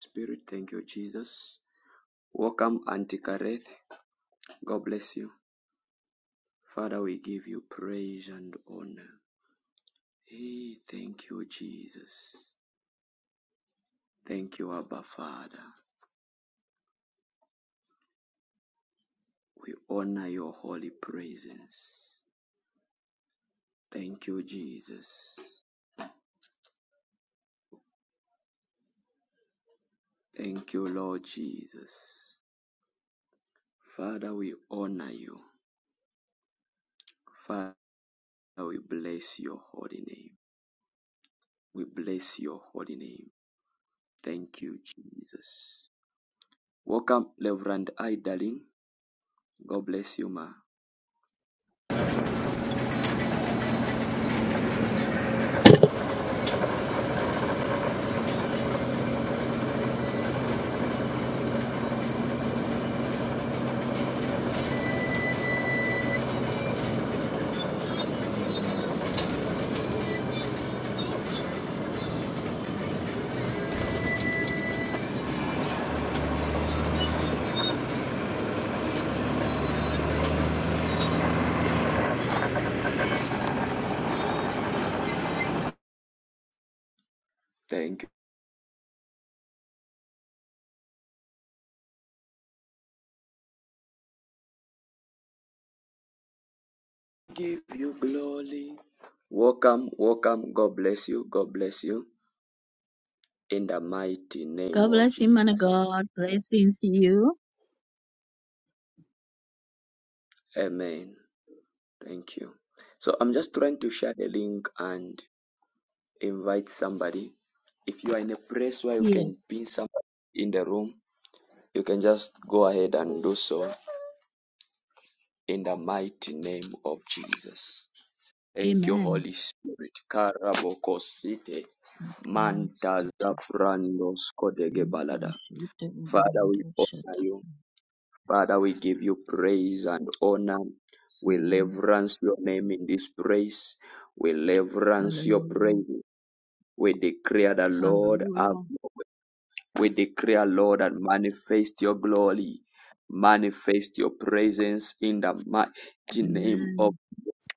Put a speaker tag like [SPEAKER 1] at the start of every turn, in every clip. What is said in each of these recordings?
[SPEAKER 1] Spirit, thank you, Jesus. Welcome, Auntie Kareth. God bless you. Father, we give you praise and honor. Hey, thank you, Jesus. Thank you, Abba Father. We honor your holy presence. Thank you, Jesus. Thank you, Lord Jesus. Father, we honor you. Father, we bless your holy name. We bless your holy name. Thank you, Jesus. Welcome, Reverend Idalin. God bless you, ma. Thank you. Give you glory. Welcome, welcome. God bless you. God bless you. In the mighty name
[SPEAKER 2] God
[SPEAKER 1] of
[SPEAKER 2] bless you, man of
[SPEAKER 1] Jesus.
[SPEAKER 2] God. Blessings to you.
[SPEAKER 1] Amen. Thank you. So I'm just trying to share the link and invite somebody. If you are in a place where you
[SPEAKER 2] Yes.
[SPEAKER 1] can pin somebody in the room, you can just go ahead and do so in the mighty name of Jesus. Thank you,
[SPEAKER 2] Amen.
[SPEAKER 1] Holy Spirit. Karabokosite. Manta Zaprando Skodege Balada. Father, we honor you. Father, we give you praise and honor. We reverence your name in this praise. We reverence your
[SPEAKER 2] Hallelujah.
[SPEAKER 1] praise. We declare the Lord have
[SPEAKER 2] Hallelujah.
[SPEAKER 1] your way. We declare, Lord, and manifest your glory. Manifest your presence in the mighty name of
[SPEAKER 2] Amen.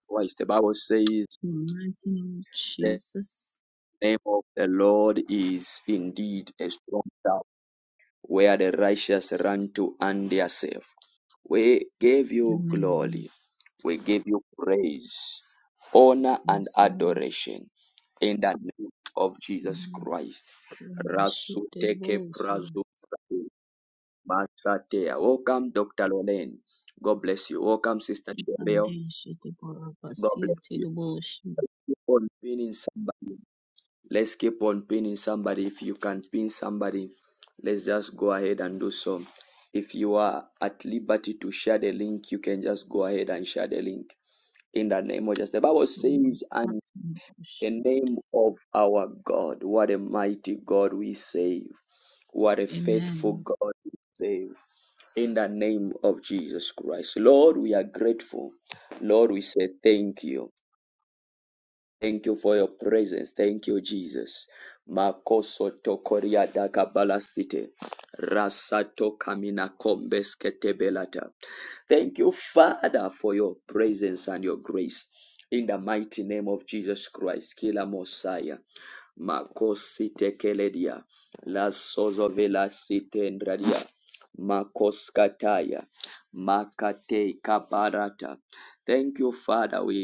[SPEAKER 1] Christ. The Bible says
[SPEAKER 2] In the mighty name of
[SPEAKER 1] the
[SPEAKER 2] Jesus.
[SPEAKER 1] name of the Lord is indeed a strong tower where the righteous run to and they are safe. We give you
[SPEAKER 2] Amen.
[SPEAKER 1] glory. We give you praise, honor, and
[SPEAKER 2] Yes, Lord.
[SPEAKER 1] adoration in the name of Jesus
[SPEAKER 2] Amen.
[SPEAKER 1] Christ.
[SPEAKER 2] Kurumba shete de
[SPEAKER 1] Rasuteke
[SPEAKER 2] boshi.
[SPEAKER 1] prazu masatea. Welcome, Dr. Lolen. God bless you. Welcome, Sister Cheryl.
[SPEAKER 2] Ande shete boraba
[SPEAKER 1] God bless
[SPEAKER 2] siete
[SPEAKER 1] you.
[SPEAKER 2] de boshi.
[SPEAKER 1] Thank you for being somebody let's keep on pinning somebody. If you can pin somebody, let's just go ahead and do so. If you are at liberty to share the link, you can just go ahead and share the link in the name of just the Bible
[SPEAKER 2] Kurumba
[SPEAKER 1] says,
[SPEAKER 2] sate
[SPEAKER 1] and
[SPEAKER 2] de boshi.
[SPEAKER 1] the name of our God. What a mighty God we save. What a faithful
[SPEAKER 2] Amen.
[SPEAKER 1] God we save. In the name of Jesus Christ. Lord, we are grateful. Lord, we say thank you. Thank you for your presence. Thank you, Jesus. Makoso tokoria dakabala city. Rasato kamina kombes ketebelata. Thank you, Father, for your presence and your grace. In the mighty name of Jesus Christ, Kila Mosiah. Makosi tekeledia. Lasozo vela site ndradia. Makoskataya. Makate kabarata. Thank you, Father. We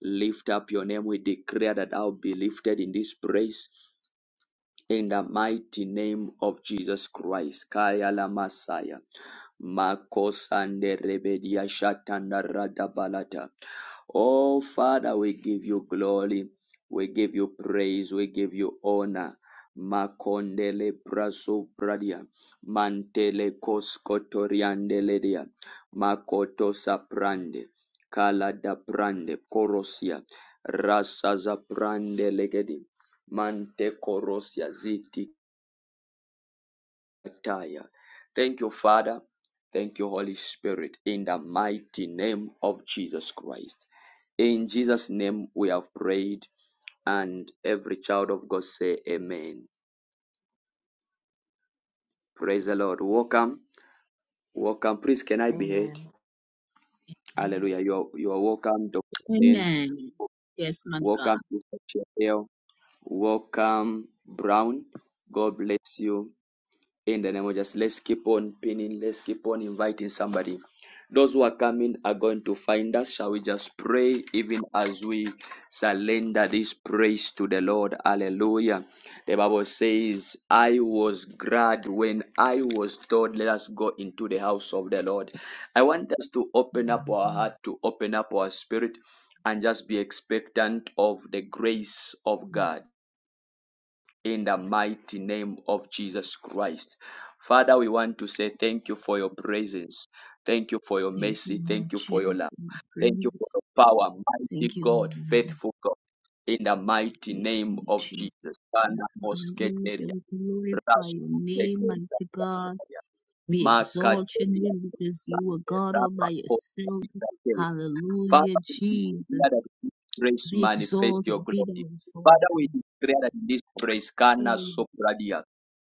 [SPEAKER 1] Lift up your name. We declare that I'll be lifted in this place in the mighty name of Jesus Christ. Kaya la Messiah. Makosande rebedia shatanda radabalata. Oh Father, we give you glory, we give you praise, we give you honor. Makondele braso pradia, mantele koskotoriandele dia, makoto saprande. Kala da brande korosia rasa za brande legedi mante korosia ziti kataya. Thank you, Father. Thank you, Holy Spirit, in the mighty name of Jesus Christ. In Jesus' name we have prayed, and every child of God say Amen. Praise the Lord. Welcome, welcome. Please, can I be heard?
[SPEAKER 3] Amen.
[SPEAKER 1] Hallelujah. You are, you are welcome, Dr. Ben.
[SPEAKER 2] Amen. Yes, man of God.
[SPEAKER 1] Welcome, Mr. Chapel. Welcome, Brown. God bless you. In the name of Jesus, let's keep on pinning, let's keep on inviting somebody. Those who are coming are going to find us. Shall we just pray even as we surrender this praise to the Lord? Hallelujah. The Bible says, I was glad when I was told, let us go into the house of the Lord. I want us to open up our heart, to open up our spirit, and just be expectant of the grace of God in the mighty name of Jesus Christ. Father, we want to say thank you for your presence. Thank you for your
[SPEAKER 2] Thank you,
[SPEAKER 1] mercy.
[SPEAKER 2] Lord
[SPEAKER 1] Thank you for your
[SPEAKER 2] Jesus,
[SPEAKER 1] love.
[SPEAKER 2] for your
[SPEAKER 1] Thank you for
[SPEAKER 2] praise.
[SPEAKER 1] your power, mighty
[SPEAKER 2] Thank you,
[SPEAKER 1] God,
[SPEAKER 2] Lord.
[SPEAKER 1] faithful God. In the mighty
[SPEAKER 2] Yes,
[SPEAKER 1] name
[SPEAKER 2] Lord
[SPEAKER 1] of
[SPEAKER 2] Jesus.
[SPEAKER 1] Jesus. Bana
[SPEAKER 2] Hallelujah.
[SPEAKER 1] mosketeria,
[SPEAKER 2] We glorify your name,
[SPEAKER 1] rasutekeria,
[SPEAKER 2] mighty God. We exalt your
[SPEAKER 1] makateria,
[SPEAKER 2] name because you are God all by
[SPEAKER 1] rapa
[SPEAKER 2] yourself.
[SPEAKER 1] Father,
[SPEAKER 2] Hallelujah,
[SPEAKER 1] we declare
[SPEAKER 2] Jesus.
[SPEAKER 1] that in this grace
[SPEAKER 2] Be
[SPEAKER 1] manifest
[SPEAKER 2] exalted,
[SPEAKER 1] your
[SPEAKER 2] be
[SPEAKER 1] glory.
[SPEAKER 2] thou
[SPEAKER 1] Father,
[SPEAKER 2] exalted.
[SPEAKER 1] we declare that in this grace kana
[SPEAKER 2] Hallelujah.
[SPEAKER 1] sopradia.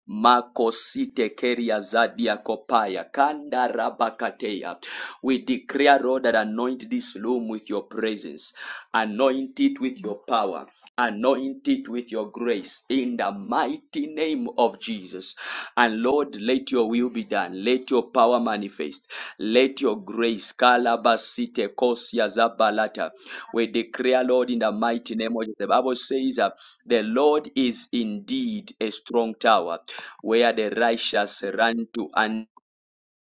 [SPEAKER 1] Makosite keria zadia kopaya kanda rabakateya. We declare, Lord, that anoint this room with your presence, anoint it with your power. Anoint it with your grace in the mighty name of Jesus. And Lord, let your will be done. Let your power manifest. Let your grace, Kalabasite Kosia Zabalata. We declare, Lord, in the mighty name of Jesus. The Bible says that the Lord is indeed a strong tower where the righteous run to and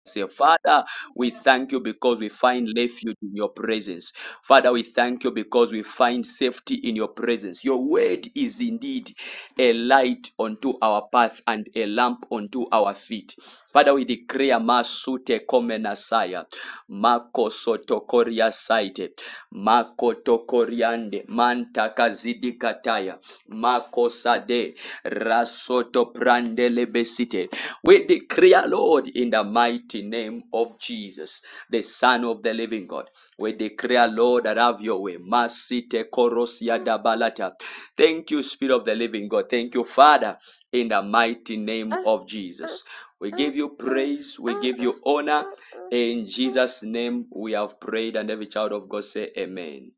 [SPEAKER 1] say, Father, we thank you because we find refuge in your presence. Father, we thank you because we find safety in your presence. Your word is indeed a light unto our path and a lamp unto our feet. Father, we declare Masute Komenasaya, Mako Sotokoria Saite, Mako Tokoriande, Manta Kazidi Kataya, Mako Sade, Rasoto Prandele Besite. We declare, Lord, in the mighty name of Jesus, the Son of the Living God. We declare, Lord, that have your way. Masite korosia dabalata. Thank you, Spirit of the Living God. Thank you, Father, in the mighty name of Jesus. We give you praise. We give you honor. In Jesus' name, we have prayed, and every child of God say, Amen.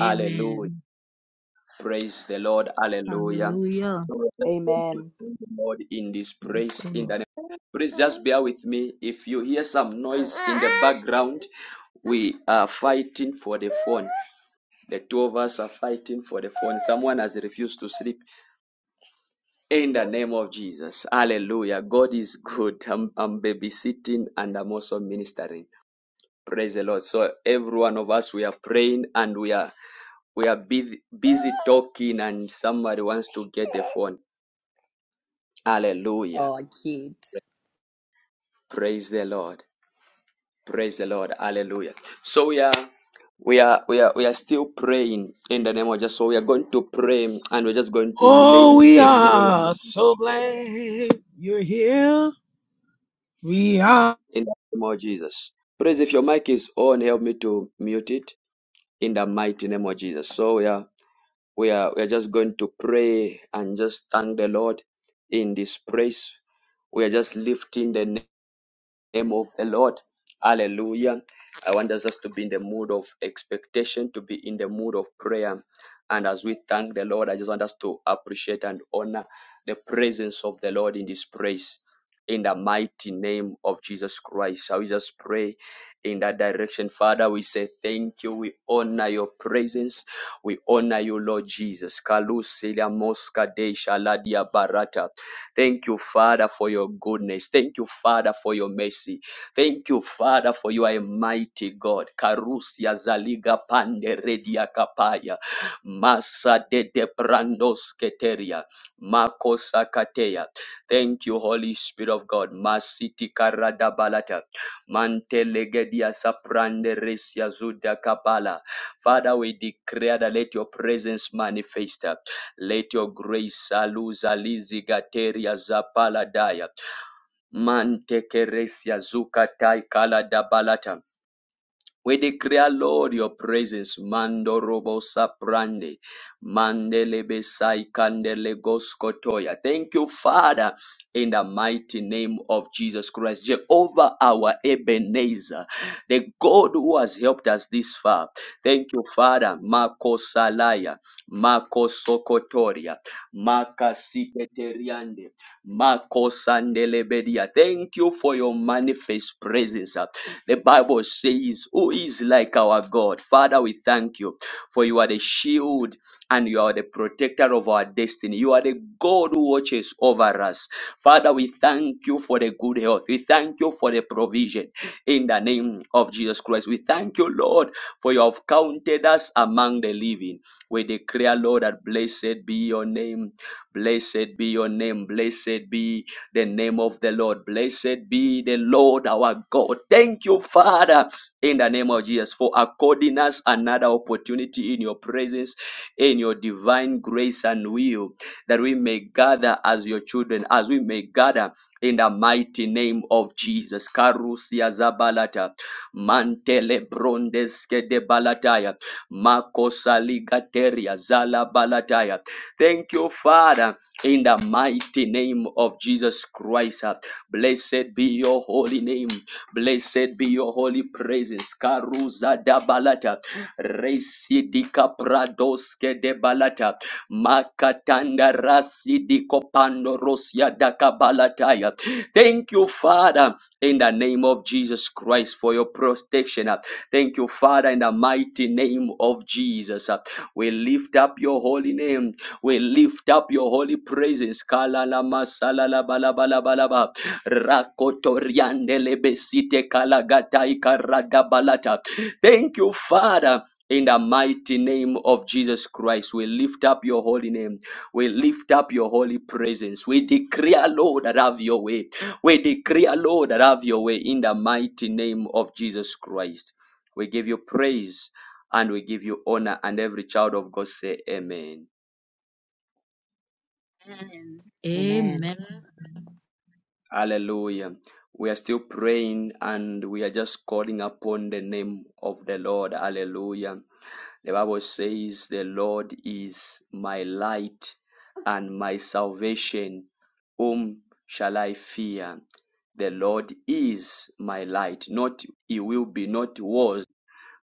[SPEAKER 1] Hallelujah. Praise the Lord. Hallelujah.
[SPEAKER 2] Hallelujah.
[SPEAKER 1] So we're just going to thank the Lord in this
[SPEAKER 2] Praise
[SPEAKER 1] praise
[SPEAKER 2] the
[SPEAKER 1] in
[SPEAKER 2] Lord.
[SPEAKER 1] the name. Please just bear with me. If you hear some noise in the background, we are fighting for the phone. The two of us are fighting for the phone. Someone has refused to sleep in the name of Jesus. Hallelujah. God is good. I'm, I'm babysitting and I'm also ministering. Praise the Lord. So every one of us, we are praying and we are we are busy, busy talking and somebody wants to get the phone. Hallelujah.
[SPEAKER 3] Oh, cute.
[SPEAKER 1] Praise the Lord. Praise the Lord. Hallelujah. So we are we are we are we are still praying in the name of Jesus. So we are going to pray and we're just going to
[SPEAKER 4] Oh,
[SPEAKER 1] lace
[SPEAKER 4] we
[SPEAKER 1] a prayer
[SPEAKER 4] are so glad you're here. We are.
[SPEAKER 1] in the name of Jesus. Praise if your mic is on, help me to mute it in the mighty name of Jesus. So we are we are we are just going to pray and just thank the Lord in this praise. We are just lifting the name of the Lord. Hallelujah. I want us just to be in the mood of expectation, to be in the mood of prayer. And as we thank the Lord, I just want us to appreciate and honor the presence of the Lord in this place. In the mighty name of Jesus Christ. Shall we just pray in that direction? Father, we say thank you. We honor your presence. We honor you, Lord Jesus. Kalusilia moska de shaladia barata. Thank you, Father, for your goodness. Thank you, Father, for your mercy. Thank you, Father, for you are a mighty God. Karusia zaliga pande redia kapaya. Masa de de brandos keteria. Makosa kateya. Thank you, Holy Spirit of God. Masiti karada balata. Mantelegedia saprande resia zuda kabala. Father, we declare that let your presence manifest. Let your grace aluza lizi gateria za paladaya. Mante keresia zukatai kala dabalata. We declare, Lord, your presence. Mando robo saprande. Mandele besai kandele goskotoya. Thank you, Father, in the mighty name of Jesus Christ. Jehovah, our Ebenezer, the God who has helped us this far. Thank you, Father. Mako salaya. Mako sokotoria. Maka siketeriande. Mako sandelebedia. Thank you for your manifest presence. The Bible says, Who is like our God? Father, we thank you, for you are the shield and you are the protector of our destiny. You are the God who watches over us. Father, we thank you for the good health. We thank you for the provision in the name of Jesus Christ. We thank you, Lord, for you have counted us among the living. We declare, Lord, that blessed be your name Blessed be your name. Blessed be the name of the Lord. Blessed be the Lord our God. Thank you, Father, in the name of Jesus, for according us another opportunity in your presence, in your divine grace and will, that we may gather as your children, as we may gather in the mighty name of Jesus. Karusia Zabalata, Mantele Brondeske de Balataya, Makosaligateria Zala Balataya. Thank you, Father, in the mighty name of Jesus Christ. Blessed be your holy name. Blessed be your holy presence. Karuza da balata. Residika pradoske de balata. Makatanda rasidiko pandorosia da kabalataya. Thank you, Father, in the name of Jesus Christ for your protection. Thank you, Father, in the mighty name of Jesus. We lift up your holy name. We lift up your holy praises. Kalalama salalabalabalaba. Rakotoriandele besite kalagatai karadabalata. Thank you, Father. In the mighty name of Jesus Christ, we lift up your holy name. We lift up your holy presence. We declare, Lord, that have your way. We declare, Lord, that have your way in the mighty name of Jesus Christ. We give you praise and we give you honor. And every child of God say, Amen.
[SPEAKER 2] Amen.
[SPEAKER 3] Amen.
[SPEAKER 2] Amen.
[SPEAKER 1] Hallelujah. We are still praying and we are just calling upon the name of the Lord. Hallelujah. The Bible says, The Lord is my light and my salvation. Whom shall I fear? The Lord is my light. Not he will be, not was.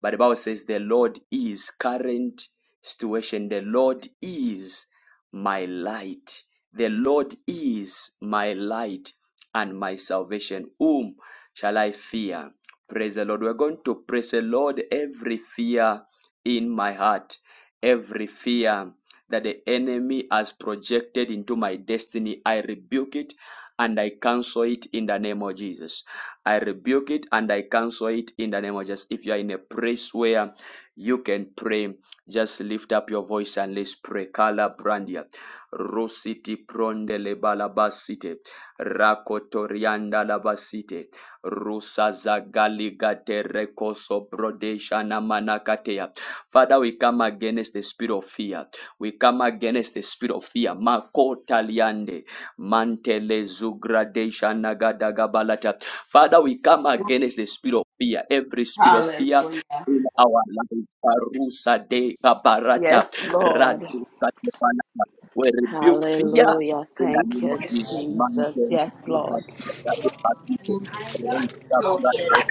[SPEAKER 1] But the Bible says the Lord is current situation. The Lord is my light. The Lord is my light and my salvation. Whom shall I fear? Praise the Lord. We're going to praise the Lord every fear in my heart. Every fear that the enemy has projected into my destiny, I rebuke it and I cancel it in the name of Jesus. I rebuke it and I cancel it in the name of Jesus. If you are in a place where you can pray, just lift up your voice and let's pray. Kala brandia, rositi prondele balabasite, rakotorianda labasite, rusa zagaliga terekoso brodeshana manakatea. Father, we come against the spirit of fear. We come against the spirit of fear. Makota liande, mantele zugradesha nagadagabalata. Father, we come against the spirit of fear. Every spirit of fear
[SPEAKER 5] Hallelujah.
[SPEAKER 1] in our lives. Parusa de kabarata,
[SPEAKER 5] Yes, Lord.
[SPEAKER 1] radusa de balata. We rebuke fear
[SPEAKER 5] Hallelujah.
[SPEAKER 1] in the
[SPEAKER 5] Thank
[SPEAKER 1] name of
[SPEAKER 5] you,
[SPEAKER 1] Jesus.
[SPEAKER 5] Jesus.
[SPEAKER 1] Mantele
[SPEAKER 5] Yes, Lord.
[SPEAKER 1] zugradesha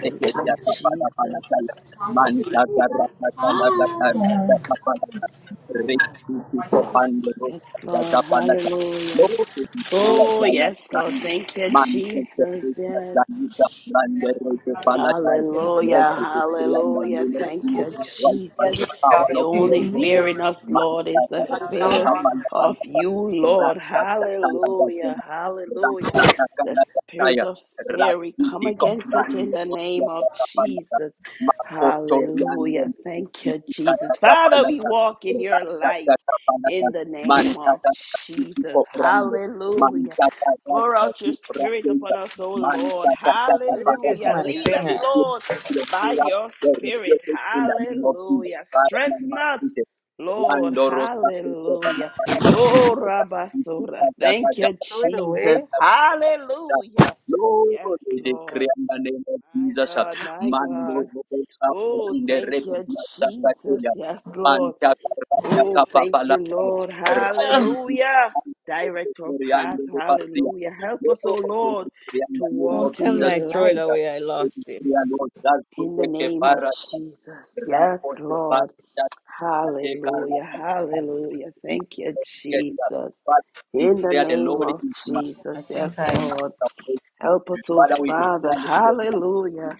[SPEAKER 5] Thank you, Jesus.
[SPEAKER 1] Manta garrata sala da garrata capanata. Recti copando
[SPEAKER 5] Yes,
[SPEAKER 1] rossa da da
[SPEAKER 5] Lord.
[SPEAKER 1] panata.
[SPEAKER 5] Hallelujah.
[SPEAKER 1] Loro che si crea
[SPEAKER 5] Oh,
[SPEAKER 1] già la
[SPEAKER 5] yes, Lord.
[SPEAKER 1] sangue.
[SPEAKER 5] Thank you,
[SPEAKER 1] Manta
[SPEAKER 5] Jesus.
[SPEAKER 1] garrata
[SPEAKER 5] Yes.
[SPEAKER 1] sangue da grande re che palata. Loro
[SPEAKER 5] Hallelujah,
[SPEAKER 1] che si crea la
[SPEAKER 5] hallelujah.
[SPEAKER 1] mela
[SPEAKER 5] Thank
[SPEAKER 1] di
[SPEAKER 5] you,
[SPEAKER 1] right by
[SPEAKER 5] Jesus.
[SPEAKER 1] the power
[SPEAKER 5] The
[SPEAKER 1] of the
[SPEAKER 5] only
[SPEAKER 1] Holy Ghost.
[SPEAKER 5] fear in us, Lord,
[SPEAKER 1] Manta
[SPEAKER 5] is the
[SPEAKER 1] garrata
[SPEAKER 5] fear
[SPEAKER 1] capanda
[SPEAKER 5] of
[SPEAKER 1] panata.
[SPEAKER 5] you, Lord.
[SPEAKER 1] Rasta da sala da
[SPEAKER 5] Hallelujah,
[SPEAKER 1] sena.
[SPEAKER 5] hallelujah.
[SPEAKER 1] Rasta sala da
[SPEAKER 5] The
[SPEAKER 1] canata
[SPEAKER 5] spirit
[SPEAKER 1] saia.
[SPEAKER 5] of fear, we
[SPEAKER 1] Rasti
[SPEAKER 5] come
[SPEAKER 1] di
[SPEAKER 5] against it in
[SPEAKER 1] coprando
[SPEAKER 5] the
[SPEAKER 1] rossa
[SPEAKER 5] name of
[SPEAKER 1] da panata.
[SPEAKER 5] Jesus.
[SPEAKER 1] Makotoriando
[SPEAKER 5] Hallelujah. Thank you, Jesus. Father, we
[SPEAKER 1] Katapalata
[SPEAKER 5] walk in your light
[SPEAKER 1] Ratatapalata
[SPEAKER 5] in the name of
[SPEAKER 1] Mantata
[SPEAKER 5] Jesus.
[SPEAKER 1] Koprando
[SPEAKER 5] Hallelujah.
[SPEAKER 1] Mantata
[SPEAKER 5] Pour out your spirit upon
[SPEAKER 1] Ratata
[SPEAKER 5] us, O Lord.
[SPEAKER 1] Mantata
[SPEAKER 6] where is
[SPEAKER 1] Katapalata
[SPEAKER 5] Hallelujah.
[SPEAKER 6] my
[SPEAKER 5] Lead us,
[SPEAKER 6] thing at?
[SPEAKER 1] in
[SPEAKER 5] Lord,
[SPEAKER 1] the
[SPEAKER 5] by your spirit.
[SPEAKER 1] name of Jesus
[SPEAKER 5] Hallelujah.
[SPEAKER 1] Father and
[SPEAKER 5] Strengthen us,
[SPEAKER 1] Master
[SPEAKER 5] Lord.
[SPEAKER 1] Lando Rosa
[SPEAKER 5] Hallelujah. Oh, Rabasura. Thank you,
[SPEAKER 6] Throw it away.
[SPEAKER 5] Jesus.
[SPEAKER 1] Katapalata
[SPEAKER 5] Hallelujah.
[SPEAKER 1] Lord,
[SPEAKER 5] Yes,
[SPEAKER 1] we decree
[SPEAKER 5] Lord.
[SPEAKER 1] in the name of
[SPEAKER 5] My
[SPEAKER 1] Jesus. uh,
[SPEAKER 5] God, my
[SPEAKER 1] Mando
[SPEAKER 5] God.
[SPEAKER 1] Robosa
[SPEAKER 5] Oh,
[SPEAKER 1] and the
[SPEAKER 5] thank you,
[SPEAKER 1] Repina
[SPEAKER 5] Jesus.
[SPEAKER 1] Zapatella.
[SPEAKER 5] Yes, Lord.
[SPEAKER 1] Manta Carrata
[SPEAKER 5] Oh, thank
[SPEAKER 1] Capapala.
[SPEAKER 5] you, Lord.
[SPEAKER 6] Ugh,
[SPEAKER 1] Rapi.
[SPEAKER 5] Hallelujah. Direct our path.
[SPEAKER 1] Oriando de Bastia.
[SPEAKER 5] Hallelujah. Help us, oh
[SPEAKER 1] Lord, we
[SPEAKER 5] Lord,
[SPEAKER 1] decree in
[SPEAKER 5] to
[SPEAKER 1] the name
[SPEAKER 6] don't
[SPEAKER 1] of
[SPEAKER 5] walk in
[SPEAKER 6] tell me
[SPEAKER 1] Jesus.
[SPEAKER 6] I
[SPEAKER 5] your
[SPEAKER 6] throw it
[SPEAKER 5] light
[SPEAKER 1] Christ,
[SPEAKER 6] away. I
[SPEAKER 1] We
[SPEAKER 6] lost it.
[SPEAKER 1] decree, Lord, that you
[SPEAKER 5] in the
[SPEAKER 1] take a
[SPEAKER 5] name of
[SPEAKER 1] para.
[SPEAKER 5] Jesus. Yes,
[SPEAKER 1] Rapo de
[SPEAKER 5] Lord.
[SPEAKER 1] Bastia. De
[SPEAKER 5] Hallelujah.
[SPEAKER 1] Carrata.
[SPEAKER 5] Hallelujah. Thank you, Jesus. In the
[SPEAKER 1] Declare the
[SPEAKER 5] name
[SPEAKER 1] Lord
[SPEAKER 5] of
[SPEAKER 1] is mighty.
[SPEAKER 5] Jesus.
[SPEAKER 6] I think
[SPEAKER 5] Yes,
[SPEAKER 6] I.
[SPEAKER 5] Lord. Help us, oh
[SPEAKER 1] Father, we
[SPEAKER 5] Father.
[SPEAKER 1] declare that you are
[SPEAKER 5] Hallelujah.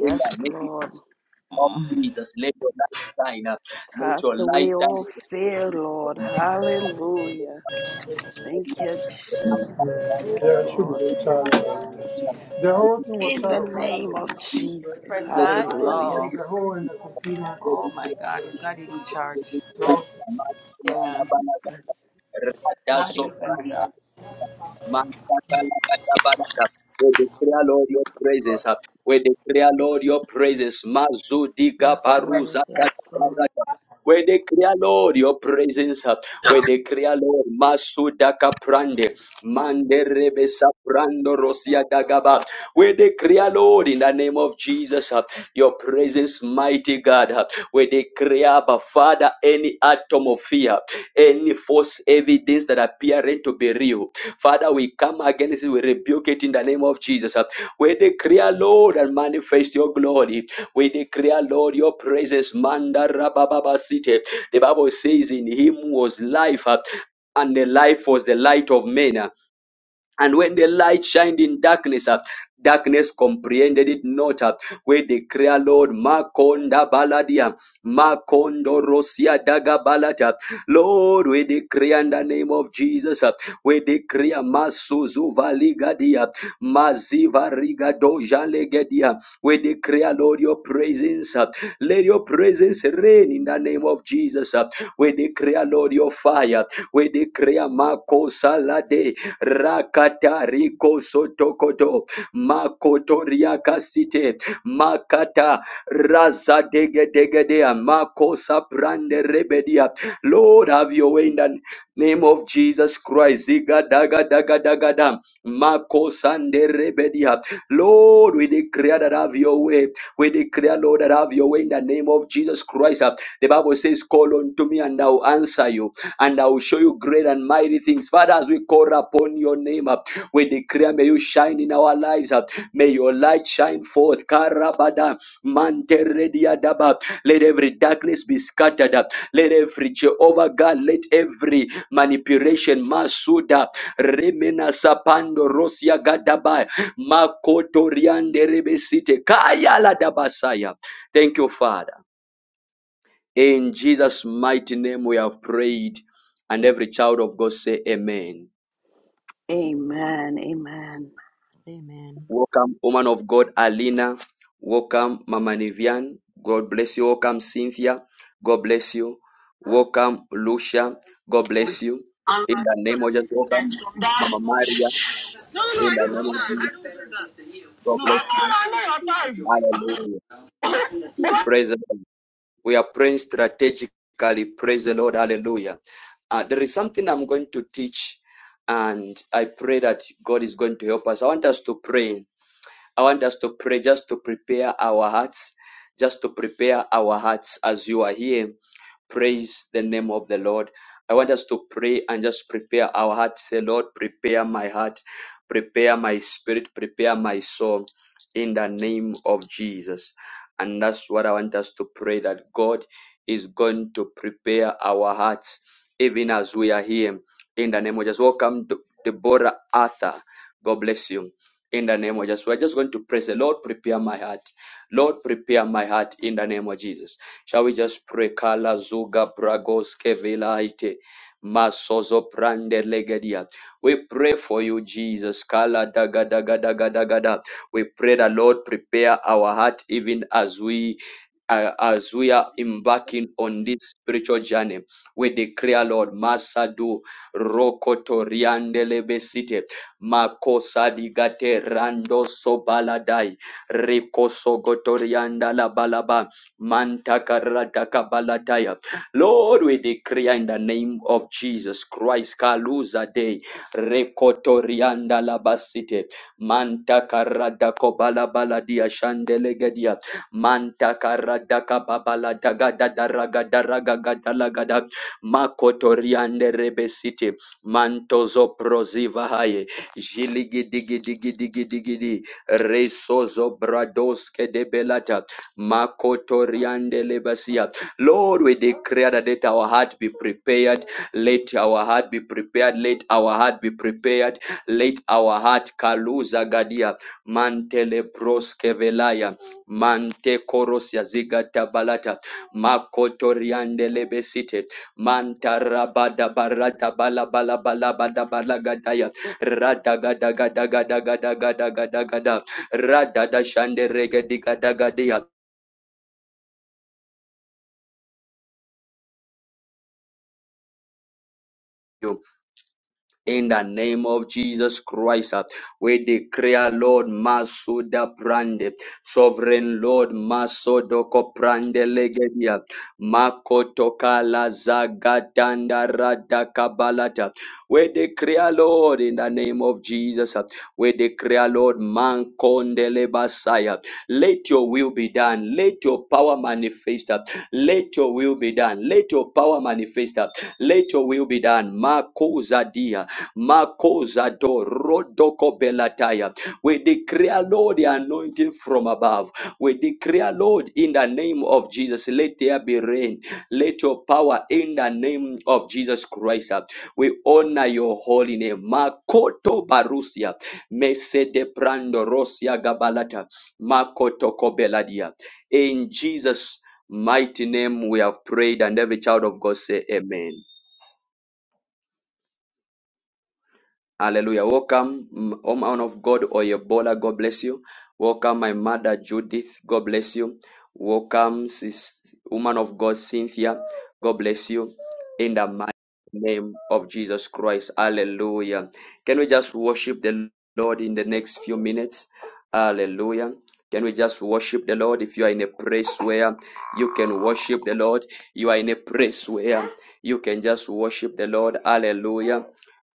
[SPEAKER 1] in the name
[SPEAKER 5] Lord.
[SPEAKER 1] of
[SPEAKER 6] Uh,
[SPEAKER 1] Jesus. Let your light shine. uh, Let
[SPEAKER 5] Cast
[SPEAKER 1] your light
[SPEAKER 5] away all fear, Lord. Hallelujah. Thank you, Jesus.
[SPEAKER 6] Yeah,
[SPEAKER 5] Yes,
[SPEAKER 6] it should be
[SPEAKER 5] Lord.
[SPEAKER 1] shine.
[SPEAKER 6] charged. The whole thing was
[SPEAKER 5] In
[SPEAKER 6] shut
[SPEAKER 5] the
[SPEAKER 6] off. I don't
[SPEAKER 5] name
[SPEAKER 6] know.
[SPEAKER 5] of Jesus.
[SPEAKER 6] press that. Yeah,
[SPEAKER 5] Hallelujah.
[SPEAKER 6] Oh, the whole in the computer. oh my God! It's not even charged. So Yeah, not
[SPEAKER 1] Radaso
[SPEAKER 6] even
[SPEAKER 1] Brandi
[SPEAKER 6] charged.
[SPEAKER 1] Mantakalabalata. We declare, Lord, your praises. We declare, Lord, your praises. Mazudiga
[SPEAKER 5] Yes, Lord.
[SPEAKER 1] Baruza.
[SPEAKER 5] Yes, Lord.
[SPEAKER 1] We declare, Lord, your praises. We declare, Lord, Masudaka Prande. Manderebesa saprando Rosia Dagaba. We declare, Lord, in the name of Jesus, your presence, mighty God. uh, we declare, but Father, any atom of fear, any false evidence that appearing to be real. Father, we come against it, we rebuke it in the name of Jesus. We declare, Lord, and manifest your glory. We declare, Lord, your praises, Manda rabababa city. The Bible says, In him was life, uh, and the life was the light of men. And when the light shined in darkness, uh, darkness comprehended it not. uh, We declare, Lord, Makonda Baladia, Makondo Rosia Daga Balata. Lord, we declare in the name of Jesus. uh, We declare Masuzu Valigadia, Maziva Rigado Jalegedia. We declare, Lord, your presence. uh, Let your presence reign in the name of Jesus. uh, We declare, Lord, your fire. We declare Mako Salade rakata riko sotokoto makotoria kasite makata raza dege dege dea makosa brande rebedia lord have your way in the name of jesus christ ziga daga daga daga dam makosande rebedia lord we declare that have your way we declare lord that have your way in the name of jesus christ the bible says call unto me and i'll answer you and I will show you great and mighty things. Father, as we call upon your name, uh, we declare, may you shine in our lives. uh, May your light shine forth. Karabada, manterediadaba. Let every darkness be scattered. uh, Let every Jehovah God, let every manipulation, Masuda, Remena Sapando, Rosia Gadaba, Makotoriande Rebesite, Kaya Ladabasaya. Thank you, Father. In Jesus' mighty name we have prayed. And every child of God say amen.
[SPEAKER 5] Amen. Amen.
[SPEAKER 3] Amen.
[SPEAKER 1] Welcome, woman of God, Alina. Welcome, Mama Nivian. God bless you. Welcome, Cynthia. God bless you. Welcome, Lucia. God bless you.
[SPEAKER 7] Unlike
[SPEAKER 1] In the
[SPEAKER 7] you,
[SPEAKER 1] name
[SPEAKER 7] know,
[SPEAKER 1] of Jesus,
[SPEAKER 7] you guys
[SPEAKER 1] welcome,
[SPEAKER 7] from that.
[SPEAKER 1] Mama
[SPEAKER 7] No,
[SPEAKER 1] Maria.
[SPEAKER 7] no, no,
[SPEAKER 1] In
[SPEAKER 7] I
[SPEAKER 1] the
[SPEAKER 7] don't know.
[SPEAKER 1] name of
[SPEAKER 7] that.
[SPEAKER 1] Jesus,
[SPEAKER 7] I don't do
[SPEAKER 1] God bless you.
[SPEAKER 7] that.
[SPEAKER 1] Hallelujah. Praise the Lord. We are praying strategically. Praise the Lord. Hallelujah. Uh, there is something I'm going to teach, and I pray that God is going to help us. I want us to pray I want us to pray just to prepare our hearts, just to prepare our hearts as you are here. Praise the name of the Lord. I want us to pray and just prepare our heart. Say, Lord, prepare my heart, prepare my spirit, prepare my soul in the name of Jesus. And that's what I want us to pray that God is going to prepare our hearts even as we are here in the name of Jesus. Welcome, D- Deborah Arthur. God bless you in the name of Jesus. We're just going to pray. the Lord, prepare my heart. Lord, prepare my heart in the name of Jesus. Shall we just pray? Kala zuga bragoske vilaite. Masozo prande legedia. We pray for you, Jesus. Kala daga daga daga daga da. We pray that Lord prepare our heart even as we uh, as we are embarking on this spiritual journey. We declare, Lord, Masadu Rokotoriandelebesite makosa digate rando sobaladai rikosogotorianda la balaba mantakarataka baladaya. Lord, we decree in the name of Jesus Christ, Kaluza Day, Rekotorianda la Labasite, Mantakaradako Balabaladia Shandelegadia, Mantakaradaka Babalagadagadagadaragadaragadalagada, Makotoriande Rebesite, Mantozo proziva haye. Jiligidigidigidigidi. Resozo bradoske de belata. Makotoriande lebasia. Lord, we declare that let our heart be prepared. Let our heart be prepared. Let our heart be prepared. Let our heart kaluza gadia. Mantele broske velaya. Mante korosia zigata balata. Makotoriande lebesite. Manta rabada barata bala bala bala bada bala gadaya. Radagadagadagadagadagadagadagada. Radada shande regedigadagadia. In the name of Jesus Christ, uh, we declare, Lord, Masuda Brande, Sovereign Lord, Masodoko Brande Legedia, Makotokala Zagatanda Radakabalata. We declare, Lord, in the name of Jesus, uh, we declare, Lord, Mankondele Basaya. Let your will be done. Let your power manifest. uh, Let your will be done. Let your power manifest. uh, Let your will be done. Makuzadia. Makoza do rodoko belataya. We declare, Lord, the anointing from above. We declare, Lord, in the name of Jesus, let there be rain. Let your power in the name of Jesus Christ. uh, We honor your holy name. Makoto Barusia. Mese de Prando Rosia Gabalata. Makoto Kobeladia. In Jesus' mighty name we have prayed, and every child of God say, Amen. Hallelujah. Welcome, mm, oh man of God or Ebola. God bless you. Welcome, my mother Judith. God bless you. Welcome, sis, woman of God Cynthia. God bless you. In the mighty name of Jesus Christ. Hallelujah. Can we just worship the Lord in the next few minutes? Hallelujah. Can we just worship the Lord? If you are in a place where you can worship the Lord, you are in a place where you can just worship the Lord. Hallelujah.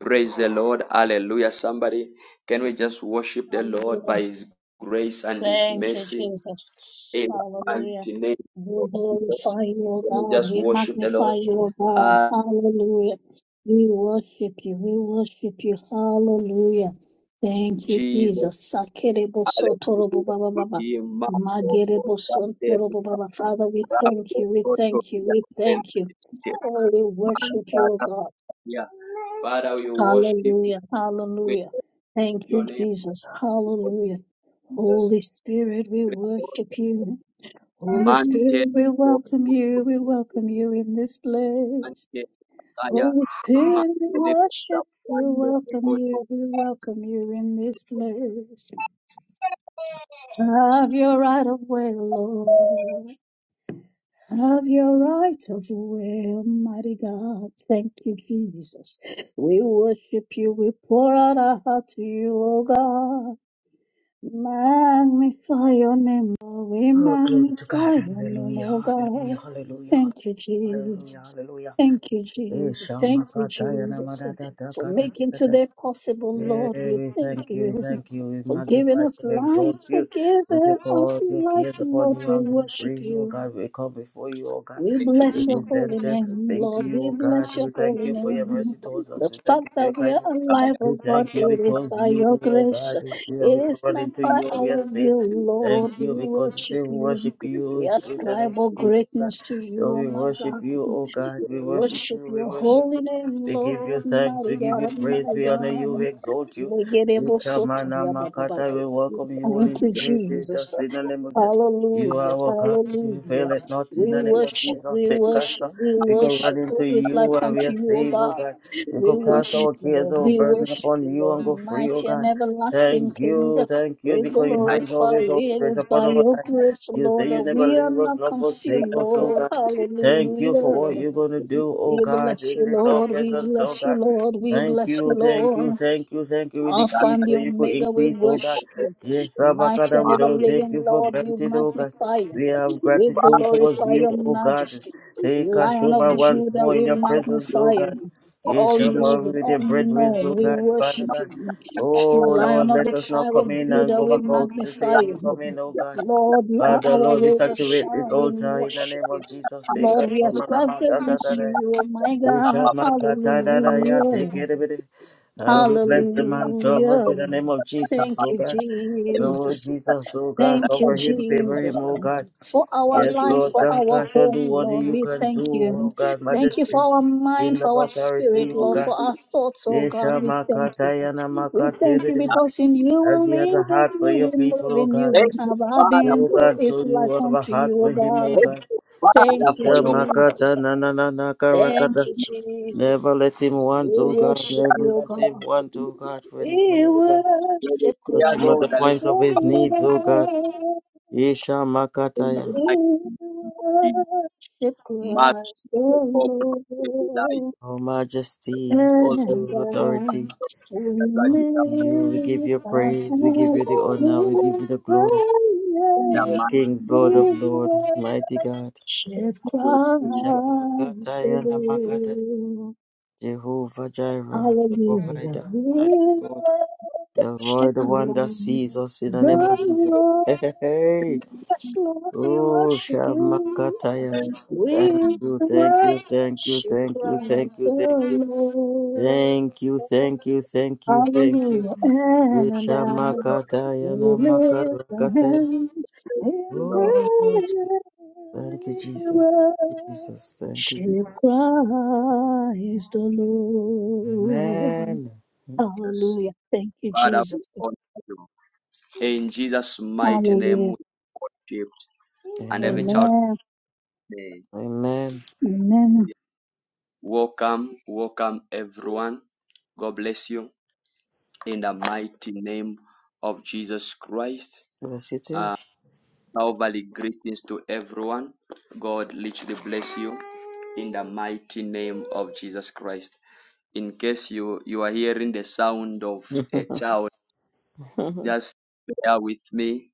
[SPEAKER 1] Praise the Lord. Hallelujah. Somebody, can we just worship the Lord
[SPEAKER 8] Hallelujah.
[SPEAKER 1] by His grace and His
[SPEAKER 8] Thank you,
[SPEAKER 1] mercy
[SPEAKER 8] Jesus.
[SPEAKER 1] in the
[SPEAKER 8] Hallelujah.
[SPEAKER 1] mighty name of
[SPEAKER 8] We
[SPEAKER 1] Jesus?
[SPEAKER 8] glorify you, O
[SPEAKER 1] Can we
[SPEAKER 8] God.
[SPEAKER 1] just
[SPEAKER 8] We
[SPEAKER 1] worship the
[SPEAKER 8] magnify
[SPEAKER 1] Lord?
[SPEAKER 8] you, O God.
[SPEAKER 1] Ah,
[SPEAKER 8] Hallelujah. We worship you. We worship you. Hallelujah. Thank you,
[SPEAKER 1] Jesus.
[SPEAKER 8] Jesus. Sakerebo
[SPEAKER 1] Hallelujah.
[SPEAKER 8] sotorobo baba baba. Magerebo sotorobo baba. Father, we thank you. We thank you. We thank you. Oh, we worship you, O God.
[SPEAKER 1] Father, we worship you
[SPEAKER 8] Hallelujah.
[SPEAKER 1] with
[SPEAKER 8] Hallelujah. Thank
[SPEAKER 1] your
[SPEAKER 8] you,
[SPEAKER 1] name,
[SPEAKER 8] Jesus.
[SPEAKER 1] Lord
[SPEAKER 8] Hallelujah.
[SPEAKER 1] Jesus
[SPEAKER 8] Holy Spirit, we
[SPEAKER 1] Christ.
[SPEAKER 8] worship you. Holy
[SPEAKER 1] Mantel,
[SPEAKER 8] Spirit, we welcome you. We welcome you in this place.
[SPEAKER 1] mantel,
[SPEAKER 8] Holy
[SPEAKER 1] Thank
[SPEAKER 8] Spirit, we worship you. Welcome you. We welcome you in this place. Have your right of way, Lord. Have your right of way, Almighty God. Thank you, Jesus. We worship you. We pour out our heart to you, O God. Magnify your name, Lord. We
[SPEAKER 9] Oh, glory to God.
[SPEAKER 8] magnify your name,
[SPEAKER 9] Hallelujah.
[SPEAKER 8] O God.
[SPEAKER 9] Hallelujah. Hallelujah.
[SPEAKER 8] Thank you,
[SPEAKER 9] Hallelujah.
[SPEAKER 8] Jesus.
[SPEAKER 9] Hallelujah.
[SPEAKER 8] Thank you,
[SPEAKER 9] Eh,
[SPEAKER 8] Jesus.
[SPEAKER 9] Shama
[SPEAKER 8] Thank you,
[SPEAKER 9] Kata Yana
[SPEAKER 8] Jesus,
[SPEAKER 9] Mada Da kata.
[SPEAKER 8] for
[SPEAKER 9] Ka
[SPEAKER 8] making today possible, Lord.
[SPEAKER 9] Yeah,
[SPEAKER 8] We
[SPEAKER 9] we
[SPEAKER 8] thank
[SPEAKER 9] thank you, we
[SPEAKER 8] you
[SPEAKER 9] thank you, we
[SPEAKER 8] for
[SPEAKER 9] magnify
[SPEAKER 8] giving us
[SPEAKER 9] you, we
[SPEAKER 8] life,
[SPEAKER 9] exalt
[SPEAKER 8] for
[SPEAKER 9] you. We say,
[SPEAKER 8] giving us
[SPEAKER 9] God, your
[SPEAKER 8] life,
[SPEAKER 9] cares
[SPEAKER 8] Lord.
[SPEAKER 9] upon you
[SPEAKER 8] We
[SPEAKER 9] and go
[SPEAKER 8] worship
[SPEAKER 9] free, oh
[SPEAKER 8] you.
[SPEAKER 9] God. We come before you, oh God.
[SPEAKER 8] We
[SPEAKER 1] you,
[SPEAKER 9] We
[SPEAKER 8] bless your
[SPEAKER 1] Jesus.
[SPEAKER 8] holy
[SPEAKER 9] present
[SPEAKER 8] name,
[SPEAKER 9] everything to
[SPEAKER 8] Lord.
[SPEAKER 9] you,
[SPEAKER 8] We
[SPEAKER 9] oh
[SPEAKER 8] bless
[SPEAKER 9] God.
[SPEAKER 8] your
[SPEAKER 9] We thank
[SPEAKER 8] holy
[SPEAKER 9] you for your
[SPEAKER 8] name.
[SPEAKER 9] mercy towards
[SPEAKER 8] The
[SPEAKER 9] us. We thank
[SPEAKER 8] fact
[SPEAKER 9] you for
[SPEAKER 8] that
[SPEAKER 9] your
[SPEAKER 8] we are
[SPEAKER 9] kindness.
[SPEAKER 8] alive,
[SPEAKER 9] We
[SPEAKER 8] oh God,
[SPEAKER 9] thank you
[SPEAKER 8] it is
[SPEAKER 9] because
[SPEAKER 8] by
[SPEAKER 9] you,
[SPEAKER 8] your
[SPEAKER 9] oh
[SPEAKER 8] grace.
[SPEAKER 9] God, is here. We
[SPEAKER 8] It
[SPEAKER 9] can
[SPEAKER 8] is
[SPEAKER 9] run
[SPEAKER 8] not
[SPEAKER 9] into
[SPEAKER 8] by
[SPEAKER 9] you and
[SPEAKER 8] our
[SPEAKER 9] we are safe.
[SPEAKER 8] will, Lord.
[SPEAKER 9] Thank
[SPEAKER 8] We
[SPEAKER 9] you because you say
[SPEAKER 8] worship
[SPEAKER 9] we
[SPEAKER 8] you.
[SPEAKER 9] worship you
[SPEAKER 8] We
[SPEAKER 9] in spirit
[SPEAKER 8] ascribe
[SPEAKER 9] and
[SPEAKER 8] all
[SPEAKER 9] in truth, oh God.
[SPEAKER 8] greatness to you,
[SPEAKER 9] Lord,
[SPEAKER 8] oh
[SPEAKER 9] we
[SPEAKER 8] my
[SPEAKER 9] worship
[SPEAKER 8] God.
[SPEAKER 9] you, oh God.
[SPEAKER 8] We
[SPEAKER 9] We worship
[SPEAKER 8] worship
[SPEAKER 9] you, we
[SPEAKER 8] your
[SPEAKER 9] worship
[SPEAKER 8] holy
[SPEAKER 9] you.
[SPEAKER 8] name,
[SPEAKER 9] We give you
[SPEAKER 8] Lord.
[SPEAKER 9] thanks,
[SPEAKER 8] Mighty
[SPEAKER 9] we give you
[SPEAKER 8] God,
[SPEAKER 9] praise,
[SPEAKER 8] mighty
[SPEAKER 9] we honor you, we
[SPEAKER 8] God.
[SPEAKER 9] exalt you. We shamana makata, we welcome you, Holy
[SPEAKER 8] Thank you,
[SPEAKER 9] Spirit, with
[SPEAKER 8] Jesus.
[SPEAKER 9] us in the name of Jesus. You are
[SPEAKER 8] Hallelujah,
[SPEAKER 9] our God, you fail
[SPEAKER 8] hallelujah.
[SPEAKER 9] it not in
[SPEAKER 8] We
[SPEAKER 9] the name of
[SPEAKER 8] worship,
[SPEAKER 9] Jesus.
[SPEAKER 8] we
[SPEAKER 9] Save us, uh,
[SPEAKER 8] worship, we
[SPEAKER 9] We can run
[SPEAKER 8] worship. Who
[SPEAKER 9] into
[SPEAKER 8] is like
[SPEAKER 9] you and we
[SPEAKER 8] unto
[SPEAKER 9] are
[SPEAKER 8] you, O
[SPEAKER 9] saved, oh
[SPEAKER 8] God?
[SPEAKER 9] God. We
[SPEAKER 8] We
[SPEAKER 9] could
[SPEAKER 1] Your
[SPEAKER 9] cast
[SPEAKER 1] name,
[SPEAKER 8] worship
[SPEAKER 9] our
[SPEAKER 8] you,
[SPEAKER 9] cares,
[SPEAKER 8] Lord.
[SPEAKER 9] our
[SPEAKER 8] We
[SPEAKER 9] burden
[SPEAKER 8] worship you,
[SPEAKER 9] upon you
[SPEAKER 8] Lord.
[SPEAKER 9] and go free, oh
[SPEAKER 8] Mighty and
[SPEAKER 9] God.
[SPEAKER 8] everlasting
[SPEAKER 9] Thank
[SPEAKER 8] King,
[SPEAKER 9] you, thank you,
[SPEAKER 8] we
[SPEAKER 9] because your
[SPEAKER 1] I
[SPEAKER 9] hands
[SPEAKER 8] glorify
[SPEAKER 9] always
[SPEAKER 8] you.
[SPEAKER 9] all
[SPEAKER 8] It
[SPEAKER 9] stretched
[SPEAKER 8] is by
[SPEAKER 9] upon our
[SPEAKER 8] your
[SPEAKER 9] life.
[SPEAKER 8] grace,
[SPEAKER 9] You
[SPEAKER 8] Lord,
[SPEAKER 9] say
[SPEAKER 8] that
[SPEAKER 9] you never
[SPEAKER 8] we are
[SPEAKER 9] leave us,
[SPEAKER 8] not
[SPEAKER 9] nor forsake
[SPEAKER 8] consumed,
[SPEAKER 9] us, oh
[SPEAKER 8] Lord.
[SPEAKER 9] God. Thank you for what
[SPEAKER 8] Hallelujah.
[SPEAKER 9] you're going to do, oh
[SPEAKER 8] We
[SPEAKER 9] God,
[SPEAKER 8] bless you,
[SPEAKER 9] in this our
[SPEAKER 8] Lord. We
[SPEAKER 9] presence, oh
[SPEAKER 8] bless you,
[SPEAKER 9] God.
[SPEAKER 8] Lord. We
[SPEAKER 9] Thank
[SPEAKER 8] bless
[SPEAKER 9] you,
[SPEAKER 8] you,
[SPEAKER 9] thank you,
[SPEAKER 8] Lord.
[SPEAKER 9] thank you, thank you. We
[SPEAKER 8] Alpha and
[SPEAKER 9] decrease so
[SPEAKER 8] the
[SPEAKER 9] you could
[SPEAKER 8] Omega, we
[SPEAKER 9] increase, oh God.
[SPEAKER 8] worship you.
[SPEAKER 9] Yes,
[SPEAKER 8] Mighty
[SPEAKER 9] Abakada,
[SPEAKER 8] and
[SPEAKER 9] we
[SPEAKER 1] am
[SPEAKER 8] ever
[SPEAKER 9] don't take
[SPEAKER 8] living
[SPEAKER 9] you for
[SPEAKER 8] Lord, we
[SPEAKER 9] granted, oh God.
[SPEAKER 8] magnify you.
[SPEAKER 9] We have
[SPEAKER 8] We
[SPEAKER 9] gratitude towards
[SPEAKER 8] glorify
[SPEAKER 9] you,
[SPEAKER 8] your
[SPEAKER 9] oh God.
[SPEAKER 8] majesty.
[SPEAKER 9] Take us
[SPEAKER 8] Lion of
[SPEAKER 9] over once
[SPEAKER 8] Judah,
[SPEAKER 9] more
[SPEAKER 8] we
[SPEAKER 9] in your presence,
[SPEAKER 8] magnify
[SPEAKER 9] oh God.
[SPEAKER 8] you. All
[SPEAKER 9] Yes, I'm
[SPEAKER 1] Jesus.
[SPEAKER 9] over
[SPEAKER 8] living,
[SPEAKER 9] with
[SPEAKER 8] all
[SPEAKER 9] the brethren, oh
[SPEAKER 8] knowing, we
[SPEAKER 9] God, Father
[SPEAKER 8] worship
[SPEAKER 9] God.
[SPEAKER 8] you. True
[SPEAKER 9] Oh
[SPEAKER 8] Lion
[SPEAKER 9] Lord,
[SPEAKER 8] of
[SPEAKER 9] let
[SPEAKER 8] the
[SPEAKER 9] us not
[SPEAKER 8] tribe of
[SPEAKER 9] come in and
[SPEAKER 8] Judah,
[SPEAKER 9] go
[SPEAKER 8] we
[SPEAKER 9] back out the
[SPEAKER 8] magnify
[SPEAKER 9] same we
[SPEAKER 8] you.
[SPEAKER 9] come in, oh God.
[SPEAKER 8] Lord, you are
[SPEAKER 9] Father,
[SPEAKER 8] our
[SPEAKER 9] Lord, we
[SPEAKER 8] rose of
[SPEAKER 9] saturate this
[SPEAKER 8] Sharon, we
[SPEAKER 9] altar in the
[SPEAKER 8] worship
[SPEAKER 9] name
[SPEAKER 8] you.
[SPEAKER 9] of Jesus.
[SPEAKER 1] And
[SPEAKER 9] Take
[SPEAKER 1] the
[SPEAKER 8] Lord,
[SPEAKER 9] us,
[SPEAKER 8] we
[SPEAKER 9] oh
[SPEAKER 1] Lord,
[SPEAKER 9] man, I'm
[SPEAKER 8] ascribe
[SPEAKER 9] out, out,
[SPEAKER 1] my
[SPEAKER 9] out,
[SPEAKER 8] greatness
[SPEAKER 9] out,
[SPEAKER 8] to you, oh my
[SPEAKER 9] Yes,
[SPEAKER 8] God.
[SPEAKER 9] I'm
[SPEAKER 1] Father,
[SPEAKER 9] out, out, out, out, out, yeah, Take
[SPEAKER 8] Hallelujah.
[SPEAKER 9] it, everybody. Uh,
[SPEAKER 1] please
[SPEAKER 9] we
[SPEAKER 1] take
[SPEAKER 9] bless the
[SPEAKER 1] this up
[SPEAKER 9] man servant in
[SPEAKER 8] Hallelujah.
[SPEAKER 9] the name of Jesus,
[SPEAKER 8] Thank
[SPEAKER 9] oh
[SPEAKER 1] and
[SPEAKER 8] you,
[SPEAKER 9] God.
[SPEAKER 1] let
[SPEAKER 9] Oh
[SPEAKER 1] it
[SPEAKER 8] Jesus.
[SPEAKER 1] be that
[SPEAKER 9] Jesus, oh God,
[SPEAKER 8] Thank you,
[SPEAKER 9] cover him, favor him,
[SPEAKER 8] Jesus,
[SPEAKER 9] oh
[SPEAKER 8] um,
[SPEAKER 9] God.
[SPEAKER 8] for our
[SPEAKER 1] does
[SPEAKER 9] Yes,
[SPEAKER 1] all
[SPEAKER 8] life,
[SPEAKER 9] Lord,
[SPEAKER 8] for
[SPEAKER 1] that
[SPEAKER 9] God,
[SPEAKER 8] our
[SPEAKER 9] show do
[SPEAKER 8] home,
[SPEAKER 9] what
[SPEAKER 8] Lord.
[SPEAKER 9] you
[SPEAKER 8] We
[SPEAKER 9] can
[SPEAKER 8] thank
[SPEAKER 9] do,
[SPEAKER 8] you.
[SPEAKER 9] oh God,
[SPEAKER 8] Thank you
[SPEAKER 9] majesty,
[SPEAKER 8] for our mind,
[SPEAKER 9] in the
[SPEAKER 8] for our
[SPEAKER 9] authority,
[SPEAKER 8] spirit,
[SPEAKER 9] oh
[SPEAKER 8] Lord,
[SPEAKER 1] you
[SPEAKER 8] for
[SPEAKER 9] God.
[SPEAKER 8] our thoughts, oh God.
[SPEAKER 9] Yesha
[SPEAKER 8] We thank you.
[SPEAKER 9] Makatayana
[SPEAKER 8] We thank you
[SPEAKER 9] Makatebe.
[SPEAKER 8] because in you we
[SPEAKER 9] As he has a
[SPEAKER 8] live, in
[SPEAKER 9] heart for your
[SPEAKER 8] you we
[SPEAKER 9] people,
[SPEAKER 8] move,
[SPEAKER 9] O
[SPEAKER 8] in you
[SPEAKER 9] God.
[SPEAKER 1] Thank
[SPEAKER 8] we
[SPEAKER 1] you,
[SPEAKER 8] have our
[SPEAKER 1] Father,
[SPEAKER 8] being.
[SPEAKER 9] O
[SPEAKER 1] for your
[SPEAKER 8] Who
[SPEAKER 9] God,
[SPEAKER 8] is
[SPEAKER 9] so you
[SPEAKER 8] like
[SPEAKER 9] have a
[SPEAKER 8] unto you,
[SPEAKER 9] heart
[SPEAKER 8] oh
[SPEAKER 9] for him, O
[SPEAKER 8] God?
[SPEAKER 1] thank
[SPEAKER 9] God.
[SPEAKER 1] you,
[SPEAKER 8] Thank
[SPEAKER 1] Father,
[SPEAKER 8] you,
[SPEAKER 1] for
[SPEAKER 9] Yesha
[SPEAKER 1] your power.
[SPEAKER 9] Makata
[SPEAKER 8] Jesus.
[SPEAKER 9] Nanana
[SPEAKER 8] Thank
[SPEAKER 9] Karakata.
[SPEAKER 8] you, Jesus.
[SPEAKER 9] Never let him
[SPEAKER 8] We
[SPEAKER 9] want, O God.
[SPEAKER 8] worship
[SPEAKER 9] Never
[SPEAKER 8] you, oh
[SPEAKER 9] let
[SPEAKER 8] God.
[SPEAKER 9] him want, O God, for
[SPEAKER 8] We
[SPEAKER 9] anything, O God.
[SPEAKER 1] Your
[SPEAKER 8] worship
[SPEAKER 1] prayer,
[SPEAKER 9] Touch him at
[SPEAKER 1] Lord,
[SPEAKER 9] the
[SPEAKER 1] I
[SPEAKER 8] Christ
[SPEAKER 1] let
[SPEAKER 8] the
[SPEAKER 9] point
[SPEAKER 1] your
[SPEAKER 9] of his
[SPEAKER 1] power
[SPEAKER 9] needs, O God.
[SPEAKER 8] Lord.
[SPEAKER 9] Yesha
[SPEAKER 1] and your
[SPEAKER 9] Makataya.
[SPEAKER 1] might
[SPEAKER 8] We
[SPEAKER 1] be
[SPEAKER 8] worship
[SPEAKER 1] much
[SPEAKER 8] Christ the
[SPEAKER 1] more light.
[SPEAKER 8] Lord.
[SPEAKER 9] O Majesty,
[SPEAKER 1] All
[SPEAKER 9] thank
[SPEAKER 1] of
[SPEAKER 8] And
[SPEAKER 1] it
[SPEAKER 9] you, authority.
[SPEAKER 8] as we
[SPEAKER 1] as I did.
[SPEAKER 9] You, we give
[SPEAKER 8] lift
[SPEAKER 9] you
[SPEAKER 8] our
[SPEAKER 9] praise, we give
[SPEAKER 8] hands
[SPEAKER 9] you the
[SPEAKER 1] Oh,
[SPEAKER 9] honor, we give you
[SPEAKER 8] in
[SPEAKER 9] the
[SPEAKER 8] praise,
[SPEAKER 9] glory.
[SPEAKER 1] in the
[SPEAKER 9] King of
[SPEAKER 1] mighty
[SPEAKER 9] kings, Lord of
[SPEAKER 8] we
[SPEAKER 9] lords, mighty God.
[SPEAKER 8] worship
[SPEAKER 1] name
[SPEAKER 8] Christ the
[SPEAKER 9] Ishamakataya namakata.
[SPEAKER 8] Lord.
[SPEAKER 9] Jehovah Jireh, the
[SPEAKER 8] Hallelujah.
[SPEAKER 9] provider. Thank
[SPEAKER 8] We
[SPEAKER 9] you, Lord. Elroy,
[SPEAKER 8] worship
[SPEAKER 9] the one that
[SPEAKER 8] Christ.
[SPEAKER 9] sees us in the name
[SPEAKER 8] The
[SPEAKER 9] of Jesus.
[SPEAKER 8] Lord,
[SPEAKER 9] Hey, hey, hey.
[SPEAKER 8] yes, Lord, we
[SPEAKER 9] Oh,
[SPEAKER 8] worship you.
[SPEAKER 9] Shamakataya. Thank
[SPEAKER 8] We
[SPEAKER 9] you, thank you, thank you,
[SPEAKER 8] worship
[SPEAKER 9] thank you, thank
[SPEAKER 8] Christ
[SPEAKER 9] you,
[SPEAKER 8] the
[SPEAKER 9] thank you.
[SPEAKER 8] Lord.
[SPEAKER 9] Thank you, thank you, thank you, thank you.
[SPEAKER 8] Hallelujah. And as
[SPEAKER 9] Ishamakataya
[SPEAKER 8] we lift our
[SPEAKER 9] namakataya.
[SPEAKER 8] hands in
[SPEAKER 1] you, Lord.
[SPEAKER 9] Oh,
[SPEAKER 8] prayer,
[SPEAKER 9] Thank you,
[SPEAKER 8] we
[SPEAKER 9] Jesus. Thank you, Jesus. Thank you,
[SPEAKER 8] worship
[SPEAKER 9] Jesus.
[SPEAKER 8] Christ the Lord.
[SPEAKER 9] Amen.
[SPEAKER 1] Yes.
[SPEAKER 8] Hallelujah. Thank you,
[SPEAKER 1] Father,
[SPEAKER 8] Jesus.
[SPEAKER 1] we honor you. In Jesus' mighty name,
[SPEAKER 8] Hallelujah.
[SPEAKER 1] we shift and every
[SPEAKER 9] Amen.
[SPEAKER 1] child.
[SPEAKER 8] Amen.
[SPEAKER 1] name.
[SPEAKER 9] Amen.
[SPEAKER 8] Amen.
[SPEAKER 1] Welcome, welcome everyone. God bless you in the mighty name of Jesus Christ.
[SPEAKER 9] Bless you too.
[SPEAKER 1] Uh, Calvary greetings to everyone. God literally bless you in the mighty name of Jesus Christ. In case you you are hearing the sound of
[SPEAKER 9] That's
[SPEAKER 1] a child, just bear with me.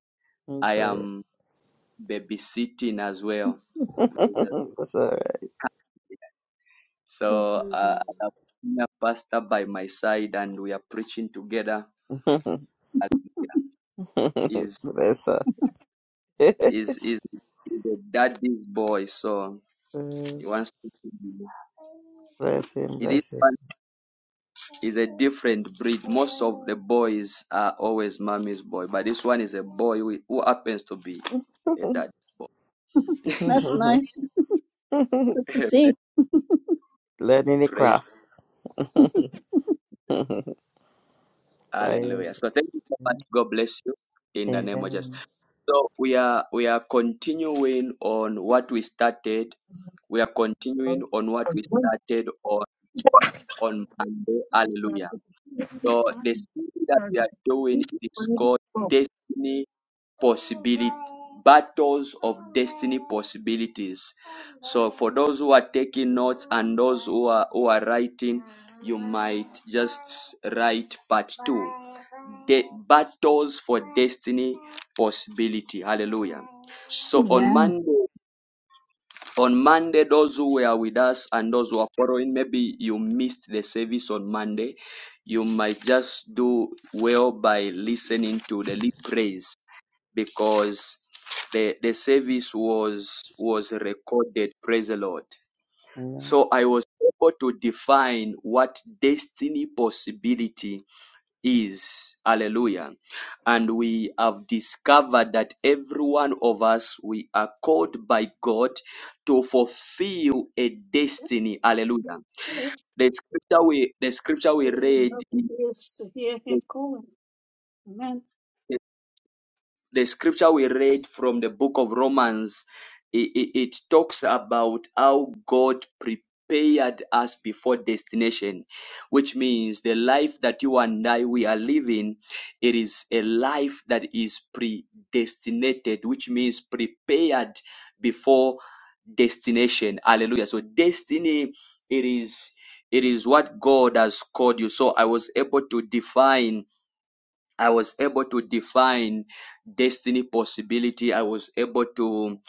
[SPEAKER 9] am
[SPEAKER 1] I am. babysitting as well.
[SPEAKER 9] That's all
[SPEAKER 1] So uh, I have a pastor by my side, and we are preaching together.
[SPEAKER 9] right.
[SPEAKER 1] Is
[SPEAKER 9] Bless her.
[SPEAKER 1] is is the daddy's boy, so he
[SPEAKER 9] Bless,
[SPEAKER 1] wants to.
[SPEAKER 9] bless him,
[SPEAKER 1] This
[SPEAKER 9] bless
[SPEAKER 1] one is a different breed. Most of the boys are always mommy's boy, but this one is a boy who, who happens to be a daddy's boy.
[SPEAKER 9] him.
[SPEAKER 8] That's nice. It's good to see.
[SPEAKER 9] Learn any
[SPEAKER 1] Praise
[SPEAKER 9] craft. Fire.
[SPEAKER 1] Hallelujah. So thank you so much. God bless you in the name of Jesus.
[SPEAKER 9] Amen.
[SPEAKER 1] So we are we are continuing on what we started. We are continuing
[SPEAKER 10] Amen.
[SPEAKER 1] on what we
[SPEAKER 10] Amen.
[SPEAKER 1] started on on Monday. Hallelujah. So the series that we are doing is called Destiny possibility battles of destiny possibilities so for those who are taking notes and those who are who are writing you might just write part two De- battles for destiny possibility hallelujah so on
[SPEAKER 8] Amen.
[SPEAKER 1] monday on monday those who were with us and those who are following maybe you missed the service on monday you might just do well by listening to the lead praise because the the service was was recorded. Praise the Lord.
[SPEAKER 9] Amen.
[SPEAKER 1] So I was able to define what destiny possibility is. Hallelujah. And we have discovered that every one of us we are called by God to fulfill a
[SPEAKER 8] Yeah,
[SPEAKER 1] destiny. Hallelujah.
[SPEAKER 8] it's good.
[SPEAKER 1] The scripture we the scripture
[SPEAKER 8] If
[SPEAKER 1] we
[SPEAKER 8] you're in the
[SPEAKER 1] read
[SPEAKER 8] hope of
[SPEAKER 1] in.
[SPEAKER 8] ears to hear him calling. Amen.
[SPEAKER 1] the scripture we read from the book of Romans, it, it, it talks about how God prepared us before destination, which means the life that you and I we are living, it is a life that is predestinated, which means prepared before destination. Hallelujah. So destiny, it is it is what God has called you. So I was able to define I was able to define destiny possibility. I was able to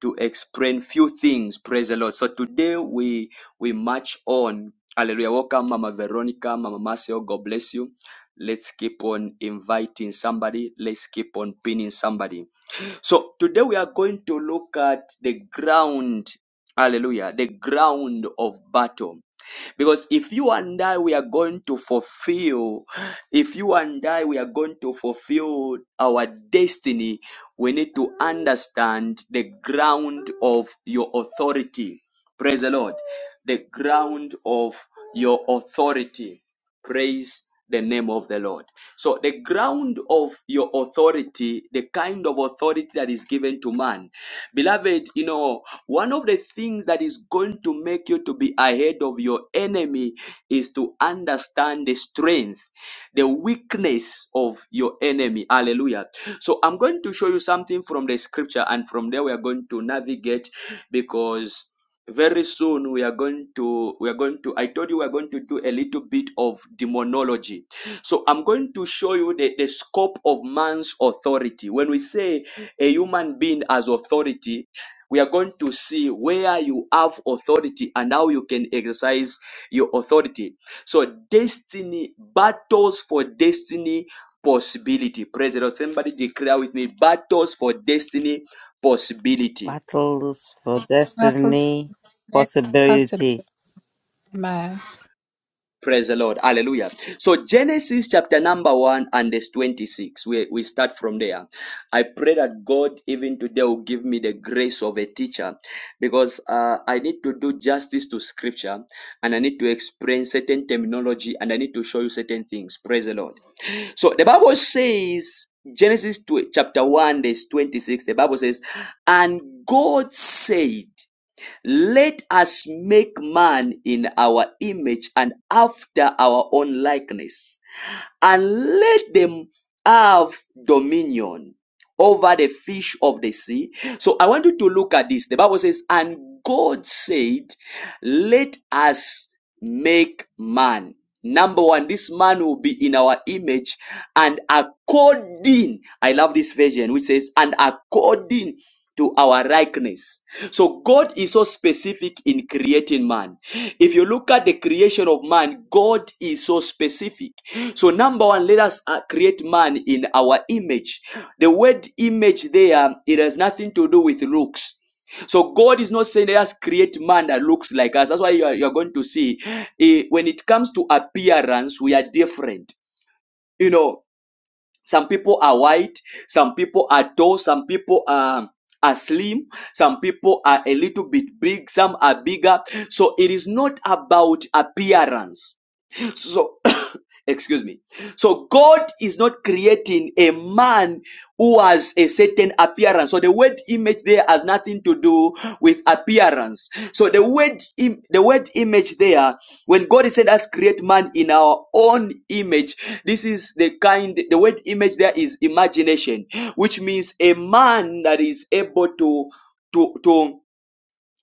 [SPEAKER 1] to explain few things. Praise the Lord. So today we we march on. Hallelujah. Welcome, Mama Veronica, Mama Marcel. God bless you. Let's keep on inviting somebody. Let's keep on pinning somebody. So today we are going to look at the ground, hallelujah, the ground of battle. Because if you and I, we are going to fulfill, if you and I, we are going to fulfill our destiny, we need to understand the ground of your authority. Praise the Lord. The ground of your authority. Praise the name of the Lord. So, the ground of your authority, the kind of authority that is given to man. Beloved, you know, one of the things that is going to make you to be ahead of your enemy is to understand the strength, the weakness of your enemy. Hallelujah. So, I'm going to show you something from the scripture, and from there, we are going to navigate because very soon we are going to we are going to i told you we are going to do a little bit of demonology so i'm going to show you the, the scope of man's authority when we say a human being as authority we are going to see where you have authority and how you can exercise your authority so destiny battles for destiny possibility president somebody declare with me battles for destiny possibility
[SPEAKER 9] Battles for
[SPEAKER 11] Michael's
[SPEAKER 9] destiny,
[SPEAKER 11] friend, Pastor
[SPEAKER 9] possibility.
[SPEAKER 11] Amen.
[SPEAKER 1] Praise the Lord. Hallelujah. So Genesis chapter number one and verse 26. We, we start from there. I pray that God even today will give me the grace of a teacher because uh, I need to do justice to scripture and I need to explain certain terminology and I need to show you certain things. Praise the Lord. So the Bible says, Genesis tw- chapter 1, verse 26, the Bible says, And God said, let us make man in our image and after our own likeness, and let them have dominion over the fish of the sea. So I want you to look at this. The Bible says, And God said, Let us make man. Number one, this man will be in our image and according, I love this version which says, and according to our likeness. So God is so specific in creating man. If you look at the creation of man, God is so specific. So number one, let us uh, create man in our image. The word image there, it has nothing to do with looks. So God is not saying let us create man that looks like us. That's why you are, you are going to see eh, when it comes to appearance, we are different. You know, some people are white, some people are tall, some people are, are slim, some people are a little bit big, some are bigger. So it is not about appearance. So, excuse me. So, God is not creating a man who has a certain appearance. So, the word image there has nothing to do with appearance. So, the word im- the word image there, when God said us create man in our own image, this is the kind the word image there is imagination, which means a man that is able to to to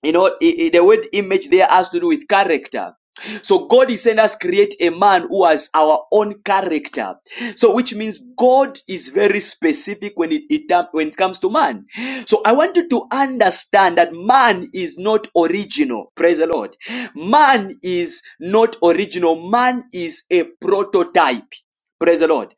[SPEAKER 1] you know, i- i- the word image there has to do with character. So God is saying us create a man who has our own character. So which means God is very specific when it, it tam- when it comes to man. So I want you to understand that man is not original. Praise the Lord. Man is not original. Man is a prototype. Praise the Lord.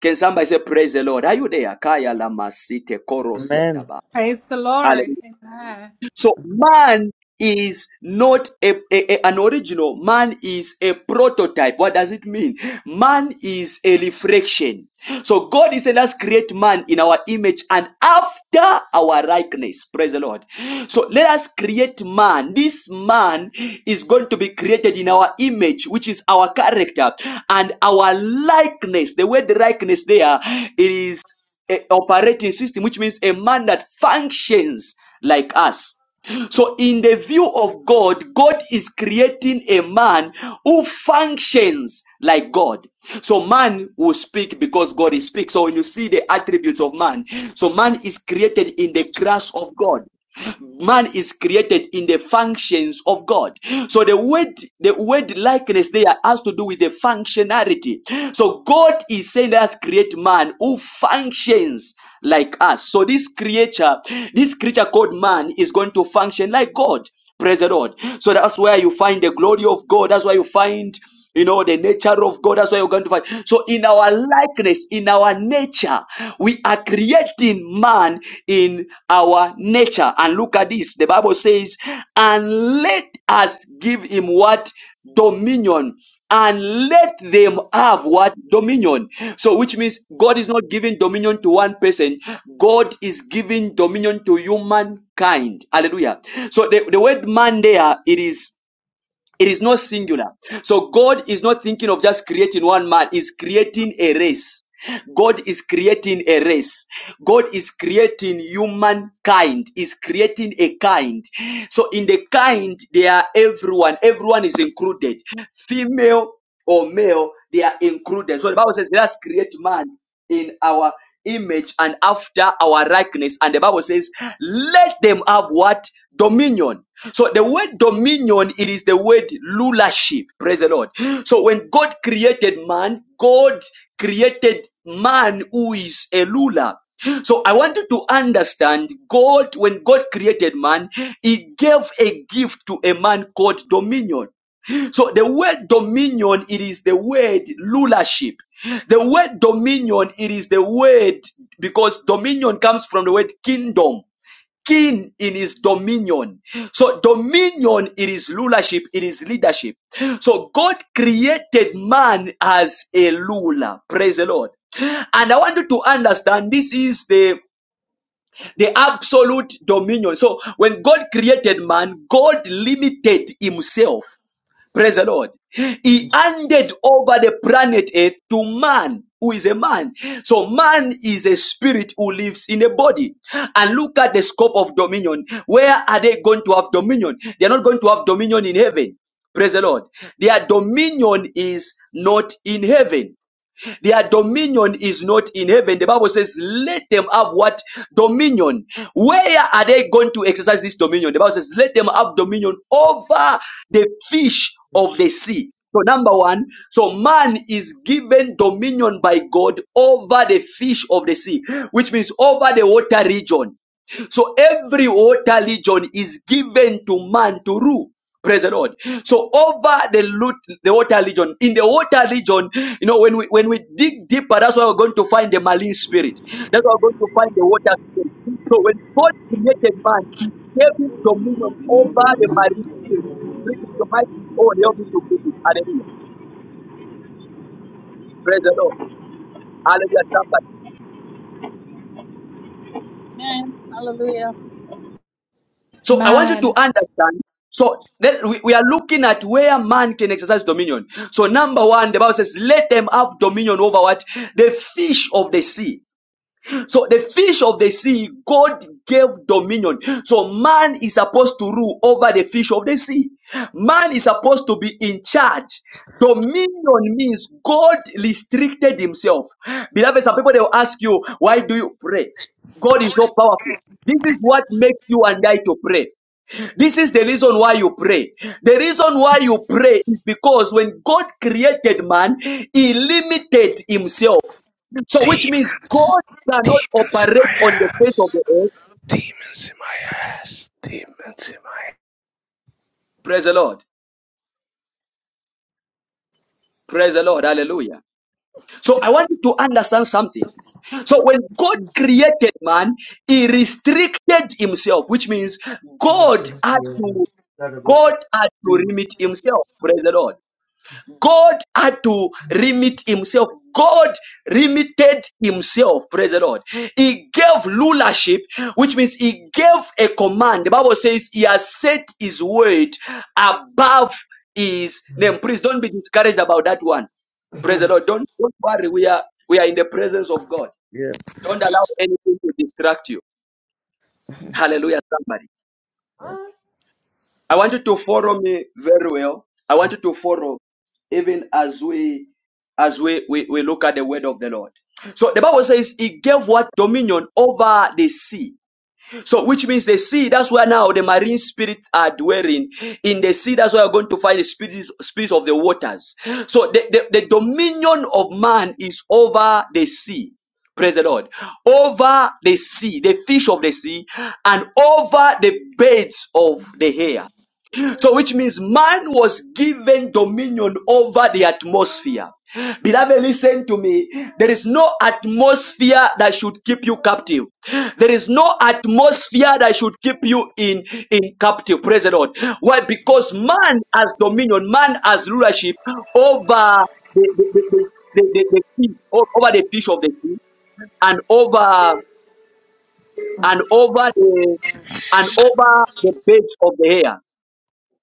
[SPEAKER 1] Can somebody say praise the Lord? Are you there? Kaya lamasite korosia
[SPEAKER 9] Amen.
[SPEAKER 1] daba.
[SPEAKER 11] Praise the Lord. Amen.
[SPEAKER 1] So man is not a, a- a- an original. Man is a prototype. What does it mean? Man is a reflection. So God is saying, let's create man in our image and after our likeness. Praise the Lord. So let us create man. This man is going to be created in our image, which is our character and our likeness. The word likeness there it is a operating system, which means a man that functions like us. So, in the view of God, God is creating a man who functions like God. So, man will speak because God is speak. So, when you see the attributes of man, so man is created in the grace of God. Man is created in the functions of God. So the word, the word likeness there has to do with the functionality. So God is saying, let us create man who functions like us. So this creature, this creature called man is going to function like God. Praise the Lord. So that's where you find the glory of God. That's where you find, you know, the nature of God. That's where you're going to find. So in our likeness, in our nature, we are creating man in our nature. And look at this. The Bible says, and let us give him what? Dominion and let them have what dominion so which means god is not giving dominion to one person god is giving dominion to humankind hallelujah so the, the word man there it is it is not singular so god is not thinking of just creating one man is creating a race God is creating a race. God is creating humankind. Is creating a kind. So in the kind, they are everyone. Everyone is included. Female, or male, they are included. So the Bible says, let us create man in our image and after our likeness. And the Bible says, let them have what? Dominion. So the word dominion, it is the word rulership. Praise the Lord. So when God created man, God created man who is a ruler. So I want you to understand God, when God created man, he gave a gift to a man called dominion. So the word dominion, it is the word rulership. The word dominion, it is the word because dominion comes from the word kingdom. King in his dominion. So dominion, it is rulership, it is leadership. So God created man as a ruler. Praise the Lord. And I want you to understand this is the the absolute dominion. So when God created man, God limited himself. Praise the Lord. He handed over the planet Earth to man, who is a man. So man is a spirit who lives in a body. And look at the scope of dominion. Where are they going to have dominion? They are not going to have dominion in heaven. Praise the Lord. Their dominion is not in heaven. Their dominion is not in heaven. The Bible says, let them have what? Dominion. Where are they going to exercise this dominion? The Bible says, let them have dominion over the fish of the sea. So number one, so man is given dominion by God over the fish of the sea, which means over the water region. So every water region is given to man to rule. Praise the Lord. So over the loot, the water region, in the water region, you know, when we when we dig deeper, that's why we're going to find the marine spirit. That's why we're going to find the water spirit. So when God created man, he gave him dominion over the marine spirit. Bring it to my own, help me to bring it. Hallelujah. Praise the Lord. Hallelujah. Somebody.
[SPEAKER 8] Amen. Hallelujah.
[SPEAKER 1] So I want you to
[SPEAKER 11] Amen.
[SPEAKER 1] understand. So then we, we are looking at where man can exercise dominion. So number one, the Bible says, let them have dominion over what? The fish of the sea. So the fish of the sea, God gave dominion. So man is supposed to rule over the fish of the sea. Man is supposed to be in charge. Dominion means God restricted himself. Beloved, some people they will ask you, why do you pray? God is so powerful. This is what makes you and I to pray. This is the reason why you pray. The reason why you pray is because when God created man, he limited himself. So, which means
[SPEAKER 12] Demons.
[SPEAKER 1] God cannot
[SPEAKER 12] Demons in
[SPEAKER 1] operate
[SPEAKER 12] my
[SPEAKER 1] on the face of
[SPEAKER 12] ass.
[SPEAKER 1] the earth.
[SPEAKER 12] Demons in my ass. Demons in my
[SPEAKER 1] Praise the Lord. Praise the Lord. Hallelujah. So, I want you to understand something. So, when God created man, he restricted himself, which means God had to, God had to limit himself. Praise the Lord. God had to remit himself. God limited himself. Praise the Lord. He gave rulership, which means he gave a command. The Bible says he has set his word above his name. Please don't be discouraged about that one. Praise the Lord. Don't, don't worry. We are we are in the presence of God.
[SPEAKER 9] Yeah.
[SPEAKER 1] Don't allow anything to distract you. Hallelujah. Somebody. I want you to follow me very well. I want you to follow even as we as we, we, we look at the word of the Lord. So the Bible says he gave what dominion over the sea. So which means the sea, that's where now the marine spirits are dwelling. In the sea, that's where you're going to find the spirits, spirits of the waters. So the, the, the dominion of man is over the sea. Praise the Lord. Over the sea, the fish of the sea, and over the birds of the air. So, which means man was given dominion over the atmosphere. Beloved, listen to me. There is no atmosphere that should keep you captive. There is no atmosphere that should keep you in, in captive. Praise the Lord. Why? Because man has dominion, man has rulership over the, the, the, the, the, the, fish, over the fish of the sea and over and over the and over the birds of the air.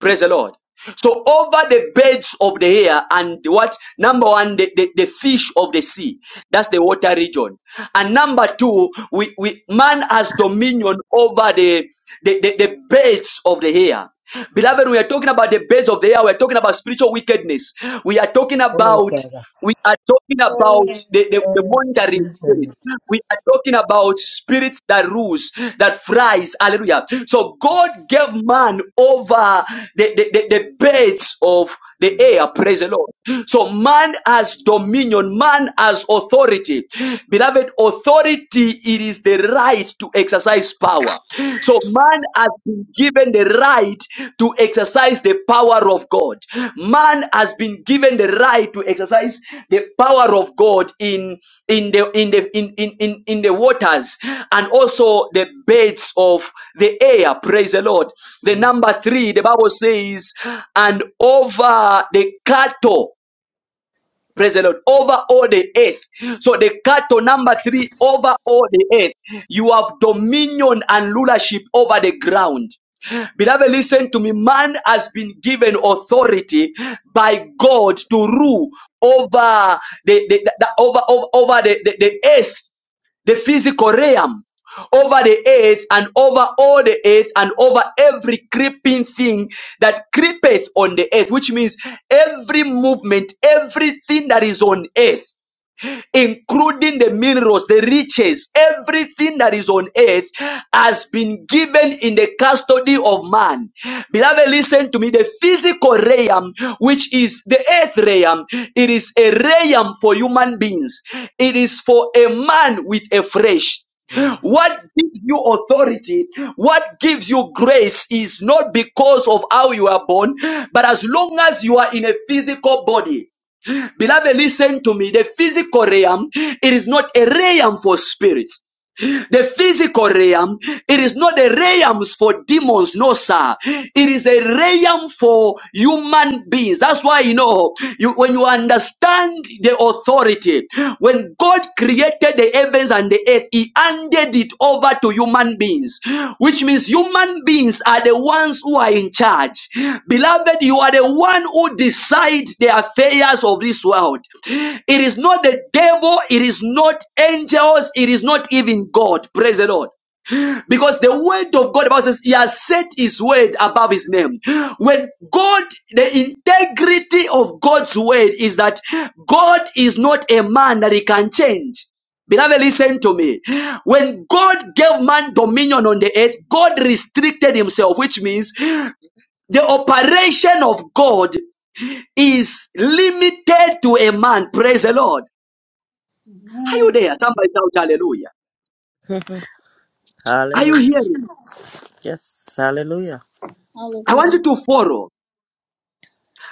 [SPEAKER 1] Praise the Lord. So over the beds of the air and the what number one, the, the, the fish of the sea. That's the water region. And number two, we, we man has dominion over the the, the, the beds of the air. Beloved, we are talking about the beds of the air. We are talking about spiritual wickedness. We are talking
[SPEAKER 9] Oh,
[SPEAKER 1] about
[SPEAKER 9] Father.
[SPEAKER 1] we are talking
[SPEAKER 9] Oh,
[SPEAKER 1] about the, the, the
[SPEAKER 9] thank
[SPEAKER 1] monitoring
[SPEAKER 9] you,
[SPEAKER 1] spirit.
[SPEAKER 9] Lord.
[SPEAKER 1] We are talking about spirits that rules, that fries. Hallelujah. So God gave man over the, the, the, the beds of the air. Praise the Lord. So man has dominion. Man has authority. Beloved, authority, it is the right to exercise power. So man has been given the right to exercise the power of God. Man has been given the right to exercise the power of God in in the in the in in in, in the waters and also the beds of the air. Praise the Lord. The number three, the Bible says, and over the cattle. Praise the Lord. Over all the earth. So the cattle number three, over all the earth. You have dominion and rulership over the ground. Beloved, listen to me. Man has been given authority by God to rule over the, the, the- over over, over the, the, the earth the physical realm, over the earth and over all the earth and over every creeping thing that creepeth on the earth, which means every movement, everything that is on earth including the minerals, the riches, everything that is on earth has been given in the custody of man. Beloved, listen to me. The physical realm, which is the earth realm, it is a realm for human beings. It is for a man with a flesh. What gives you authority, what gives you grace is not because of how you are born, but as long as you are in a physical body. Beloved, listen to me. The physical realm, it is not a realm for spirits. The physical realm, it is not a realm for demons, no, sir. It is a realm for human beings. That's why you know you when you understand the authority, when God created the heavens and the earth, He handed it over to human beings, which means human beings are the ones who are in charge. Beloved, you are the one who decide the affairs of this world. It is not the devil, it is not angels, it is not even God. Praise the Lord. Because the word of God, the Bible says, He has set His word above His name. When God, the integrity of God's word is that God is not a man that He can change. Beloved, listen to me. When God gave man dominion on the earth, God restricted Himself, which means the operation of God is limited to a man. Praise the Lord. Are you
[SPEAKER 8] Amen.
[SPEAKER 1] there? Somebody shout hallelujah. Are you
[SPEAKER 9] Hallelujah.
[SPEAKER 1] hearing?
[SPEAKER 9] Yes. Hallelujah.
[SPEAKER 1] I want
[SPEAKER 8] Hallelujah.
[SPEAKER 1] you to follow.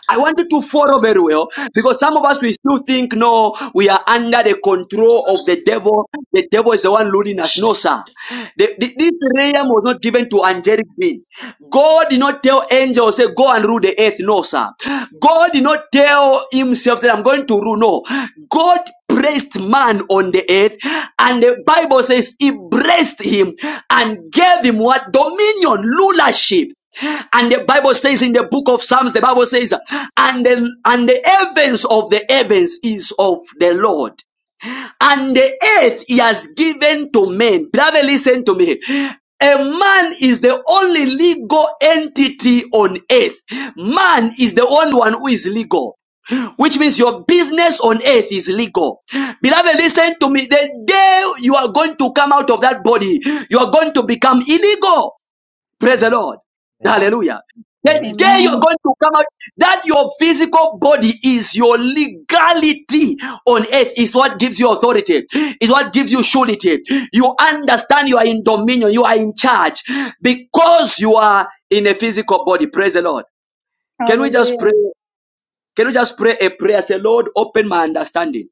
[SPEAKER 1] I wanted to follow very well because some of us we still think no, we are under the control of the devil. The devil is the one ruling us. No, sir. The- the- this realm was not given to angelic being. God did not tell angels, say, go and rule the earth. No, sir. God did not tell himself that I'm going to rule. No. God placed man on the earth, and the Bible says he blessed him and gave him what? Dominion, rulership. And the Bible says in the book of Psalms, the Bible says, and the, and the heavens of the heavens is of the Lord, and the earth he has given to men. Beloved, listen to me. A man is the only legal entity on earth. Man is the only one who is legal which means your business on earth is legal. Beloved, listen to me. The day you are going to come out of that body, you are going to become illegal. Praise the Lord.
[SPEAKER 9] Amen.
[SPEAKER 1] Hallelujah. The
[SPEAKER 9] Amen.
[SPEAKER 1] day you're
[SPEAKER 8] Amen.
[SPEAKER 1] going to come out, that your physical body is your legality on earth, is what gives you authority, is what gives you surety. You understand you are in dominion, you are in charge because you are in a physical body. Praise the Lord. Can we just pray?
[SPEAKER 8] Hallelujah.
[SPEAKER 1] Can we just pray a prayer? Say, Lord, open my understanding.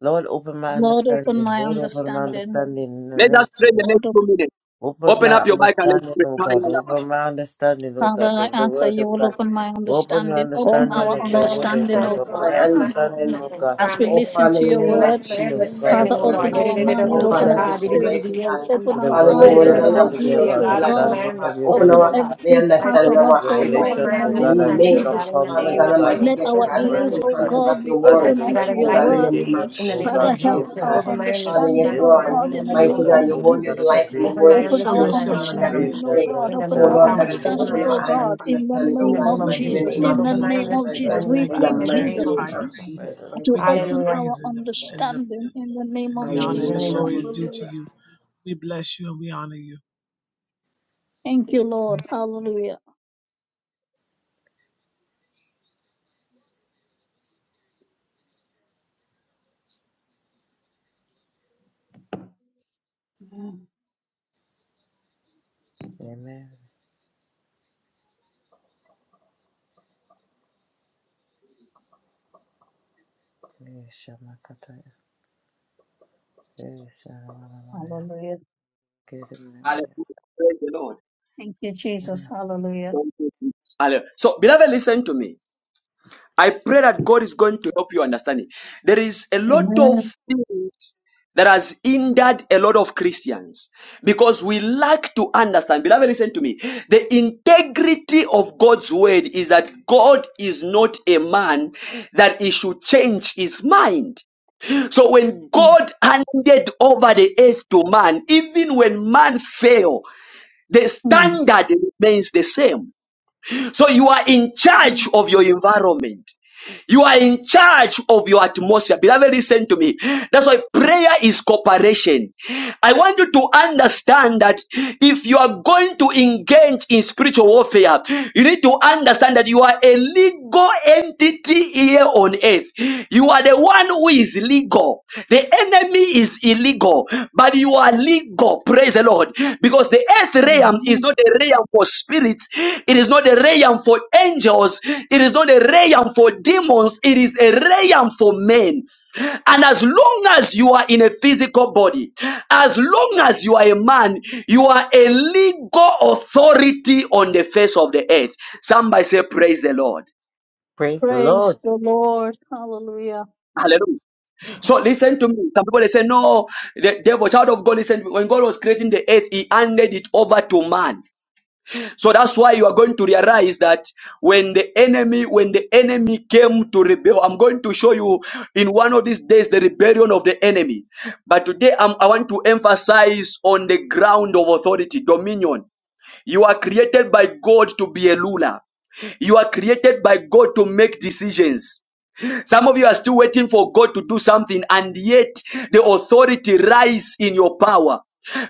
[SPEAKER 9] Lord, open my
[SPEAKER 8] Lord, open
[SPEAKER 9] understanding.
[SPEAKER 8] my
[SPEAKER 9] Lord, open my
[SPEAKER 8] understanding.
[SPEAKER 9] understanding. In the
[SPEAKER 1] Let
[SPEAKER 9] name
[SPEAKER 1] us
[SPEAKER 9] of
[SPEAKER 1] pray the
[SPEAKER 9] Jesus.
[SPEAKER 1] next
[SPEAKER 8] Lord, op-
[SPEAKER 1] two minutes.
[SPEAKER 9] Open
[SPEAKER 1] Open
[SPEAKER 9] my
[SPEAKER 1] up your mic and
[SPEAKER 9] understanding,
[SPEAKER 1] let's
[SPEAKER 9] oh
[SPEAKER 1] pray.
[SPEAKER 9] God. Open my understanding, oh
[SPEAKER 8] Father,
[SPEAKER 9] God,
[SPEAKER 8] I
[SPEAKER 9] of the
[SPEAKER 8] ask that
[SPEAKER 9] word, oh
[SPEAKER 8] you will
[SPEAKER 9] God.
[SPEAKER 8] open my
[SPEAKER 9] Open your
[SPEAKER 8] understanding. Open
[SPEAKER 13] Over
[SPEAKER 9] understanding
[SPEAKER 8] our
[SPEAKER 13] my
[SPEAKER 9] of
[SPEAKER 13] my
[SPEAKER 9] your word, oh
[SPEAKER 8] understanding,
[SPEAKER 9] God.
[SPEAKER 8] oh
[SPEAKER 13] understanding,
[SPEAKER 9] Open
[SPEAKER 8] God,
[SPEAKER 13] Lord.
[SPEAKER 14] my
[SPEAKER 9] your
[SPEAKER 13] Over my
[SPEAKER 9] understanding, oh
[SPEAKER 14] understanding.
[SPEAKER 13] understanding.
[SPEAKER 9] God.
[SPEAKER 8] as we
[SPEAKER 14] Oh
[SPEAKER 13] Family.
[SPEAKER 8] listen
[SPEAKER 14] Father, in
[SPEAKER 8] to your
[SPEAKER 14] the name
[SPEAKER 8] word.
[SPEAKER 14] of
[SPEAKER 13] Enlighten my
[SPEAKER 14] Jesus
[SPEAKER 9] Jesus,
[SPEAKER 14] Christ
[SPEAKER 9] Father
[SPEAKER 14] of
[SPEAKER 13] understanding,
[SPEAKER 8] Father,
[SPEAKER 13] O
[SPEAKER 9] God,
[SPEAKER 8] open
[SPEAKER 13] Lord.
[SPEAKER 14] Nazareth.
[SPEAKER 9] every
[SPEAKER 8] our
[SPEAKER 9] word in
[SPEAKER 8] mind,
[SPEAKER 9] the
[SPEAKER 14] Oh
[SPEAKER 9] name
[SPEAKER 8] open
[SPEAKER 9] of
[SPEAKER 14] Father, as
[SPEAKER 8] our
[SPEAKER 14] we
[SPEAKER 13] Di-di-di-di-di-bo-shaka,
[SPEAKER 14] come
[SPEAKER 9] Jesus,
[SPEAKER 8] spirit,
[SPEAKER 9] every
[SPEAKER 14] mighty God.
[SPEAKER 8] open
[SPEAKER 9] to
[SPEAKER 13] di-di-di-di-di-di-o-shanda.
[SPEAKER 9] the
[SPEAKER 8] our
[SPEAKER 14] Father,
[SPEAKER 9] word of
[SPEAKER 14] your
[SPEAKER 8] eyes,
[SPEAKER 14] word is a
[SPEAKER 9] God,
[SPEAKER 8] open
[SPEAKER 9] let
[SPEAKER 8] our
[SPEAKER 14] lamp and
[SPEAKER 9] me have
[SPEAKER 14] your
[SPEAKER 9] an
[SPEAKER 8] ears,
[SPEAKER 13] Di-di-di-di-di-bo-shia.
[SPEAKER 14] feet
[SPEAKER 8] oh
[SPEAKER 14] a
[SPEAKER 13] God,
[SPEAKER 14] light
[SPEAKER 13] open
[SPEAKER 8] God.
[SPEAKER 14] unto
[SPEAKER 13] my
[SPEAKER 14] our
[SPEAKER 9] understanding of
[SPEAKER 14] path.
[SPEAKER 9] your
[SPEAKER 14] Open
[SPEAKER 9] word,
[SPEAKER 13] understanding,
[SPEAKER 8] Open
[SPEAKER 13] O
[SPEAKER 9] O
[SPEAKER 14] our
[SPEAKER 13] God.
[SPEAKER 9] God.
[SPEAKER 14] the
[SPEAKER 8] every
[SPEAKER 13] My
[SPEAKER 8] part
[SPEAKER 9] Let
[SPEAKER 14] understanding
[SPEAKER 8] of
[SPEAKER 14] of
[SPEAKER 13] God.
[SPEAKER 14] our
[SPEAKER 8] us, oh
[SPEAKER 14] eyes,
[SPEAKER 8] Lord,
[SPEAKER 13] Open
[SPEAKER 14] mighty
[SPEAKER 9] revelation,
[SPEAKER 8] in
[SPEAKER 13] my
[SPEAKER 14] God,
[SPEAKER 8] the
[SPEAKER 9] O
[SPEAKER 14] so
[SPEAKER 8] name
[SPEAKER 9] God,
[SPEAKER 14] we
[SPEAKER 9] and
[SPEAKER 8] of
[SPEAKER 13] understanding, O
[SPEAKER 14] may,
[SPEAKER 9] wisdom
[SPEAKER 8] Jesus.
[SPEAKER 13] God, in the
[SPEAKER 9] come,
[SPEAKER 14] Father
[SPEAKER 13] name
[SPEAKER 9] O
[SPEAKER 14] God
[SPEAKER 13] of
[SPEAKER 9] God,
[SPEAKER 14] Almighty,
[SPEAKER 8] Let
[SPEAKER 9] of
[SPEAKER 13] Jesus.
[SPEAKER 14] get
[SPEAKER 8] our
[SPEAKER 9] your
[SPEAKER 13] Open
[SPEAKER 14] grasp
[SPEAKER 13] my
[SPEAKER 14] the
[SPEAKER 9] word,
[SPEAKER 8] ears,
[SPEAKER 14] full
[SPEAKER 9] O
[SPEAKER 8] oh
[SPEAKER 9] God.
[SPEAKER 13] understanding.
[SPEAKER 14] concept of
[SPEAKER 8] God, be
[SPEAKER 14] your
[SPEAKER 13] My
[SPEAKER 9] Father,
[SPEAKER 14] words.
[SPEAKER 8] open
[SPEAKER 9] the
[SPEAKER 13] God,
[SPEAKER 9] right
[SPEAKER 8] unto
[SPEAKER 14] Oh
[SPEAKER 8] your
[SPEAKER 14] God,
[SPEAKER 13] enlighten
[SPEAKER 14] in the
[SPEAKER 13] me
[SPEAKER 8] word.
[SPEAKER 14] name
[SPEAKER 9] interpretation,
[SPEAKER 14] of
[SPEAKER 13] in the
[SPEAKER 9] O
[SPEAKER 13] name
[SPEAKER 14] Jesus,
[SPEAKER 13] of
[SPEAKER 4] Make
[SPEAKER 9] God,
[SPEAKER 8] Father,
[SPEAKER 4] our
[SPEAKER 14] mighty
[SPEAKER 8] help
[SPEAKER 9] yes,
[SPEAKER 13] Jesus.
[SPEAKER 8] our
[SPEAKER 9] O
[SPEAKER 14] God.
[SPEAKER 4] request
[SPEAKER 13] Open
[SPEAKER 9] God.
[SPEAKER 4] known
[SPEAKER 13] my
[SPEAKER 4] and
[SPEAKER 14] Father,
[SPEAKER 8] understanding,
[SPEAKER 14] yes,
[SPEAKER 9] Yes,
[SPEAKER 13] understanding,
[SPEAKER 8] oh
[SPEAKER 13] O
[SPEAKER 9] O
[SPEAKER 14] Lord,
[SPEAKER 13] God, in
[SPEAKER 8] God,
[SPEAKER 13] the
[SPEAKER 8] in
[SPEAKER 9] God,
[SPEAKER 8] the
[SPEAKER 13] name
[SPEAKER 14] mighty
[SPEAKER 9] we
[SPEAKER 8] name
[SPEAKER 13] of
[SPEAKER 9] can
[SPEAKER 8] of
[SPEAKER 14] God, your
[SPEAKER 9] see
[SPEAKER 13] Jesus.
[SPEAKER 9] the
[SPEAKER 14] word is
[SPEAKER 9] Lord,
[SPEAKER 8] Jesus.
[SPEAKER 9] but
[SPEAKER 14] life
[SPEAKER 9] we
[SPEAKER 14] and your
[SPEAKER 13] Open
[SPEAKER 9] the
[SPEAKER 14] word
[SPEAKER 13] my
[SPEAKER 14] is
[SPEAKER 9] Father,
[SPEAKER 8] Open
[SPEAKER 4] show
[SPEAKER 8] our
[SPEAKER 14] spirit,
[SPEAKER 4] yourself
[SPEAKER 13] understanding,
[SPEAKER 14] Father
[SPEAKER 13] O
[SPEAKER 14] God,
[SPEAKER 13] God,
[SPEAKER 14] and
[SPEAKER 4] strongly,
[SPEAKER 9] the
[SPEAKER 14] we
[SPEAKER 8] understanding, oh
[SPEAKER 9] shall
[SPEAKER 14] pray.
[SPEAKER 4] Lord,
[SPEAKER 9] the
[SPEAKER 8] God.
[SPEAKER 13] in the
[SPEAKER 8] Open
[SPEAKER 14] Oh
[SPEAKER 13] name
[SPEAKER 4] with
[SPEAKER 8] our
[SPEAKER 13] of
[SPEAKER 14] Lord
[SPEAKER 9] Creator,
[SPEAKER 4] power
[SPEAKER 14] God,
[SPEAKER 9] a
[SPEAKER 14] that
[SPEAKER 13] Jesus.
[SPEAKER 14] you
[SPEAKER 13] Open
[SPEAKER 9] believe.
[SPEAKER 8] understanding,
[SPEAKER 13] my
[SPEAKER 14] open
[SPEAKER 8] oh
[SPEAKER 14] our
[SPEAKER 4] demonstration.
[SPEAKER 14] eyes
[SPEAKER 13] understanding.
[SPEAKER 14] of
[SPEAKER 8] God, in the
[SPEAKER 14] understanding,
[SPEAKER 13] In
[SPEAKER 14] oh
[SPEAKER 13] the
[SPEAKER 8] name
[SPEAKER 14] God
[SPEAKER 13] name
[SPEAKER 8] of
[SPEAKER 13] of
[SPEAKER 14] Almighty, in the
[SPEAKER 9] Oh,
[SPEAKER 8] Jesus.
[SPEAKER 4] In
[SPEAKER 14] name
[SPEAKER 4] the
[SPEAKER 13] Jesus,
[SPEAKER 8] In
[SPEAKER 14] of
[SPEAKER 8] the
[SPEAKER 4] name
[SPEAKER 13] open
[SPEAKER 4] of
[SPEAKER 13] I
[SPEAKER 9] Jesus,
[SPEAKER 14] Jesus
[SPEAKER 13] am
[SPEAKER 8] name
[SPEAKER 13] this
[SPEAKER 9] yes,
[SPEAKER 8] of
[SPEAKER 4] Jesus,
[SPEAKER 14] Christ.
[SPEAKER 9] right
[SPEAKER 8] Jesus.
[SPEAKER 4] we
[SPEAKER 13] sign,
[SPEAKER 8] We
[SPEAKER 13] oh
[SPEAKER 4] thank
[SPEAKER 14] In the
[SPEAKER 13] God.
[SPEAKER 4] you.
[SPEAKER 8] plead
[SPEAKER 13] In
[SPEAKER 4] We
[SPEAKER 13] the
[SPEAKER 14] mighty
[SPEAKER 9] understanding.
[SPEAKER 13] name
[SPEAKER 8] Jesus
[SPEAKER 13] of
[SPEAKER 14] name
[SPEAKER 4] magnify your
[SPEAKER 14] of
[SPEAKER 13] Jesus.
[SPEAKER 4] name.
[SPEAKER 9] Right
[SPEAKER 14] Jesus
[SPEAKER 9] understanding.
[SPEAKER 14] Christ
[SPEAKER 8] to
[SPEAKER 4] We
[SPEAKER 14] of
[SPEAKER 4] give you
[SPEAKER 8] open
[SPEAKER 14] Nazareth,
[SPEAKER 13] Hallelujah.
[SPEAKER 8] our
[SPEAKER 14] my
[SPEAKER 4] praise and the
[SPEAKER 14] Lord.
[SPEAKER 4] and the
[SPEAKER 8] understanding in the name
[SPEAKER 4] and
[SPEAKER 8] of
[SPEAKER 4] the honor
[SPEAKER 13] In the
[SPEAKER 4] and the
[SPEAKER 8] Jesus.
[SPEAKER 13] name
[SPEAKER 14] Hallelujah.
[SPEAKER 13] of
[SPEAKER 4] glory is
[SPEAKER 14] Glory
[SPEAKER 4] due
[SPEAKER 13] Jesus.
[SPEAKER 14] to
[SPEAKER 4] to
[SPEAKER 8] Hallelujah.
[SPEAKER 4] you.
[SPEAKER 14] God.
[SPEAKER 4] We bless you and we honor you.
[SPEAKER 8] Thank you, Lord. Hallelujah. Amen.
[SPEAKER 9] Amen. Praise
[SPEAKER 8] Hallelujah.
[SPEAKER 1] Hallelujah. Praise the Lord.
[SPEAKER 8] Thank you, Jesus. Hallelujah.
[SPEAKER 1] Thank you, Jesus. Hallelujah. So, beloved, listen to me. I pray that God is going to help you understand it. There is a lot of
[SPEAKER 8] Amen.
[SPEAKER 1] things that has hindered a lot of Christians because we lack to understand. Beloved, listen to me. The integrity of God's word is that God is not a man that he should change his mind. So when God handed over the earth to man, even when man fell, the
[SPEAKER 8] Mhm.
[SPEAKER 1] standard remains the same. So you are in charge of your environment. You are in charge of your atmosphere. Beloved, listen to me. That's why prayer is cooperation. I want you to understand that if you are going to engage in spiritual warfare, you need to understand that you are a legal entity here on earth. You are the one who is legal. The enemy is illegal, but you are legal. Oh, praise the Lord. Because the earth realm is
[SPEAKER 8] Hallelujah.
[SPEAKER 1] not a realm for spirits, it is not a realm for angels, it is not a realm for demons, it is a realm for men. And as long as you are in a physical body, as long as you are a man, you are a legal authority on the face of the earth. Somebody say, Praise the Lord.
[SPEAKER 9] the
[SPEAKER 8] Praise
[SPEAKER 9] Lord.
[SPEAKER 8] the Lord. Hallelujah.
[SPEAKER 1] Hallelujah. So listen to me. Some people they say, No, the devil, child of God, listen. When God was creating the earth, he handed it over to man. So that's why you are going to realize that when the enemy, when the enemy came to rebel, I'm going to show you in one of these days the rebellion of the enemy. But today I'm, I want to emphasize on the ground of authority, dominion. You are created by God to be a ruler. You are created by God to make decisions. Some of you are still waiting for God to do something, and yet the authority rise in your power.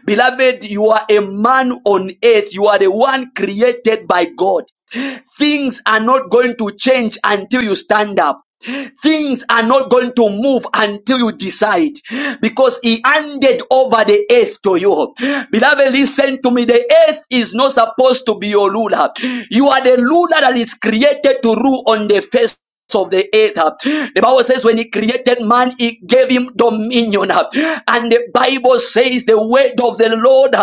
[SPEAKER 1] Beloved, you are a man on earth. You are the one created by God. Things are not going to change until you stand up. Things are not going to move until you decide because he handed over the earth to you. Beloved, listen to me. The earth is not supposed to be your ruler. You are the ruler that is created to rule on the face of the earth. The Bible says when he created man, he gave him dominion. And the Bible says the word of the Lord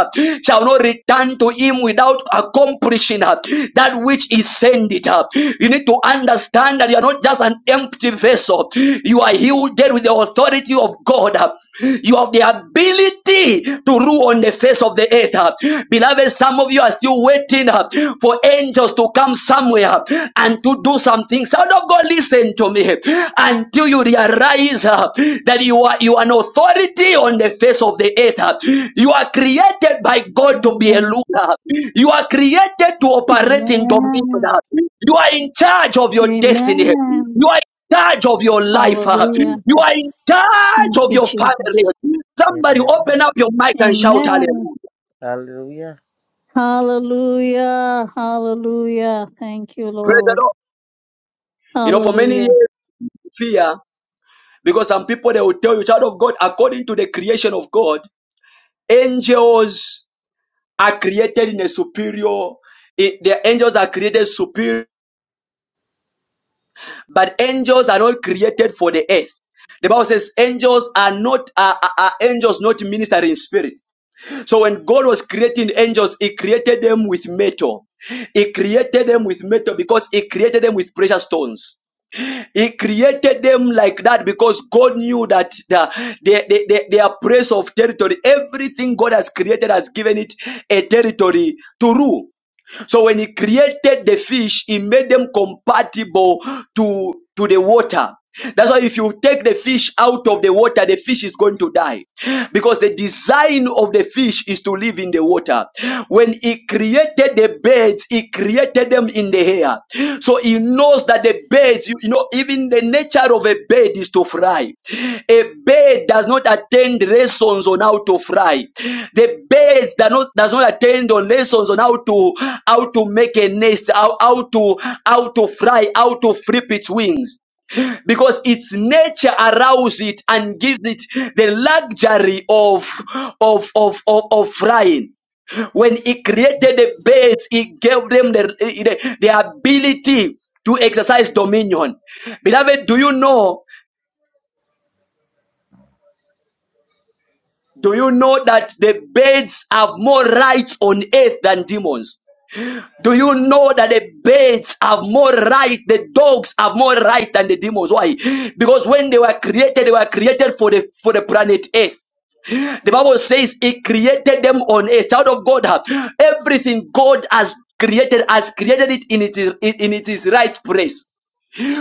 [SPEAKER 1] shall not return to him without accomplishing that which he sent it. You need to understand that you are not just an empty vessel. You are healed with the authority of God. You have the ability to rule on the face face of the earth. uh. Beloved, some of you are still waiting uh, for angels to come somewhere uh, and to do something. Son of God, listen to me. Until you realize uh, that you are you are an authority on the face of the earth. uh. You are created by God to be a
[SPEAKER 8] Amen.
[SPEAKER 1] ruler. You are created to operate in dominion.
[SPEAKER 8] Amen.
[SPEAKER 1] uh. You are in charge of your destiny.
[SPEAKER 8] Amen.
[SPEAKER 1] You are charge of your life. uh,
[SPEAKER 8] Hallelujah.
[SPEAKER 1] You
[SPEAKER 9] Amen.
[SPEAKER 1] are in
[SPEAKER 8] Thank
[SPEAKER 1] charge of
[SPEAKER 8] you,
[SPEAKER 1] your family.
[SPEAKER 8] Jesus.
[SPEAKER 1] Somebody open
[SPEAKER 9] Amen.
[SPEAKER 1] up your mic and shout
[SPEAKER 8] Amen.
[SPEAKER 1] hallelujah.
[SPEAKER 9] Hallelujah.
[SPEAKER 8] Hallelujah. Hallelujah. Thank you,
[SPEAKER 1] Praise the
[SPEAKER 8] Lord.
[SPEAKER 1] Lord. You know, for many
[SPEAKER 8] Hallelujah.
[SPEAKER 1] years, fear, because some people they will tell you, child of God, according to the creation of God, angels are created in a superior, it, the angels are created superior, but angels are not created for the earth. The Bible says angels are not are, are are angels not ministering spirits. So when God was creating angels, He created them with metal. He created them with metal because He created them with precious stones. He created them like that because God knew that the, the, the, the- their praise of territory, everything God has created has given it a territory to rule. So when he created the fish, he made them compatible to, to the water. That's why if you take the fish out of the water, the fish is going to die. Because the design of the fish is to live in the water. When he created the birds, he created them in the air. So he knows that the bird, you, you know, even the nature of a bird is to fly. A bird does not attend lessons on how to fly. The birds does not does not attend on lessons on how to how to make a nest, how, how to how to fly, how to flip its wings because its nature arouses it and gives it the luxury of of of of, of flying when he created the birds, he gave them the, the, the ability to exercise dominion. Beloved, do you know? Do you know that the birds have more rights on earth than demons? Do you know that the birds have more right, the dogs have more right than the demons? Why? Because when they were created, they were created for the for the planet Earth. The Bible says He created them on a child of God. huh, Everything God has created has created it in its, in its right place.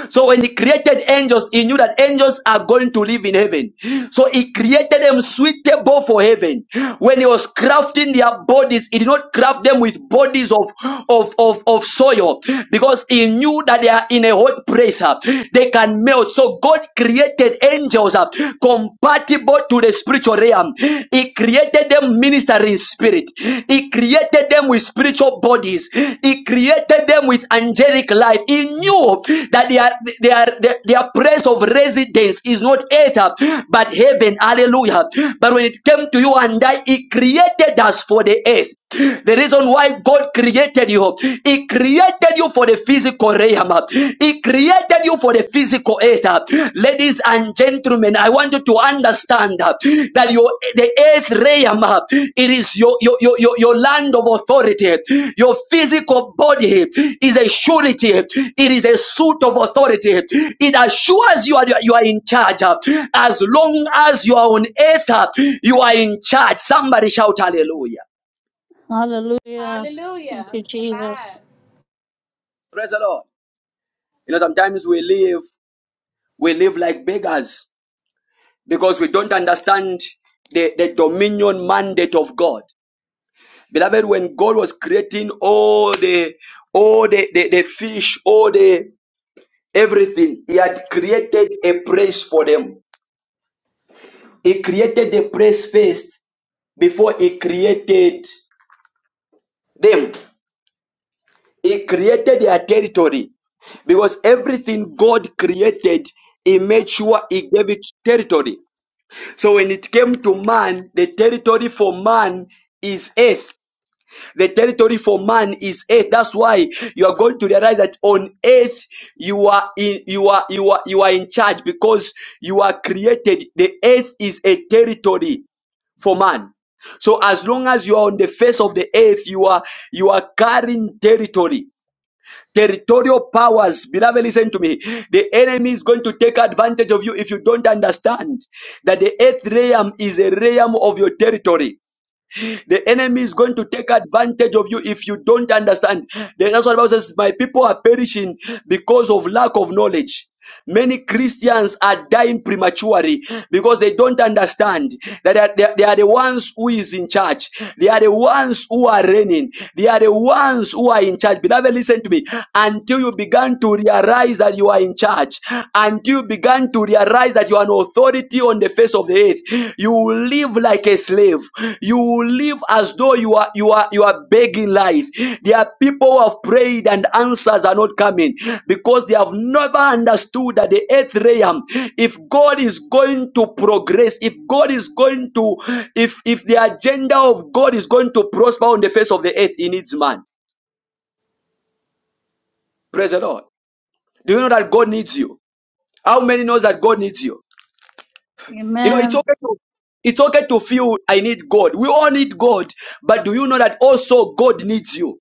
[SPEAKER 1] So when he created angels, he knew that angels are going to live in heaven. So he created them suitable for heaven. When he was crafting their bodies, he did not craft them with bodies of, of, of, of soil because he knew that they are in a hot place. uh, They can melt. So God created angels uh, compatible to the spiritual realm. He created them ministering in spirit. He created them with spiritual bodies. He created them with angelic life. He knew that their their their, their place of residence is not earth but heaven. Hallelujah. But when it came to you and I, He created us for the earth. The reason why God created you, He created you for the physical realm. He created you for a physical earth. uh, Ladies and gentlemen, I want you to understand uh, that your the earth realm uh, it is your your, your, your your land of authority. Your physical body is a surety, it is a suit of authority. It assures you are you are in charge. uh, As long as you are on earth, uh, you are in charge. Somebody shout hallelujah.
[SPEAKER 8] Hallelujah. Thank
[SPEAKER 11] Hallelujah.
[SPEAKER 8] you, Jesus.
[SPEAKER 11] Amen.
[SPEAKER 1] Praise the Lord. You know, sometimes we live, we live like beggars because we don't understand the, the dominion mandate of God. Beloved, when God was creating all the all the, the, the fish, all the everything, He had created a place for them. He created the place first before He created them. He created their territory because everything God created, He made sure He gave it territory. So when it came to man, the territory for man is earth The territory for man is earth. That's why you are going to realize that on earth you are in you are you are you are in charge because you are created. The earth is a territory for man. So as long as you are on the face of the earth, you are you are carrying territory. Territorial powers, beloved, listen to me. The enemy is going to take advantage of you if you don't understand that the earth realm is a realm of your territory. The enemy is going to take advantage of you if you don't understand. That's what the Bible says. My people are perishing because of lack of knowledge. Many Christians are dying prematurely because they don't understand that they are, they are the ones who is in charge. They are the ones who are reigning. They are the ones who are in charge. Beloved, listen to me. Until you begin to realize that you are in charge, until you begin began to realize that you are an authority on the face of the earth. You will live like a slave. You will live as though you are you are you are begging life. There are people who have prayed and answers are not coming because they have never understood that the earth realm, if God is going to progress, if God is going to, if if the agenda of God is going to prosper on the face of the earth, He needs man. Praise the Lord. Do you know that God needs you? How many knows that God needs you? You know, it's
[SPEAKER 8] Amen.
[SPEAKER 1] okay to it's okay to feel I need God. We all need God, but do you know that also God needs you?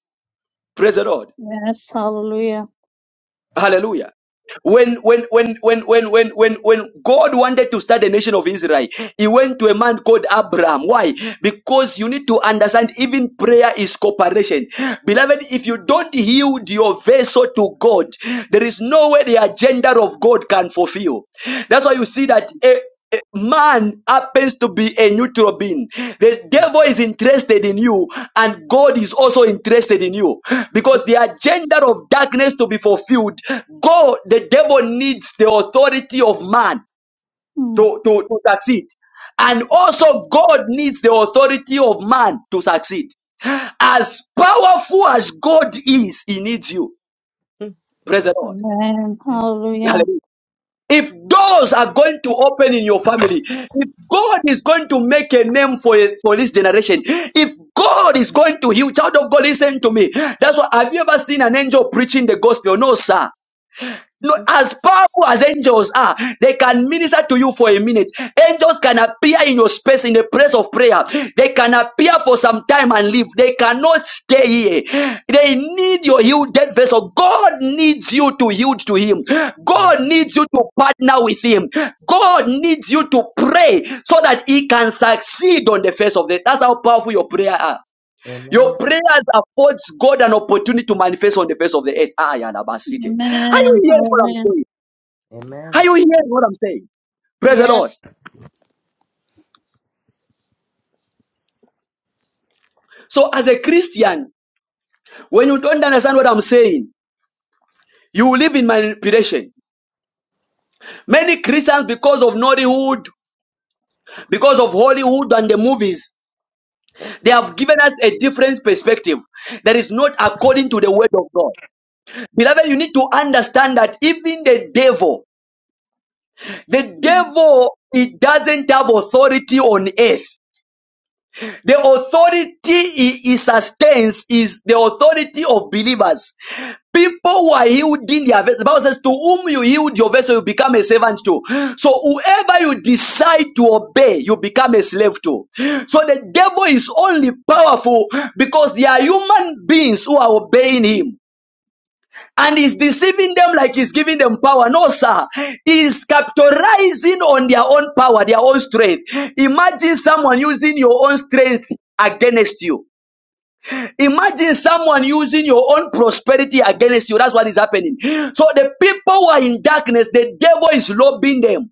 [SPEAKER 1] Praise the Lord.
[SPEAKER 8] Yes, hallelujah.
[SPEAKER 1] Hallelujah. When when when when when when when when God wanted to start the nation of Israel, he went to a man called Abraham. Why? Because you need to understand even prayer is cooperation. Beloved, if you don't yield your vessel to God, there is no way the agenda of God can fulfill. That's why you see that. eh, man happens to be a neutral being. The devil is interested in you, and God is also interested in you because the agenda of darkness to be fulfilled, God, the devil needs the authority of man
[SPEAKER 8] Mm.
[SPEAKER 1] to, to, to succeed. And also, God needs the authority of man to succeed. As powerful as God is, He needs you. Praise the Lord.
[SPEAKER 8] Amen.
[SPEAKER 9] Amen.
[SPEAKER 8] Hallelujah.
[SPEAKER 1] If doors are going to open in your family, if God is going to make a name for, for this generation, if God is going to heal, child of God, listen to me. That's why have you ever seen an angel preaching the gospel? No, sir. No, as powerful as angels are, they can minister to you for a minute. Angels can appear in your space in the place of prayer. They can appear for some time and leave. They cannot stay here. They need your healed vessel. God needs you to yield to Him. God needs you to partner with Him. God needs you to pray so that He can succeed on the face of the. That's how powerful your prayer are. Your
[SPEAKER 9] Amen.
[SPEAKER 1] prayers affords God an opportunity to manifest on the face of the earth. Ah, Yadabasite. Are you
[SPEAKER 8] Amen.
[SPEAKER 1] hearing what I'm
[SPEAKER 8] Hallelujah.
[SPEAKER 1] saying?
[SPEAKER 9] Amen.
[SPEAKER 1] Are you hearing what I'm saying? Praise the Lord.
[SPEAKER 8] Yes.
[SPEAKER 1] So, as a Christian, when you don't understand what I'm saying, you will live in manipulation. Many Christians, because of Nollywood, because of Hollywood and the movies, they have given us a different perspective that is not according to the word of God. Beloved, you need to understand that even the devil, the
[SPEAKER 8] Mm.
[SPEAKER 1] devil, it doesn't have authority on earth. The authority he, sustains is the authority of believers. People who are healed in their vessel. The Bible says, To whom you healed your vessel, you become a servant to. So whoever you decide to obey, you become a slave to. So the devil is only powerful because there are human beings who are obeying him and is deceiving them like he's giving them power. No, sir. He's capitalizing on their own power, their own strength. Imagine someone using your own strength against you. Imagine someone using your own prosperity against you. That's what is happening. So the people who are in darkness, the devil is lobbying them.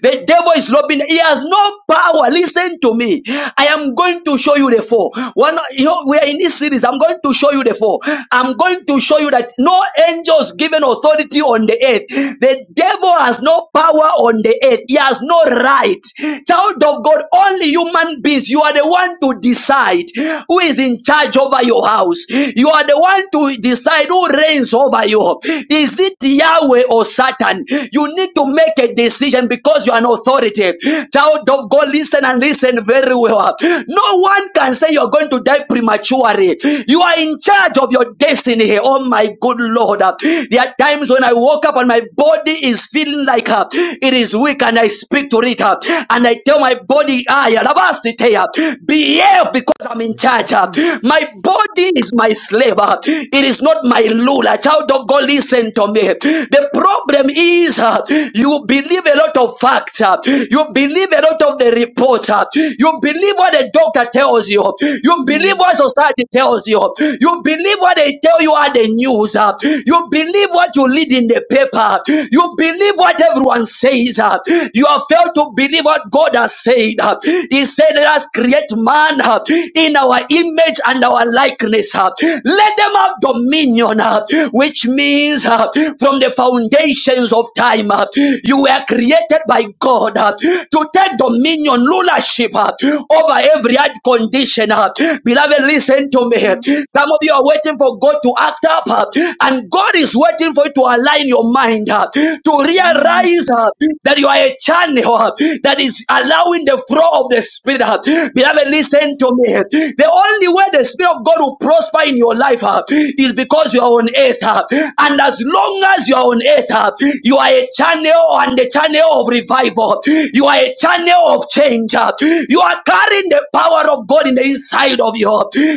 [SPEAKER 1] The devil is lobbying. He has no power. Listen to me. I am going to show you the four. One, you know, we are in this series. I'm going to show you the four. I'm going to show you that no angels given authority on the earth. The devil has no power on the earth. He has no right. Child of God, only human beings. You are the one to decide who is in charge over your house. You are the one to decide who reigns over you. Is it Yahweh or Satan? You need to make a decision because you are an authority. Child of God, listen and listen very well. No one can say you're going to die prematurely. You are in charge of your destiny. Oh my good Lord. There are times when I woke up and my body is feeling like uh, it is weak and I speak to it uh, and I tell my body, "Ah, yeah, Labasite, uh, behave because I'm in charge. uh.
[SPEAKER 9] Amen.
[SPEAKER 1] My body is my slave. uh. It is not my ruler. Child of God, listen to me to me. The problem is uh, you believe a lot of facts, uh, you believe a lot of the reports, uh, you believe what the doctor tells you, you believe
[SPEAKER 8] Mm.
[SPEAKER 1] what society tells you, you believe what they tell you at the news, uh, you believe what you read in the paper, you believe what everyone says, uh, you have failed to believe what God has said. uh. He said, Let us create man uh, in our image and our likeness. uh. Let them have dominion dominion, uh, which means uh, from the foundations of time, uh, you were created by God uh, to take dominion, rulership uh, over every hard condition. uh. Beloved, listen to me.
[SPEAKER 8] mm,
[SPEAKER 1] Some of you are waiting for God to act up, uh, and God is waiting for you to align your mind uh, to
[SPEAKER 8] Amen.
[SPEAKER 1] realize uh, that you are a channel uh, that is allowing the flow of the Spirit. uh. Beloved, listen to me. The only way the Spirit of God will prosper prosper in your life uh, is because you are on earth. uh, and as long as you are on earth, uh, you are a channel and a channel of revival. You are a channel of change. uh, you are carrying the power of God in the inside of you.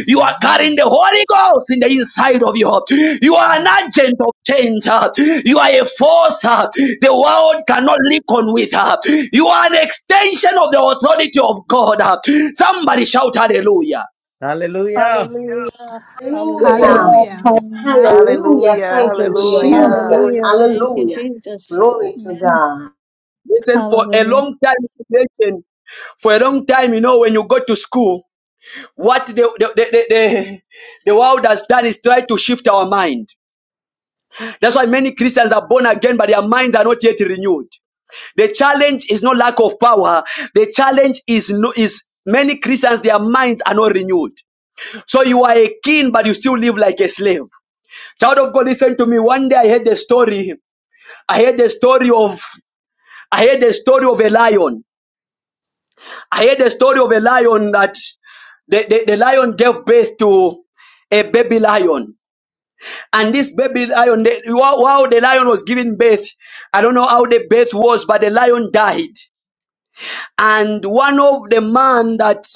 [SPEAKER 1] You are carrying the Holy Ghost in the inside of you. You are an agent of change. uh, you are a force uh, the world cannot reckon with. uh, you are an extension of the authority of God. uh. somebody shout hallelujah.
[SPEAKER 9] Hallelujah.
[SPEAKER 8] Hallelujah.
[SPEAKER 14] Yeah.
[SPEAKER 8] Hallelujah.
[SPEAKER 11] Hallelujah.
[SPEAKER 14] Hallelujah.
[SPEAKER 8] Amen.
[SPEAKER 11] Amen.
[SPEAKER 5] Hallelujah.
[SPEAKER 14] Thank you, Hallelujah. Jesus.
[SPEAKER 5] Hallelujah.
[SPEAKER 14] Hallelujah.
[SPEAKER 8] Hallelujah. Thank you, Jesus. Amen.
[SPEAKER 14] Hallelujah.
[SPEAKER 1] Listen, for a
[SPEAKER 8] Hallelujah.
[SPEAKER 1] long time, listen, for a long time, you know, when you go to school, what the, the, the, the, the, the world has done is try to shift our mind. That's why many Christians are born again, but their minds are not yet renewed. The challenge is not lack of power. The challenge is no, is many Christians, their minds are not renewed. So you are a king, but you still live like a slave. Child of God, listen to me. One day I heard the story. I heard the story of I heard the story of a lion. I heard the story of a lion that the, the, the lion gave birth to a baby lion. And this baby lion, the, while while the lion was giving birth, I don't know how the birth was, but the lion died. And one of the man that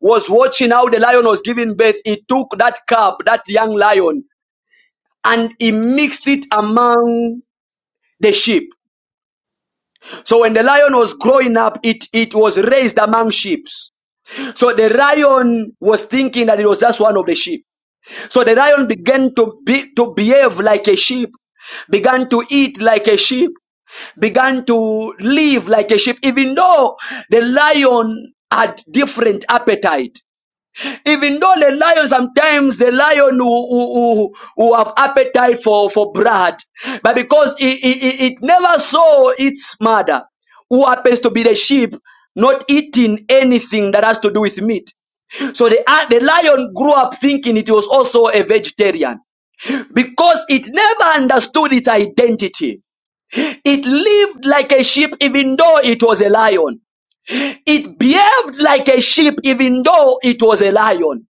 [SPEAKER 1] was watching how the lion was giving birth, he took that cub, that young lion, and he mixed it among the sheep. So when the lion was growing up, it, it was raised among sheep. So the lion was thinking that it was just one of the sheep. So the lion began to be to behave like a sheep, began to eat like a sheep, began to live like a sheep, even though the lion had different appetite. Even though the lion sometimes the lion who, who, who, have appetite for, for blood, but because it, it it never saw its mother, who happens to be the sheep, not eating anything that has to do with meat. So the, uh, the lion grew up thinking it was also a vegetarian because it never understood its identity. It lived like a sheep even though it was a lion. It behaved like a sheep even though it was a lion.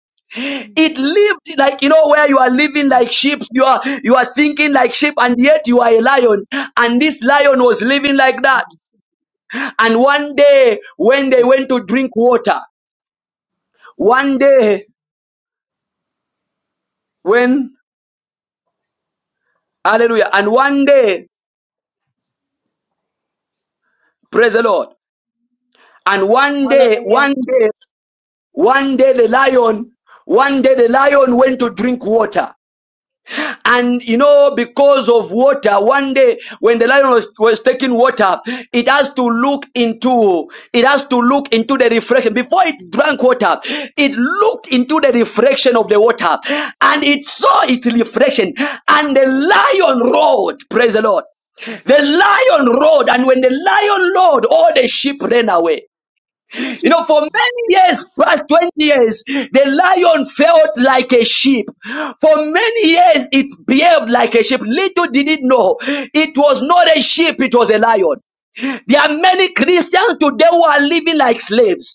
[SPEAKER 8] Mm.
[SPEAKER 1] It lived like you know where you are living like sheep, you are you are thinking like sheep, and yet you are a lion. And this lion was living like that. And one day when they went to drink water, one day when hallelujah, and one day Praise the Lord. And one day,
[SPEAKER 8] Hallelujah.
[SPEAKER 1] one day, one day the lion, one day the lion went to drink water. And you know, because of water, one day when the lion was, was taking water, it has to look into it has to look into the reflection. Before it drank water, it looked into the reflection of the water and it saw its reflection. And the lion roared, praise the Lord. The lion roared, and when the lion roared, all the sheep ran away. You know, for many years, last 20 years, the lion felt like a sheep. For many years, it behaved like a sheep. Little did it know, it was not a sheep, it was a lion. There are many Christians today who are living like slaves.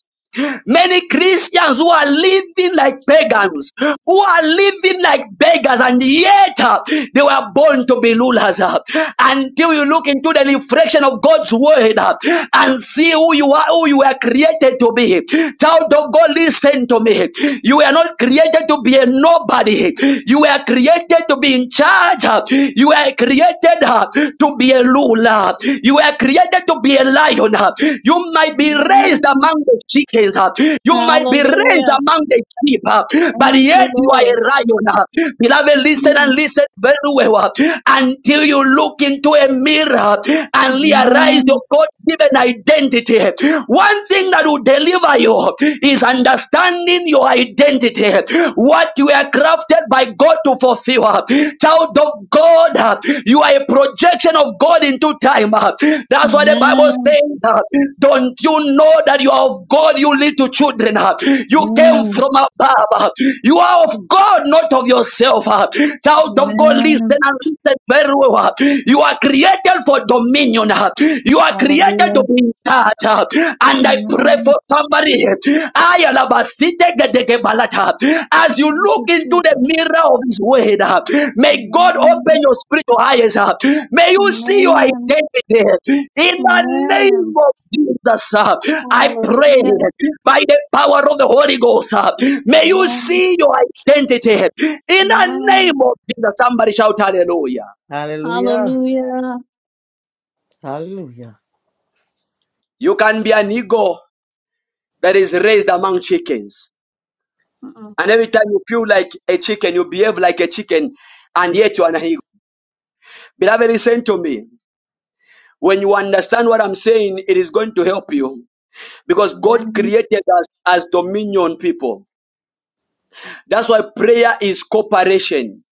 [SPEAKER 1] Many Christians who are living like pagans, who are living like beggars, and yet uh, they were born to be rulers. uh. Until you look into the reflection of God's word uh, and see who you are, who you were created to be. Child of God, listen to me. You were not created to be a nobody. You were created to be in charge. uh. You were created uh, to be a Hallelujah. You were created to be a lion. uh. You might be raised
[SPEAKER 8] Amen.
[SPEAKER 1] among the chickens. uh. You might be raised
[SPEAKER 8] Hallelujah.
[SPEAKER 1] among the sheep. uh, But
[SPEAKER 8] Thank you,
[SPEAKER 1] yet you are
[SPEAKER 8] Lord.
[SPEAKER 1] a lion. uh. Beloved, listen and
[SPEAKER 8] Mm.
[SPEAKER 1] listen very well. uh, Until you look into a mirror and realize
[SPEAKER 8] Amen.
[SPEAKER 1] your God given identity. One thing that will deliver you is understanding your identity. What you you are crafted by God to fulfill. Child of God, you are a projection of God into time. That's why the Bible
[SPEAKER 8] Amen.
[SPEAKER 1] says. Don't you know that you are of God? You little children. You came
[SPEAKER 8] Amen.
[SPEAKER 1] from above. You are of God, not of yourself. Child of God, listen
[SPEAKER 8] Amen.
[SPEAKER 1] and listen very well. You are created for dominion. You are created to
[SPEAKER 8] Hallelujah.
[SPEAKER 1] be in charge. And I pray for
[SPEAKER 8] Amen.
[SPEAKER 1] somebody. As you
[SPEAKER 8] Thank you,
[SPEAKER 1] look into the
[SPEAKER 8] Jesus.
[SPEAKER 1] mirror of His Word, uh, may God open
[SPEAKER 8] Amen.
[SPEAKER 1] your spiritual eyes. uh, May you see your
[SPEAKER 8] Amen.
[SPEAKER 1] identity in the name
[SPEAKER 8] Amen.
[SPEAKER 1] of Jesus. uh, I pray
[SPEAKER 8] Hallelujah.
[SPEAKER 1] by the power of the Holy Ghost. uh, May you
[SPEAKER 8] Amen.
[SPEAKER 1] see your identity in the
[SPEAKER 8] Amen.
[SPEAKER 1] name of Jesus. Somebody shout hallelujah.
[SPEAKER 9] Hallelujah.
[SPEAKER 8] Hallelujah.
[SPEAKER 9] Hallelujah.
[SPEAKER 1] You can be an eagle that is raised among chickens.
[SPEAKER 8] Mm.
[SPEAKER 1] And every time you feel like a chicken, you behave like a chicken, and yet you are an eagle. Beloved, listen to me. When you understand what I'm saying, it is going to help you because God
[SPEAKER 8] Amen.
[SPEAKER 1] created us as dominion people. That's why prayer is cooperation.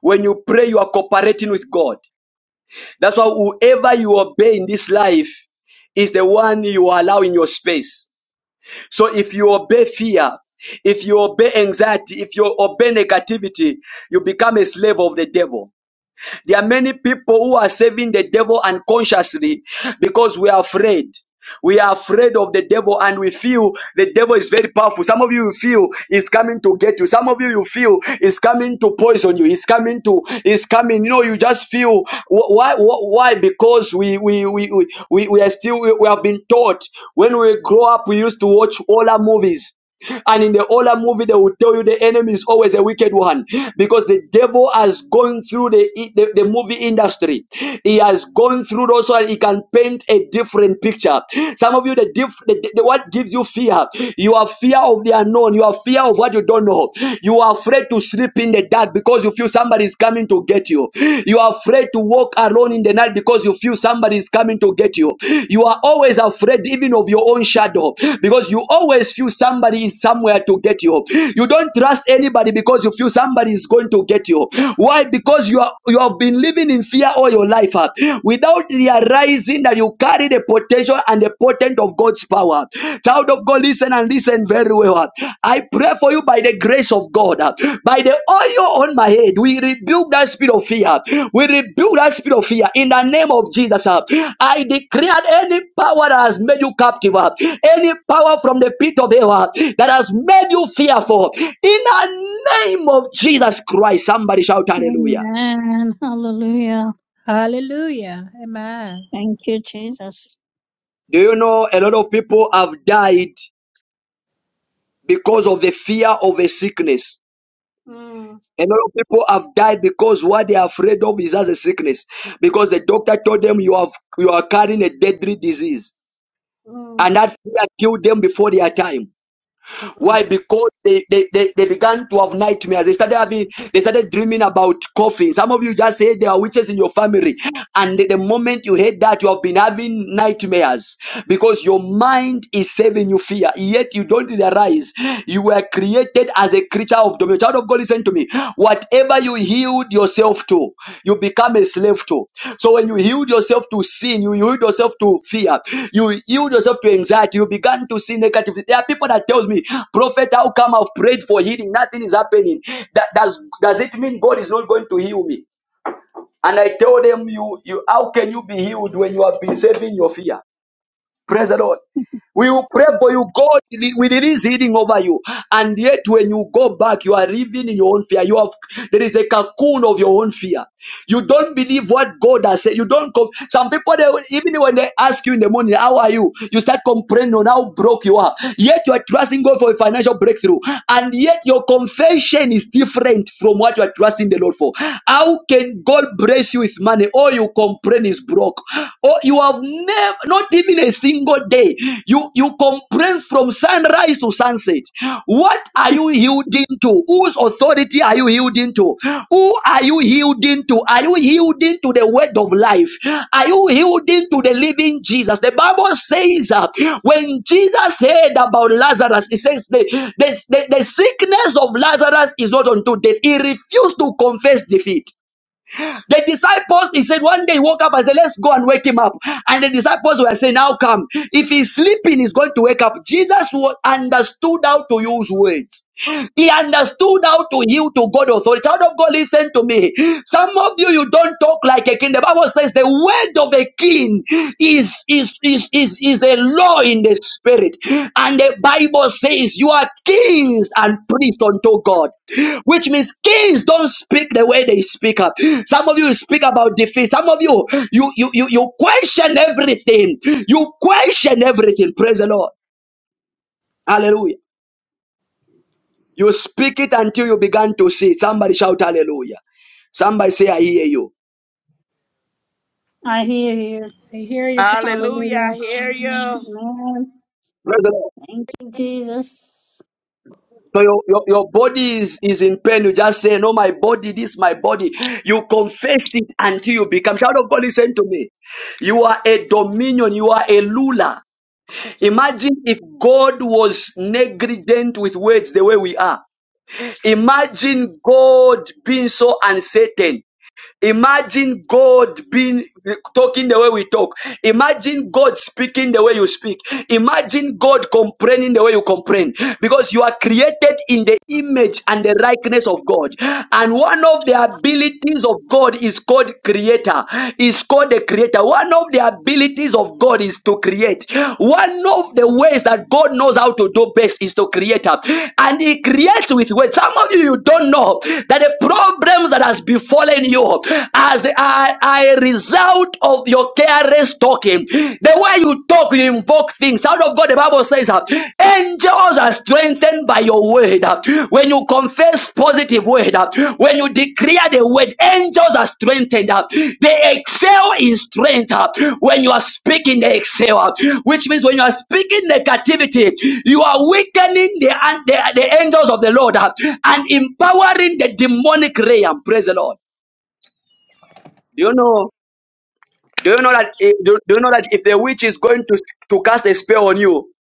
[SPEAKER 1] When you pray, you are cooperating with God. That's why whoever you obey in this life is the one you allow in your space. So if you obey fear, if you obey anxiety, if you obey negativity, you become a slave of the devil. There are many people who are serving the devil unconsciously because we are afraid. We are afraid of the devil and we feel the devil is very powerful. Some of you feel he's coming to get you. Some of you you feel he's coming to poison you. He's coming to He's coming. You know, you just feel why why because we we we we, we we are still we, we have been taught when we grow up we used to watch all our movies. And in the older movie, they will tell you the enemy is always a wicked one because the devil has gone through the, the, the movie industry. He has gone through those and he can paint a different picture. Some of you, the, diff, the, the- the- what gives you fear? You are fear of the unknown. You are fear of what you don't know. You are afraid to sleep in the dark because you feel somebody is coming to get you. You are afraid afraid to walk alone in the night because you feel somebody is coming to get you. You are always afraid even of your own shadow because you always feel somebody is somewhere to get you. You don't trust anybody because you feel somebody is going to get you. Why? Because you are you have been living in fear all your life uh, without realizing that you carry the potential and the potent of God's power. Child of Go listen and listen very well. I pray for you by the grace of God, by the oil on my head. We rebuke that spirit of fear. We rebuke that spirit of fear in the name of Jesus. I declare any power that has made you captive, any power from the pit of hell that has made you fearful, in the name of Jesus Christ. Somebody shout hallelujah.
[SPEAKER 8] Amen. Hallelujah.
[SPEAKER 11] Hallelujah. Amen.
[SPEAKER 8] Thank you, Jesus.
[SPEAKER 1] Do you know a lot of people have died because of the fear of a sickness?
[SPEAKER 8] Mm,
[SPEAKER 1] A lot of people have died because what they are afraid of is as a sickness. Because the doctor told them you have you are carrying a deadly disease.
[SPEAKER 8] mm,
[SPEAKER 1] And that fear killed them before their time.
[SPEAKER 8] mm,
[SPEAKER 1] Why? Because they, they, they, they began to have nightmares. They started having they started dreaming about coughing. Some of you just said there are witches in your family. And the the moment you heard that, you have been having nightmares because your mind is saving you fear, yet you don't realize you were created as a creature of dominion. Child of God people, listen to me. Whatever you yield yourself to, you become a slave to. So when you yield yourself to sin, you yield yourself to fear, you yield yourself to anxiety, you began to see negativity. There are people that tells me, Prophet, how come I've prayed for healing? Nothing is happening. That, does, does it mean God is not going to heal me? And I tell them, you, you, how can you be healed when you have been saving your fear? Praise the Lord. We will pray
[SPEAKER 8] mm.
[SPEAKER 1] for you. God will release healing over you. And yet, when you go back, you are living in your own fear. You have there is a cocoon of your own fear. You don't believe what God has said. You don't. Conf- Some people, they, will- even when they ask you in the morning, "How are you?" You start complaining on how broke you are. Yet you are trusting God for a financial breakthrough, and yet your confession is different from what you are trusting the Lord for. How can God bless you with money? All you complain is broke. Oh, you have never not even a single day. You you complain from sunrise to sunset. What are you yielding to? Whose authority are you yielding to? Who are you yielding to? Are you yielding to the word of life? Are you yielding to the living Jesus? The Bible says uh, when Jesus heard about Lazarus, he says the, the, the, the sickness of Lazarus is not unto death. He refused to confess defeat. The disciples, he said, one day he woke up and said, Let's go and wake him up. And the disciples were saying, Now come. If he's sleeping, he's going to wake up. Jesus understood how to use words. He understood how to yield to God authority. Child of God, listen to me. Some of you, you don't talk like a king. The Bible says the word of a king is is is is, is a law in the spirit, and the Bible says you are kings and priests unto God, which means kings don't speak the way they speak. Up. Some of you speak about defeat. Some of you, you you you you question everything. You question everything. Praise the Lord. Hallelujah. You speak it until you begin to see. it. Somebody shout hallelujah. Somebody say, I hear you.
[SPEAKER 8] I hear you.
[SPEAKER 11] They hear you.
[SPEAKER 5] Hallelujah.
[SPEAKER 8] Hallelujah.
[SPEAKER 5] I hear you.
[SPEAKER 8] Amen.
[SPEAKER 1] Praise the Lord.
[SPEAKER 8] Thank you, Jesus.
[SPEAKER 1] So your, your, your body is, is in pain. You just say, No, my body, this my body. You confess it until you become. Child of God, listen to me. You are a dominion, you are a ruler. Imagine if God was negligent with words the way we are. Imagine God being so uncertain. Imagine God being talking the way we talk. Imagine God speaking the way you speak. Imagine God complaining the way you complain because you are created in the image and the likeness of God. And one of the abilities of God is called creator. Is called the creator. One of the abilities of God is to create. One of the ways that God knows how to do best is to create And he creates with words. Some of you you don't know that the problems that has befallen you upon you as a I result of your careless talking. The way you talk, you invoke things. Out of God, the Bible says, uh, angels are strengthened by your word. Uh, When you confess positive word, uh, when you declare the word, angels are strengthened. Uh, They excel in strength uh, when you are speaking, they excel. uh, Which means when you are speaking negativity, you are weakening the, the, the angels of the Lord uh, and empowering the demonic realm. Praise the Lord. Do you know? Do you know that? i- Do, do you know that if the witch is going to to cast a spell on you,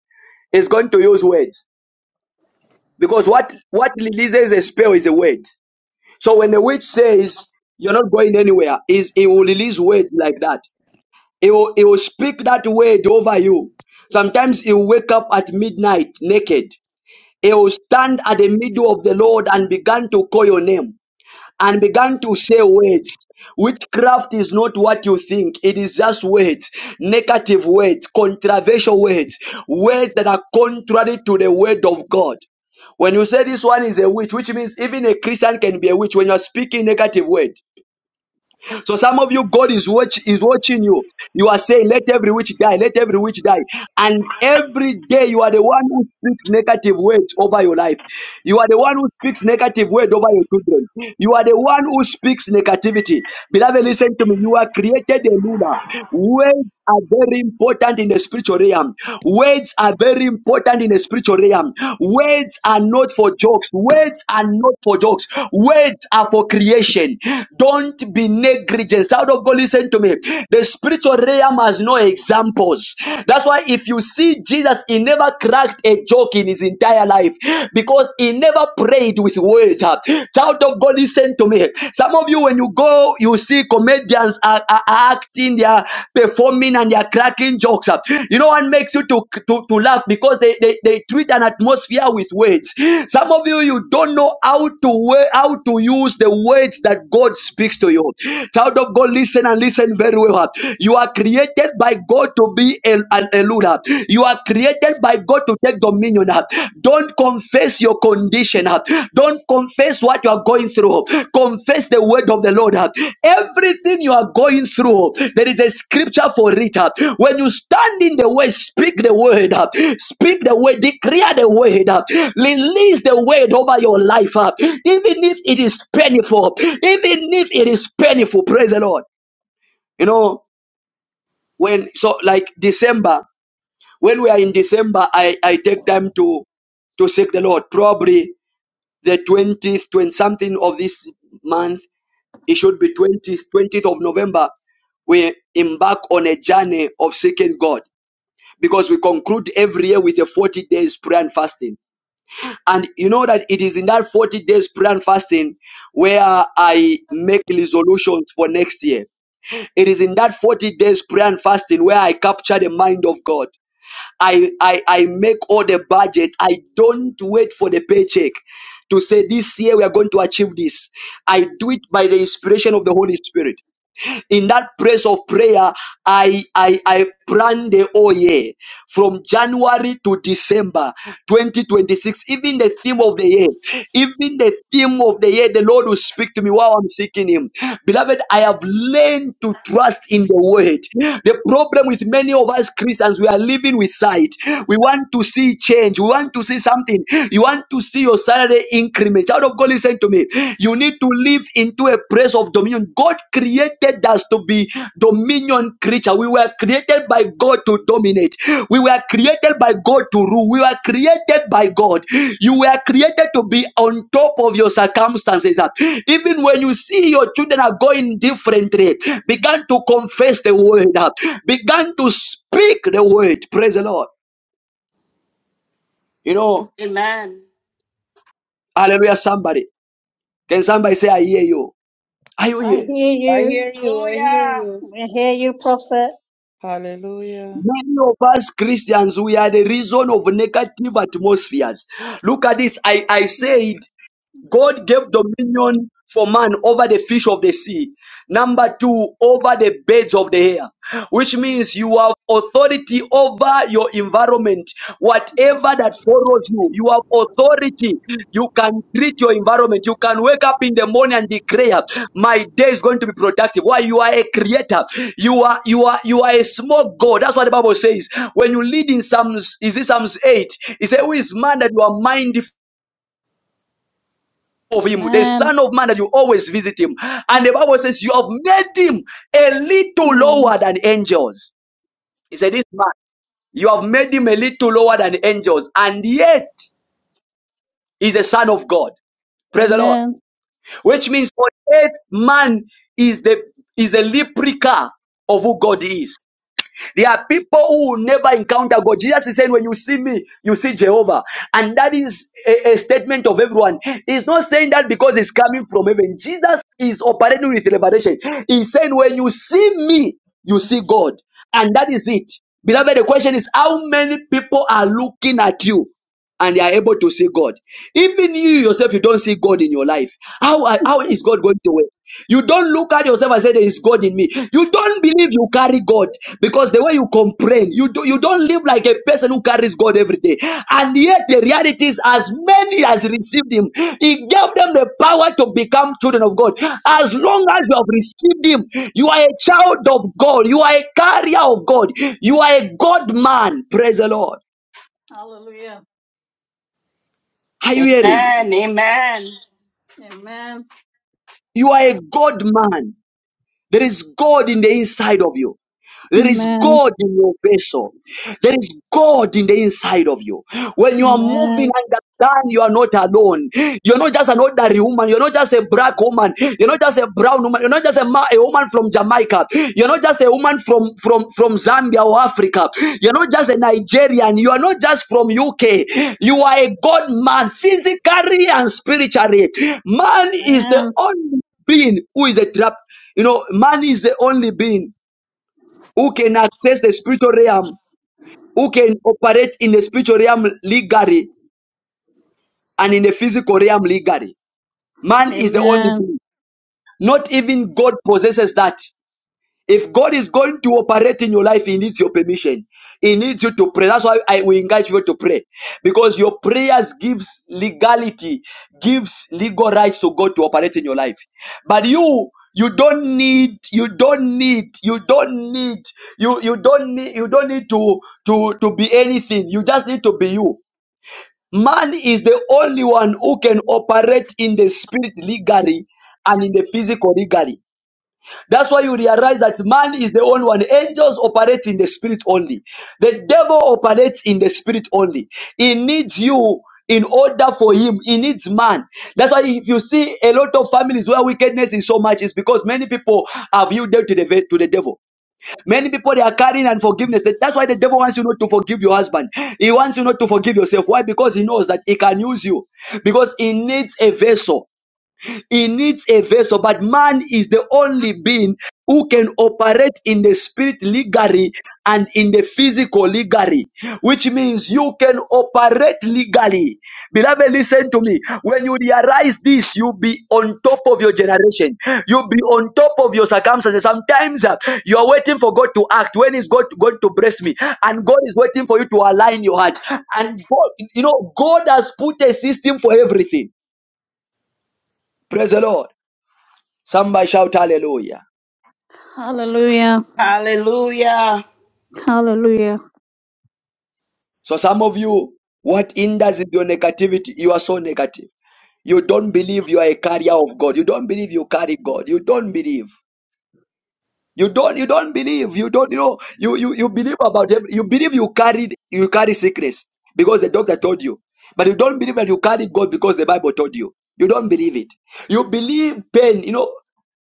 [SPEAKER 1] is going to use words because what what releases a spell is a word. So when the witch says you're not going anywhere, is it will release words like that. It will it will speak that word over you. Sometimes it will wake up at midnight naked. It will stand at the middle of the Lord and begin to call your name. and began to say words. Witchcraft is not what you think. It is just words, negative words, controversial words, words that are contrary to the word of God. When you say this one is a witch, which means even a Christian can be a witch when you are speaking negative word. So some of you, God is watch is watching you. You are saying, "Let every witch die, let every witch die," and every day you are the one who speaks negative words over your life. You are the one who speaks negative word over your children. You are the one who speaks negativity. Beloved, listen to me. You are created a ruler. Words are very important in the spiritual realm. Words are very important in the spiritual realm Soream. Words are not for jokes. Words are not for jokes. Words are for creation. Don't be negligent. Child of God, listen to me. The spiritual realm has no examples. That's why if you see Jesus, he never cracked a joke in his entire life because he never prayed with words. Child of God, listen to me. Some of you, when you go, you see comedians comedians are, are acting, they are performing and they are cracking jokes. You know what makes you to, to, to laugh because they, they, they treat an atmosphere with words. Some of you you don't know how to wa- how to use the words that
[SPEAKER 15] What.
[SPEAKER 1] God speaks to you. Child of God, listen and listen very well. You are created by God to be a- an elder. You are created by God to take dominion. Don't confess your condition. huh? Don't confess what you are going through. Confess the word of the Lord. huh? Everything you are going through, there is a scripture for it. huh? When you stand in the way, speak the word. huh? Speak the word, declare the word. huh? Release the word over your life. huh? Even if it is painful, even if it is painful, praise the Lord. You know, when so like December, when we are in December, I, I take time to to seek the Lord. Probably the 20th, 20 something of this month. It should be 20th, 20th of November. We embark on a journey of seeking God because we conclude every year with a 40 days prayer and fasting. And you know that it is in that 40 days prayer and fasting where I make resolutions for next year. It is in that 40 days prayer and fasting where I capture the mind of God. I, I, I make all the budget. I don't wait for the paycheck to say this year we are going to achieve this. I do it by the inspiration of the Holy Spirit in that place of prayer i i i plan the whole year from january to december 2026 even the theme of the year even the theme of the year the lord will speak to me while i'm seeking him beloved i have learned to trust in the word the problem with many of us christians we are living with sight we want to see change we want to see something you want to see your salary increment me. Child of God, listen to me. You need to live into a place of dominion. God created us to be dominion creature. We were created by God to dominate. We were created by God to rule. We were created by God. You were created to be on top of your circumstances. Even when you see your children are going differently, began to confess the word, began to speak the word. Praise the Lord. You know,
[SPEAKER 5] Amen.
[SPEAKER 1] hallelujah, somebody. Can somebody say, I hear you? Are you
[SPEAKER 8] I
[SPEAKER 1] here?
[SPEAKER 8] hear
[SPEAKER 16] I hear
[SPEAKER 8] you.
[SPEAKER 16] you. I hear
[SPEAKER 5] Hallelujah.
[SPEAKER 16] you.
[SPEAKER 8] I hear you, prophet.
[SPEAKER 16] Hallelujah.
[SPEAKER 1] Many of us Christians, we are the reason of negative atmospheres. Look at this. I, I said
[SPEAKER 8] Mm-hmm.
[SPEAKER 1] God gave dominion for man over the fish of the sea.
[SPEAKER 8] Mm,
[SPEAKER 1] Number two, over the birds of the air, which
[SPEAKER 8] mm,
[SPEAKER 1] means you have authority over your environment. Whatever
[SPEAKER 8] Yes.
[SPEAKER 1] that follows you, you have authority. You can treat your environment. You can wake up in the morning and declare, "My day is going to be productive." Why? You are a creator. You are you are you are a small God. That's what the Bible says. When you lead in Psalms, is it Psalms eight? It says, "Who
[SPEAKER 8] Mm.
[SPEAKER 1] is man that you are mindful?" of him, the
[SPEAKER 8] Amen.
[SPEAKER 1] Son of Man that you always visit him. And the Bible says, You have made him a little
[SPEAKER 8] Mm,
[SPEAKER 1] lower than angels. He said, This man, you have made him a little lower than angels, and yet he's a son of God. Praise the Lord.
[SPEAKER 8] Amen.
[SPEAKER 1] Which means for earth man is the is a replica of who God is. There are people who will never encounter God. Jesus is saying, When you see me, you see Jehovah. And that is a, a statement of everyone. He's not saying that because it's coming from heaven. Jesus is operating with revelation. He's saying, When you see me, you see God. And that is it. Beloved, the question is, how many people are looking at you? and they are able to see God. Even you yourself, you don't see God in your life. How, are- how is God going to work? You don't look at yourself and say there is God in me. You don't believe you carry God because the way you complain, you do, you don't live like a person who carries God every day. And yet the reality is, as many as received Him, He gave them the power to become children of God.
[SPEAKER 8] So,
[SPEAKER 1] As
[SPEAKER 8] so
[SPEAKER 1] long
[SPEAKER 8] good.
[SPEAKER 1] as you have received Him, you are a child of God. You are a carrier of God. You are a God man. Praise the Lord.
[SPEAKER 8] Hallelujah.
[SPEAKER 1] Are you hearing me?
[SPEAKER 5] Amen. Amen.
[SPEAKER 8] Amen.
[SPEAKER 1] You are a God man. There is God in the inside of you. There is
[SPEAKER 8] Amen.
[SPEAKER 1] God in your vessel. There is God in the inside of you. When you are moving,
[SPEAKER 8] Amen.
[SPEAKER 1] understand you are not alone. You're not just an ordinary woman. You're not just a black woman. You're not just a brown woman. You're not just a, ma- a woman from Jamaica. You're not just a woman from, from, from Zambia or Africa. You're not just a Nigerian. You are not just from UK. You are a God man, physically and spiritually. Man is the
[SPEAKER 8] Amen.
[SPEAKER 1] only being who is a trap. You know, man is the only being who can access the spiritual realm, who can operate in the spiritual realm legally and in the physical realm legally. Man is the only
[SPEAKER 8] Amen.
[SPEAKER 1] being. Not even God possesses that. If God is going to operate in your life, He needs your permission. He needs you to pray. That's why I will encourage people to pray. Because your prayers gives legality, gives legal rights to God to operate in your life. But you, you don't need, you don't need, you don't need, you, you don't need, you don't need to, to, to be anything. You just need to be you. Man is the only one who can operate in the spirit legally and in the physical legally. That's why you realize that man is the only one. Angels operate in the spirit only. The devil operates in the spirit only. He needs you in order for him. He needs man. That's why if you see a lot of families where wickedness is so much, is because many people have yielded to the ve- to the devil. Many people they are carrying unforgiveness. That- That's why the devil wants you not to forgive your husband. He wants you not to forgive yourself. Why? Because he knows that he can use you. Because he needs a vessel. He needs a vessel, but man is the only being who can operate in the spirit legally and in the physical legally, which means you can operate legally. Beloved, listen to me. When you realize this, you'll be on top of your generation. You'll be on top of your circumstances. Sometimes uh, you are waiting for God to act. When is God going to bless me? And God is waiting for you to align your heart. And God, you know, God has put a system for everything. Praise the Lord. Somebody shout hallelujah.
[SPEAKER 8] Hallelujah.
[SPEAKER 5] Hallelujah.
[SPEAKER 8] Hallelujah.
[SPEAKER 1] So some of you, what hinders is your negativity? You are so negative. You don't believe you are a carrier of God. You don't believe you carry God. You don't believe. You don't you don't believe. You don't you know you you, you believe about every, you believe you carried you carry secrets because the doctor told you. But you don't believe that you carry God because the Bible told you. You don't believe it. You believe pain. You know,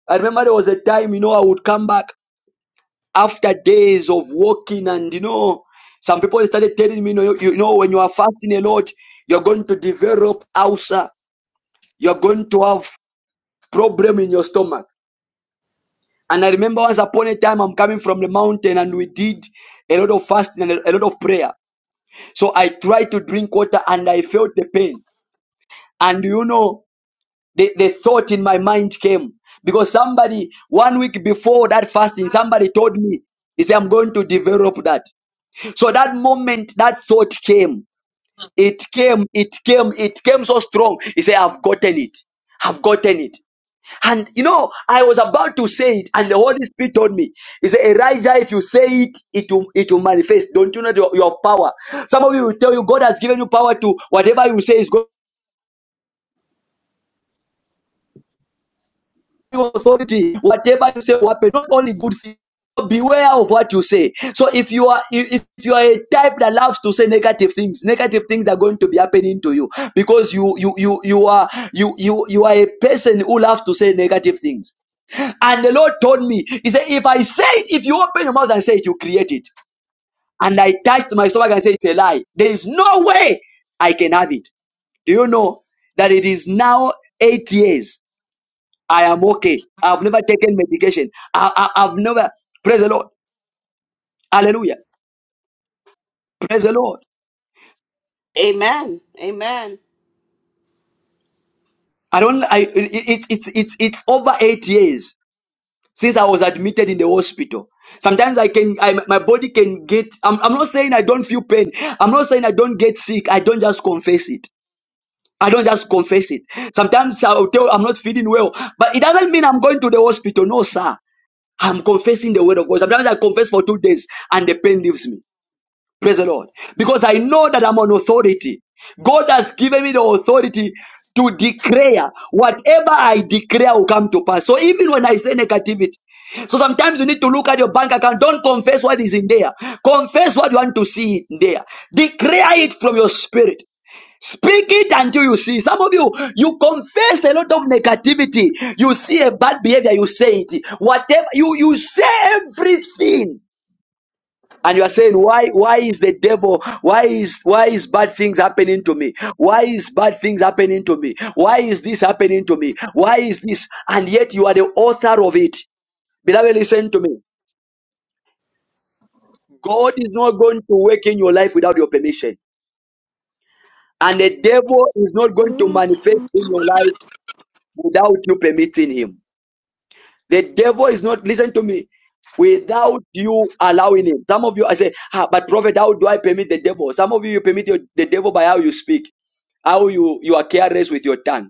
[SPEAKER 1] I remember there was a time, you know, I would come back after days of walking and you know some people started telling me you know, you know when you are fasting a lot you're going to develop ulcer you're going to have problem in your stomach and i remember once upon a time i'm coming from the mountain and we did a lot of fasting and a a lot of prayer so i tried to drink water and i felt the pain and you know the, the thought in my mind came because somebody one week before that fasting somebody told me he said i'm going to develop that So that moment that thought came, it came, it came, it came so strong. He said, I've gotten it. I've gotten it. And you know, I was about to say it, and the Holy Spirit told me, He said, Elijah, if you say it, it will it will manifest. Don't you know your, your power? Some of you will tell you God has given you power to whatever you say is going." authority, whatever you say will happen. Not only good things. Beware of what you say. So if you are if you are a type that loves to say negative things, negative things are going to be happening to you because you you you you are you you you are a person who loves to say negative things. And the Lord told me, He said, if I say it, if you open your mouth and say it, you create it. And I touched my stomach and said, it's a lie. There is no way I can have it. Do you know that it is now eight years? I am okay. I've never taken medication. I, I, I've never praise the Lord. Hallelujah. Praise the Lord.
[SPEAKER 5] Amen. Amen.
[SPEAKER 1] I don't. I it's it's it's it's over eight years since I was admitted in the hospital. Sometimes I can, I, my body can get. I'm, I'm not saying I don't feel pain. I'm not saying I don't get sick. I don't just confess it. I don't just confess it. Sometimes I'll tell I'm not feeling well, but it doesn't mean I'm going to the hospital. No, sir. I'm confessing the word of God. Sometimes I confess for two days and the pain leaves me. Praise the Lord. Because I know that I'm on authority. God has given me the authority to declare whatever I declare will come to pass. So even when I say negativity, so sometimes you need to look at your bank account. Don't confess what is in there. Confess what you want to see in there. Declare it from your spirit. Speak it until you see. Some of you, you confess a lot of negativity. You see a bad behavior, you say it. Whatever you you say everything and you are saying why why is the devil why is why is bad things happening to me why is bad things happening to me why is this happening to me why is this and yet you are the author of it beloved listen to me god is not going to work in your life without your permission and the devil is not going to manifest in your life without you permitting him The devil is not, listen to me, without you allowing him. Some of you, I say, ah, but prophet, how do I permit the devil? Some of you, you permit your, the devil by how you speak, how you, you are careless with your tongue.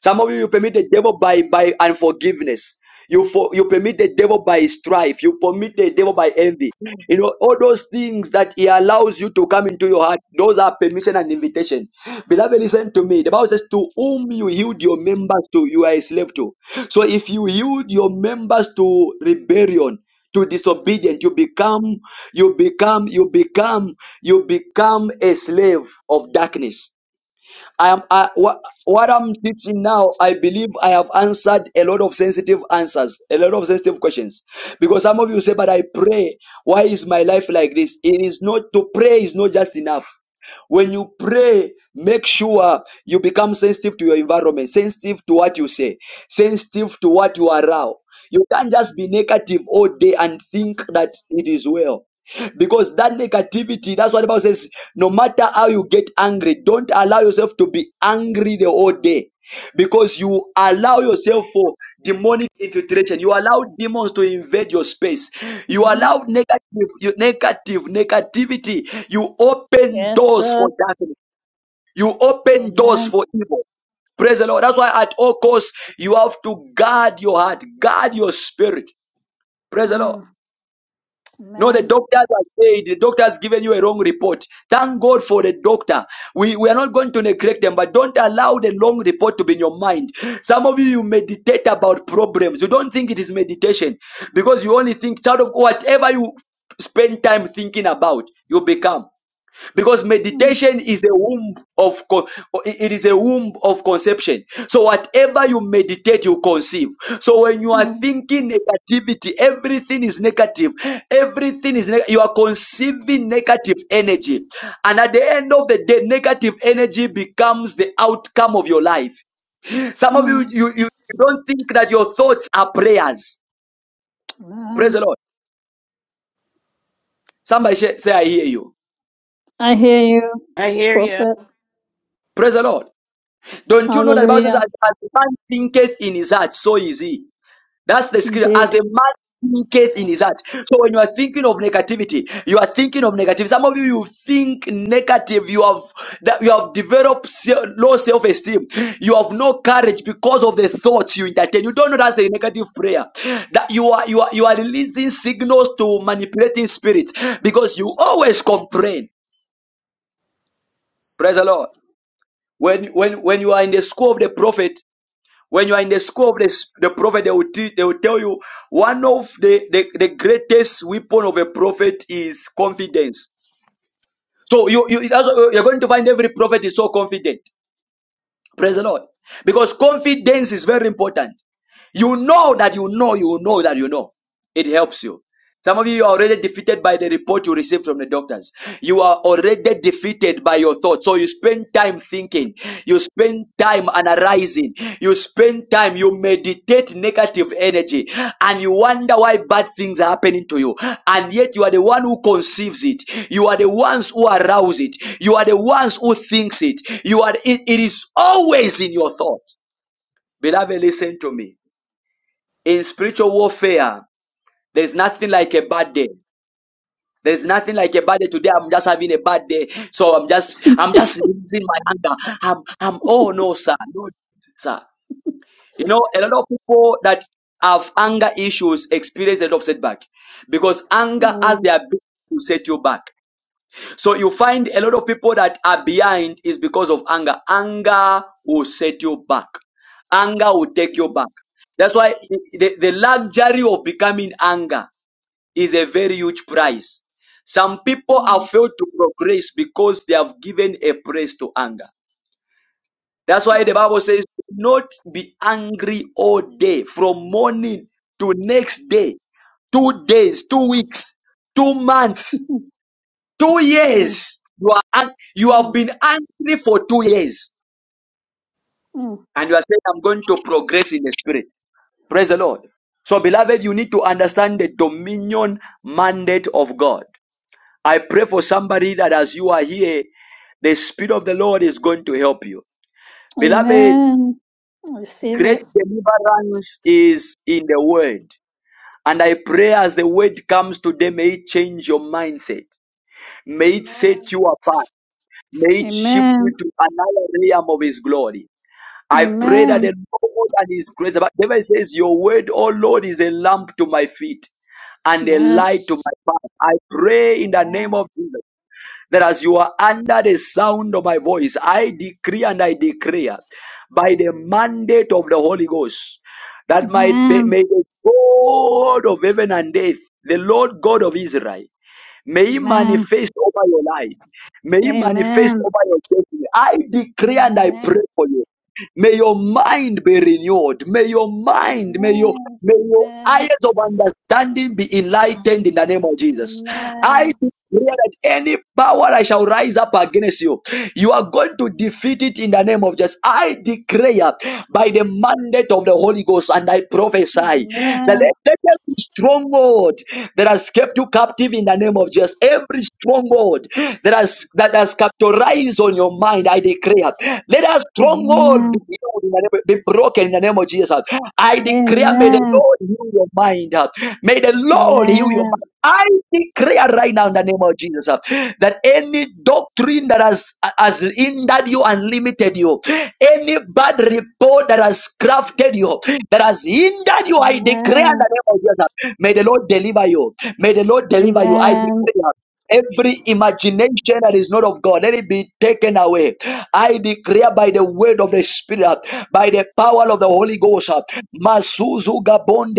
[SPEAKER 1] Some of you, you permit the devil by, by unforgiveness. You for, you permit the devil by strife. You permit the devil by envy. You know, all those things that he allows you to come into your heart, those are permission and invitation. Beloved, listen to me. The Bible says, To whom you yield your members to, you are a slave to. So if you yield your members to rebellion, to disobedience, you become, you become, you become, you become a slave of darkness. I am I, what, what I'm teaching now. I believe I have answered a lot of sensitive answers, a lot of sensitive questions. Because some of you say, "But I pray. Why is my life like this?" It is not to pray is not just enough. When you pray, make sure you become sensitive to your environment, sensitive to what you say, sensitive to what you allow. You can't just be negative all day and think that it is well. Because that negativity, that's what the Bible says, no matter how you get angry, don't allow yourself to be angry the whole day. Because you allow yourself for demonic infiltration. You allow demons to invade your space. You
[SPEAKER 8] hmm
[SPEAKER 1] allow negative, you, negative, negativity. You open
[SPEAKER 8] Yes,
[SPEAKER 1] doors for
[SPEAKER 8] sir.
[SPEAKER 1] darkness. You open doors
[SPEAKER 8] Amen.
[SPEAKER 1] for evil. Praise the Lord. That's why at all costs you have to guard your heart, guard your spirit. Praise the Lord.
[SPEAKER 8] Mm.
[SPEAKER 1] No, the
[SPEAKER 8] Amen.
[SPEAKER 1] doctor has said the doctor has given you a wrong report. Thank God for the doctor. We, we are not going to neglect them, but don't allow the long report to be in your mind. Some of you, you meditate about problems. You don't think it is meditation because you only think, child of God, whatever you spend time thinking about, you become because
[SPEAKER 8] Mm.
[SPEAKER 1] meditation is a womb of co- it is a womb of conception so whatever you meditate you conceive so when you are
[SPEAKER 8] Mm.
[SPEAKER 1] thinking negativity everything is negative everything is neg- you are conceiving negative energy and at the end of the day negative energy becomes the outcome of your life some of you
[SPEAKER 8] Mm.
[SPEAKER 1] you, you don't think that your thoughts are prayers praise
[SPEAKER 8] Amen.
[SPEAKER 1] the lord somebody say say i hear you
[SPEAKER 8] I hear you,
[SPEAKER 5] I hear you.
[SPEAKER 8] prophet.
[SPEAKER 1] praise the lord Don't you know that the Bible says,
[SPEAKER 8] Hallelujah.
[SPEAKER 1] as a man thinketh in his heart, so is he. That's the scripture. As
[SPEAKER 8] Indeed.
[SPEAKER 1] a man thinketh in his heart. So when you are thinking of negativity, you are thinking of negative. Some of you, you think negative. You have that you have developed se- low self-esteem. You have no courage because of the thoughts you entertain. You don't know that's a negative prayer. That you are you are you are releasing signals to manipulating spirits because you always complain. Praise the Lord. When when when you are in the school of the prophet When you are in the school of the, the prophet, they will, teach, they will tell you one of the, the, the greatest weapon of a prophet is confidence. So you, you, that's what you're going to find every prophet is so confident. Praise the Lord. Because confidence is very important. You know that you know, you know that you know. It helps you. Some of you are already defeated by the report you receive from the doctors. You are already defeated by your thoughts. So you spend time thinking. You spend time analyzing. You spend time, you meditate negative energy. And you wonder why bad things are happening to you. And yet you are the one who conceives it. You are the ones who arouse it. You are the ones who thinks it. You are, it, it is always in your thought. Beloved, listen to me. In spiritual warfare, there's nothing like a bad day. There's nothing like a bad day. Today I'm just having a bad day. So I'm just I'm just losing my anger. I'm I'm oh no, sir. No, sir. You know, a lot of people that have anger issues experience a lot of setback because anger has
[SPEAKER 8] Mm.
[SPEAKER 1] the ability to set you back. So you find a lot of people that are behind is because of anger. Anger will set you back. Anger will take you back. That's why the, the luxury of becoming anger is a very huge price. Some people have
[SPEAKER 8] Mm.
[SPEAKER 1] failed to progress because they have given a praise to anger. That's why the
[SPEAKER 8] Mm.
[SPEAKER 1] Bible says, "Do not be angry all day, from morning to next day, two days, two weeks, two months, two
[SPEAKER 8] Mm.
[SPEAKER 1] years. You are ang- you have been angry for two years,
[SPEAKER 8] Mm.
[SPEAKER 1] and you are saying, "I'm going to progress in the spirit." Praise the Lord. So, beloved, you need to understand the dominion mandate of God. I pray for somebody that as you are here, the Spirit of the Lord is going to help you. Beloved,
[SPEAKER 8] Amen. Receive it.
[SPEAKER 1] great deliverance is in the Word. And I pray as the Word comes today, may it change your mindset. May it
[SPEAKER 8] Amen.
[SPEAKER 1] set you apart. May it shift you
[SPEAKER 8] Amen.
[SPEAKER 1] to another realm of His glory. I pray that the
[SPEAKER 8] Amen.
[SPEAKER 1] Lord and His grace, but David says, Your word, O Lord, is a lamp to my feet and a light to
[SPEAKER 8] Yes.
[SPEAKER 1] my path. I pray in the name
[SPEAKER 8] Amen.
[SPEAKER 1] of Jesus that as you are under the sound of my voice, I decree and I declare by the mandate of the Holy Ghost that might be, may the God of heaven and earth, the Lord God of Israel, may He
[SPEAKER 8] Amen.
[SPEAKER 1] manifest over your life. May He manifest
[SPEAKER 8] Amen.
[SPEAKER 1] over your destiny. I decree and I pray
[SPEAKER 8] Amen.
[SPEAKER 1] for you. May your mind be renewed. May your mind, may your
[SPEAKER 8] Amen.
[SPEAKER 1] may your eyes of understanding be enlightened in the name of Jesus. I.
[SPEAKER 8] Amen.
[SPEAKER 1] Declare that any power I shall rise up against you, you are going to defeat it in the name of Jesus. I declare by the mandate of the Holy Ghost and I prophesy that let
[SPEAKER 8] Amen.
[SPEAKER 1] let every stronghold that has kept you captive in the name of Jesus, every stronghold that has that has capitalized on your mind, I declare, let that stronghold be,
[SPEAKER 8] Amen. Amen. Amen.
[SPEAKER 1] healed in the name- be broken in the name of Jesus. I declare, may the
[SPEAKER 8] Amen.
[SPEAKER 1] Lord heal your mind. uh, May the Lord heal your
[SPEAKER 8] Amen.
[SPEAKER 1] mind. I declare right now in the name of Jesus uh, that any doctrine that has has hindered you and limited you, any bad report that has crafted you, that has hindered you, I declare in the name of Jesus, uh, may the Lord deliver you. May the Lord
[SPEAKER 8] Amen.
[SPEAKER 1] deliver you. I
[SPEAKER 8] Amen.
[SPEAKER 1] declare. Every imagination that is not of God, let it be taken away. I declare by the word of the Spirit, by the power of the Holy Ghost, Masuzu Gabonde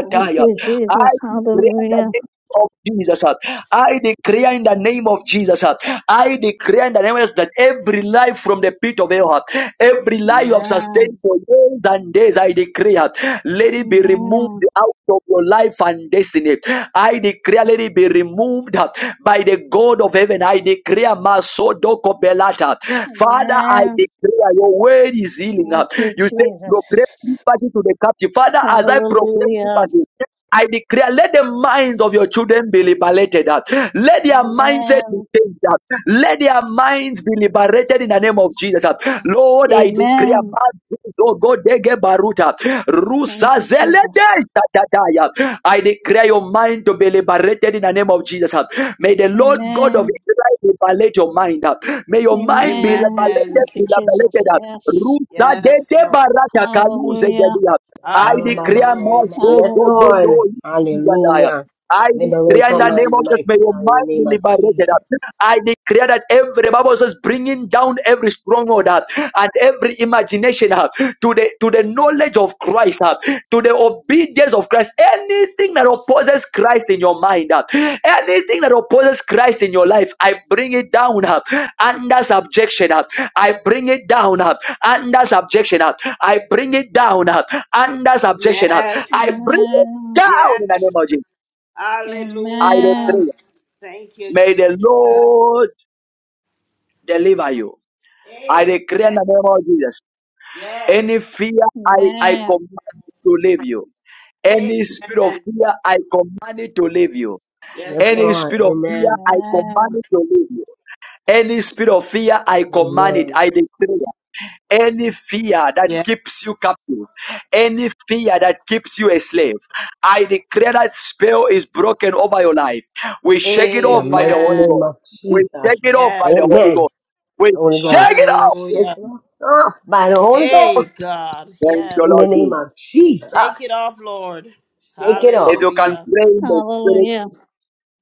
[SPEAKER 8] Thank you,
[SPEAKER 1] I
[SPEAKER 8] Jesus.
[SPEAKER 1] declare in the
[SPEAKER 8] Hallelujah.
[SPEAKER 1] name of Jesus. I declare in the name of Jesus. I declare in the name of Jesus that every life from the pit of hell. Every lie you have sustained
[SPEAKER 8] Amen.
[SPEAKER 1] for years and days, I declare, let it be removed
[SPEAKER 8] Amen.
[SPEAKER 1] out of your life and destiny. I declare, let it be removed by the God of heaven. I declare, Masodoko Belata. Father, I
[SPEAKER 8] Amen.
[SPEAKER 1] declare, your word is healing.
[SPEAKER 8] Thank you,
[SPEAKER 1] You say, proclaim
[SPEAKER 8] Jesus.
[SPEAKER 1] liberty to the captive. Father, as I proclaim
[SPEAKER 8] Hallelujah.
[SPEAKER 1] liberty, I declare, let the minds of your children be liberated. uh, Let their mindset be
[SPEAKER 8] Amen.
[SPEAKER 1] changed. uh, Let their minds be liberated in the name of Jesus. uh. Lord, I declare,
[SPEAKER 8] Amen. Thank you, Jesus.
[SPEAKER 1] I declare your mind to be liberated in the name of Jesus. uh. May the Lord God of
[SPEAKER 8] Amen.
[SPEAKER 1] Israel liberate your mind. uh. May your mind be
[SPEAKER 8] Amen.
[SPEAKER 1] liberated,
[SPEAKER 5] Amen.
[SPEAKER 8] Thank
[SPEAKER 1] be
[SPEAKER 8] you, Jesus.
[SPEAKER 1] liberated. uh.
[SPEAKER 8] Yes.
[SPEAKER 1] Rusa de
[SPEAKER 5] Yes, Lord.
[SPEAKER 1] Debarata
[SPEAKER 8] Hallelujah.
[SPEAKER 1] Kaluze
[SPEAKER 14] La,
[SPEAKER 1] I
[SPEAKER 14] la, la, la,
[SPEAKER 1] declare
[SPEAKER 14] la,
[SPEAKER 1] my
[SPEAKER 14] la, la.
[SPEAKER 5] Hallelujah.
[SPEAKER 1] go,
[SPEAKER 14] Yes,
[SPEAKER 1] go, go,
[SPEAKER 8] Hallelujah.
[SPEAKER 14] Lord.
[SPEAKER 1] go.
[SPEAKER 14] Hallelujah.
[SPEAKER 1] I
[SPEAKER 14] Liberate
[SPEAKER 1] declare in
[SPEAKER 14] from
[SPEAKER 1] the
[SPEAKER 5] Thank
[SPEAKER 1] name
[SPEAKER 14] mind the
[SPEAKER 1] of Jesus, may
[SPEAKER 14] mighty
[SPEAKER 1] your
[SPEAKER 14] God in the
[SPEAKER 1] mind be
[SPEAKER 14] name of
[SPEAKER 1] liberated.
[SPEAKER 14] Jesus.
[SPEAKER 1] I declare that every Bible says bringing down every stronghold uh, and every imagination uh, to the to the knowledge of Christ, uh, to the obedience of Christ. Anything that opposes Christ in your mind, uh, anything that opposes Christ in your life, I bring it down uh, under subjection. uh, I bring it down uh, under subjection. uh, I bring it down. uh, under subjection.
[SPEAKER 5] yes,
[SPEAKER 1] I bring it
[SPEAKER 8] Amen.
[SPEAKER 1] down
[SPEAKER 5] Yes.
[SPEAKER 1] in the name of Jesus. I
[SPEAKER 5] Hallelujah.
[SPEAKER 8] Amen.
[SPEAKER 1] decree.
[SPEAKER 5] Thank you,
[SPEAKER 1] May the
[SPEAKER 5] Jesus.
[SPEAKER 1] Lord deliver you. I
[SPEAKER 5] Amen.
[SPEAKER 1] decree in the name of Jesus.
[SPEAKER 5] Yes.
[SPEAKER 1] Any fear, I, I
[SPEAKER 8] Amen.
[SPEAKER 1] command it to leave you. Any spirit of
[SPEAKER 5] Amen.
[SPEAKER 1] fear, I command it to leave you.
[SPEAKER 5] Yes,
[SPEAKER 14] Yes,
[SPEAKER 5] Lord.
[SPEAKER 1] Any
[SPEAKER 14] Lord.
[SPEAKER 1] spirit of fear,
[SPEAKER 14] Amen.
[SPEAKER 1] I command
[SPEAKER 8] Amen.
[SPEAKER 1] it to leave you. Any spirit of fear, I command it.
[SPEAKER 14] Amen.
[SPEAKER 1] I decree. Any fear that
[SPEAKER 5] Yes.
[SPEAKER 1] keeps you captive, any fear that keeps you a slave, I declare that spell is broken over your life. We shake it
[SPEAKER 14] In the
[SPEAKER 1] off by the
[SPEAKER 14] mighty
[SPEAKER 1] Holy
[SPEAKER 5] Amen.
[SPEAKER 14] name
[SPEAKER 1] Ghost.
[SPEAKER 14] of
[SPEAKER 1] We
[SPEAKER 14] Jesus.
[SPEAKER 1] shake it off by
[SPEAKER 5] Yes.
[SPEAKER 1] the Holy
[SPEAKER 14] Amen.
[SPEAKER 1] Ghost. We
[SPEAKER 14] Holy
[SPEAKER 1] shake
[SPEAKER 14] Ghost.
[SPEAKER 1] it off.
[SPEAKER 14] Shake
[SPEAKER 5] Hallelujah.
[SPEAKER 14] it off Ah, by the Holy
[SPEAKER 5] Hey,
[SPEAKER 14] Ghost.
[SPEAKER 5] God.
[SPEAKER 1] Thank you,
[SPEAKER 14] In
[SPEAKER 5] Yes.
[SPEAKER 14] the
[SPEAKER 1] Lord
[SPEAKER 14] name
[SPEAKER 1] Jesus.
[SPEAKER 14] of Jesus.
[SPEAKER 5] Shake it off, Lord.
[SPEAKER 14] Shake it
[SPEAKER 1] If
[SPEAKER 14] off.
[SPEAKER 1] you can
[SPEAKER 5] Hallelujah.
[SPEAKER 1] pray in the spirit,
[SPEAKER 8] Hallelujah.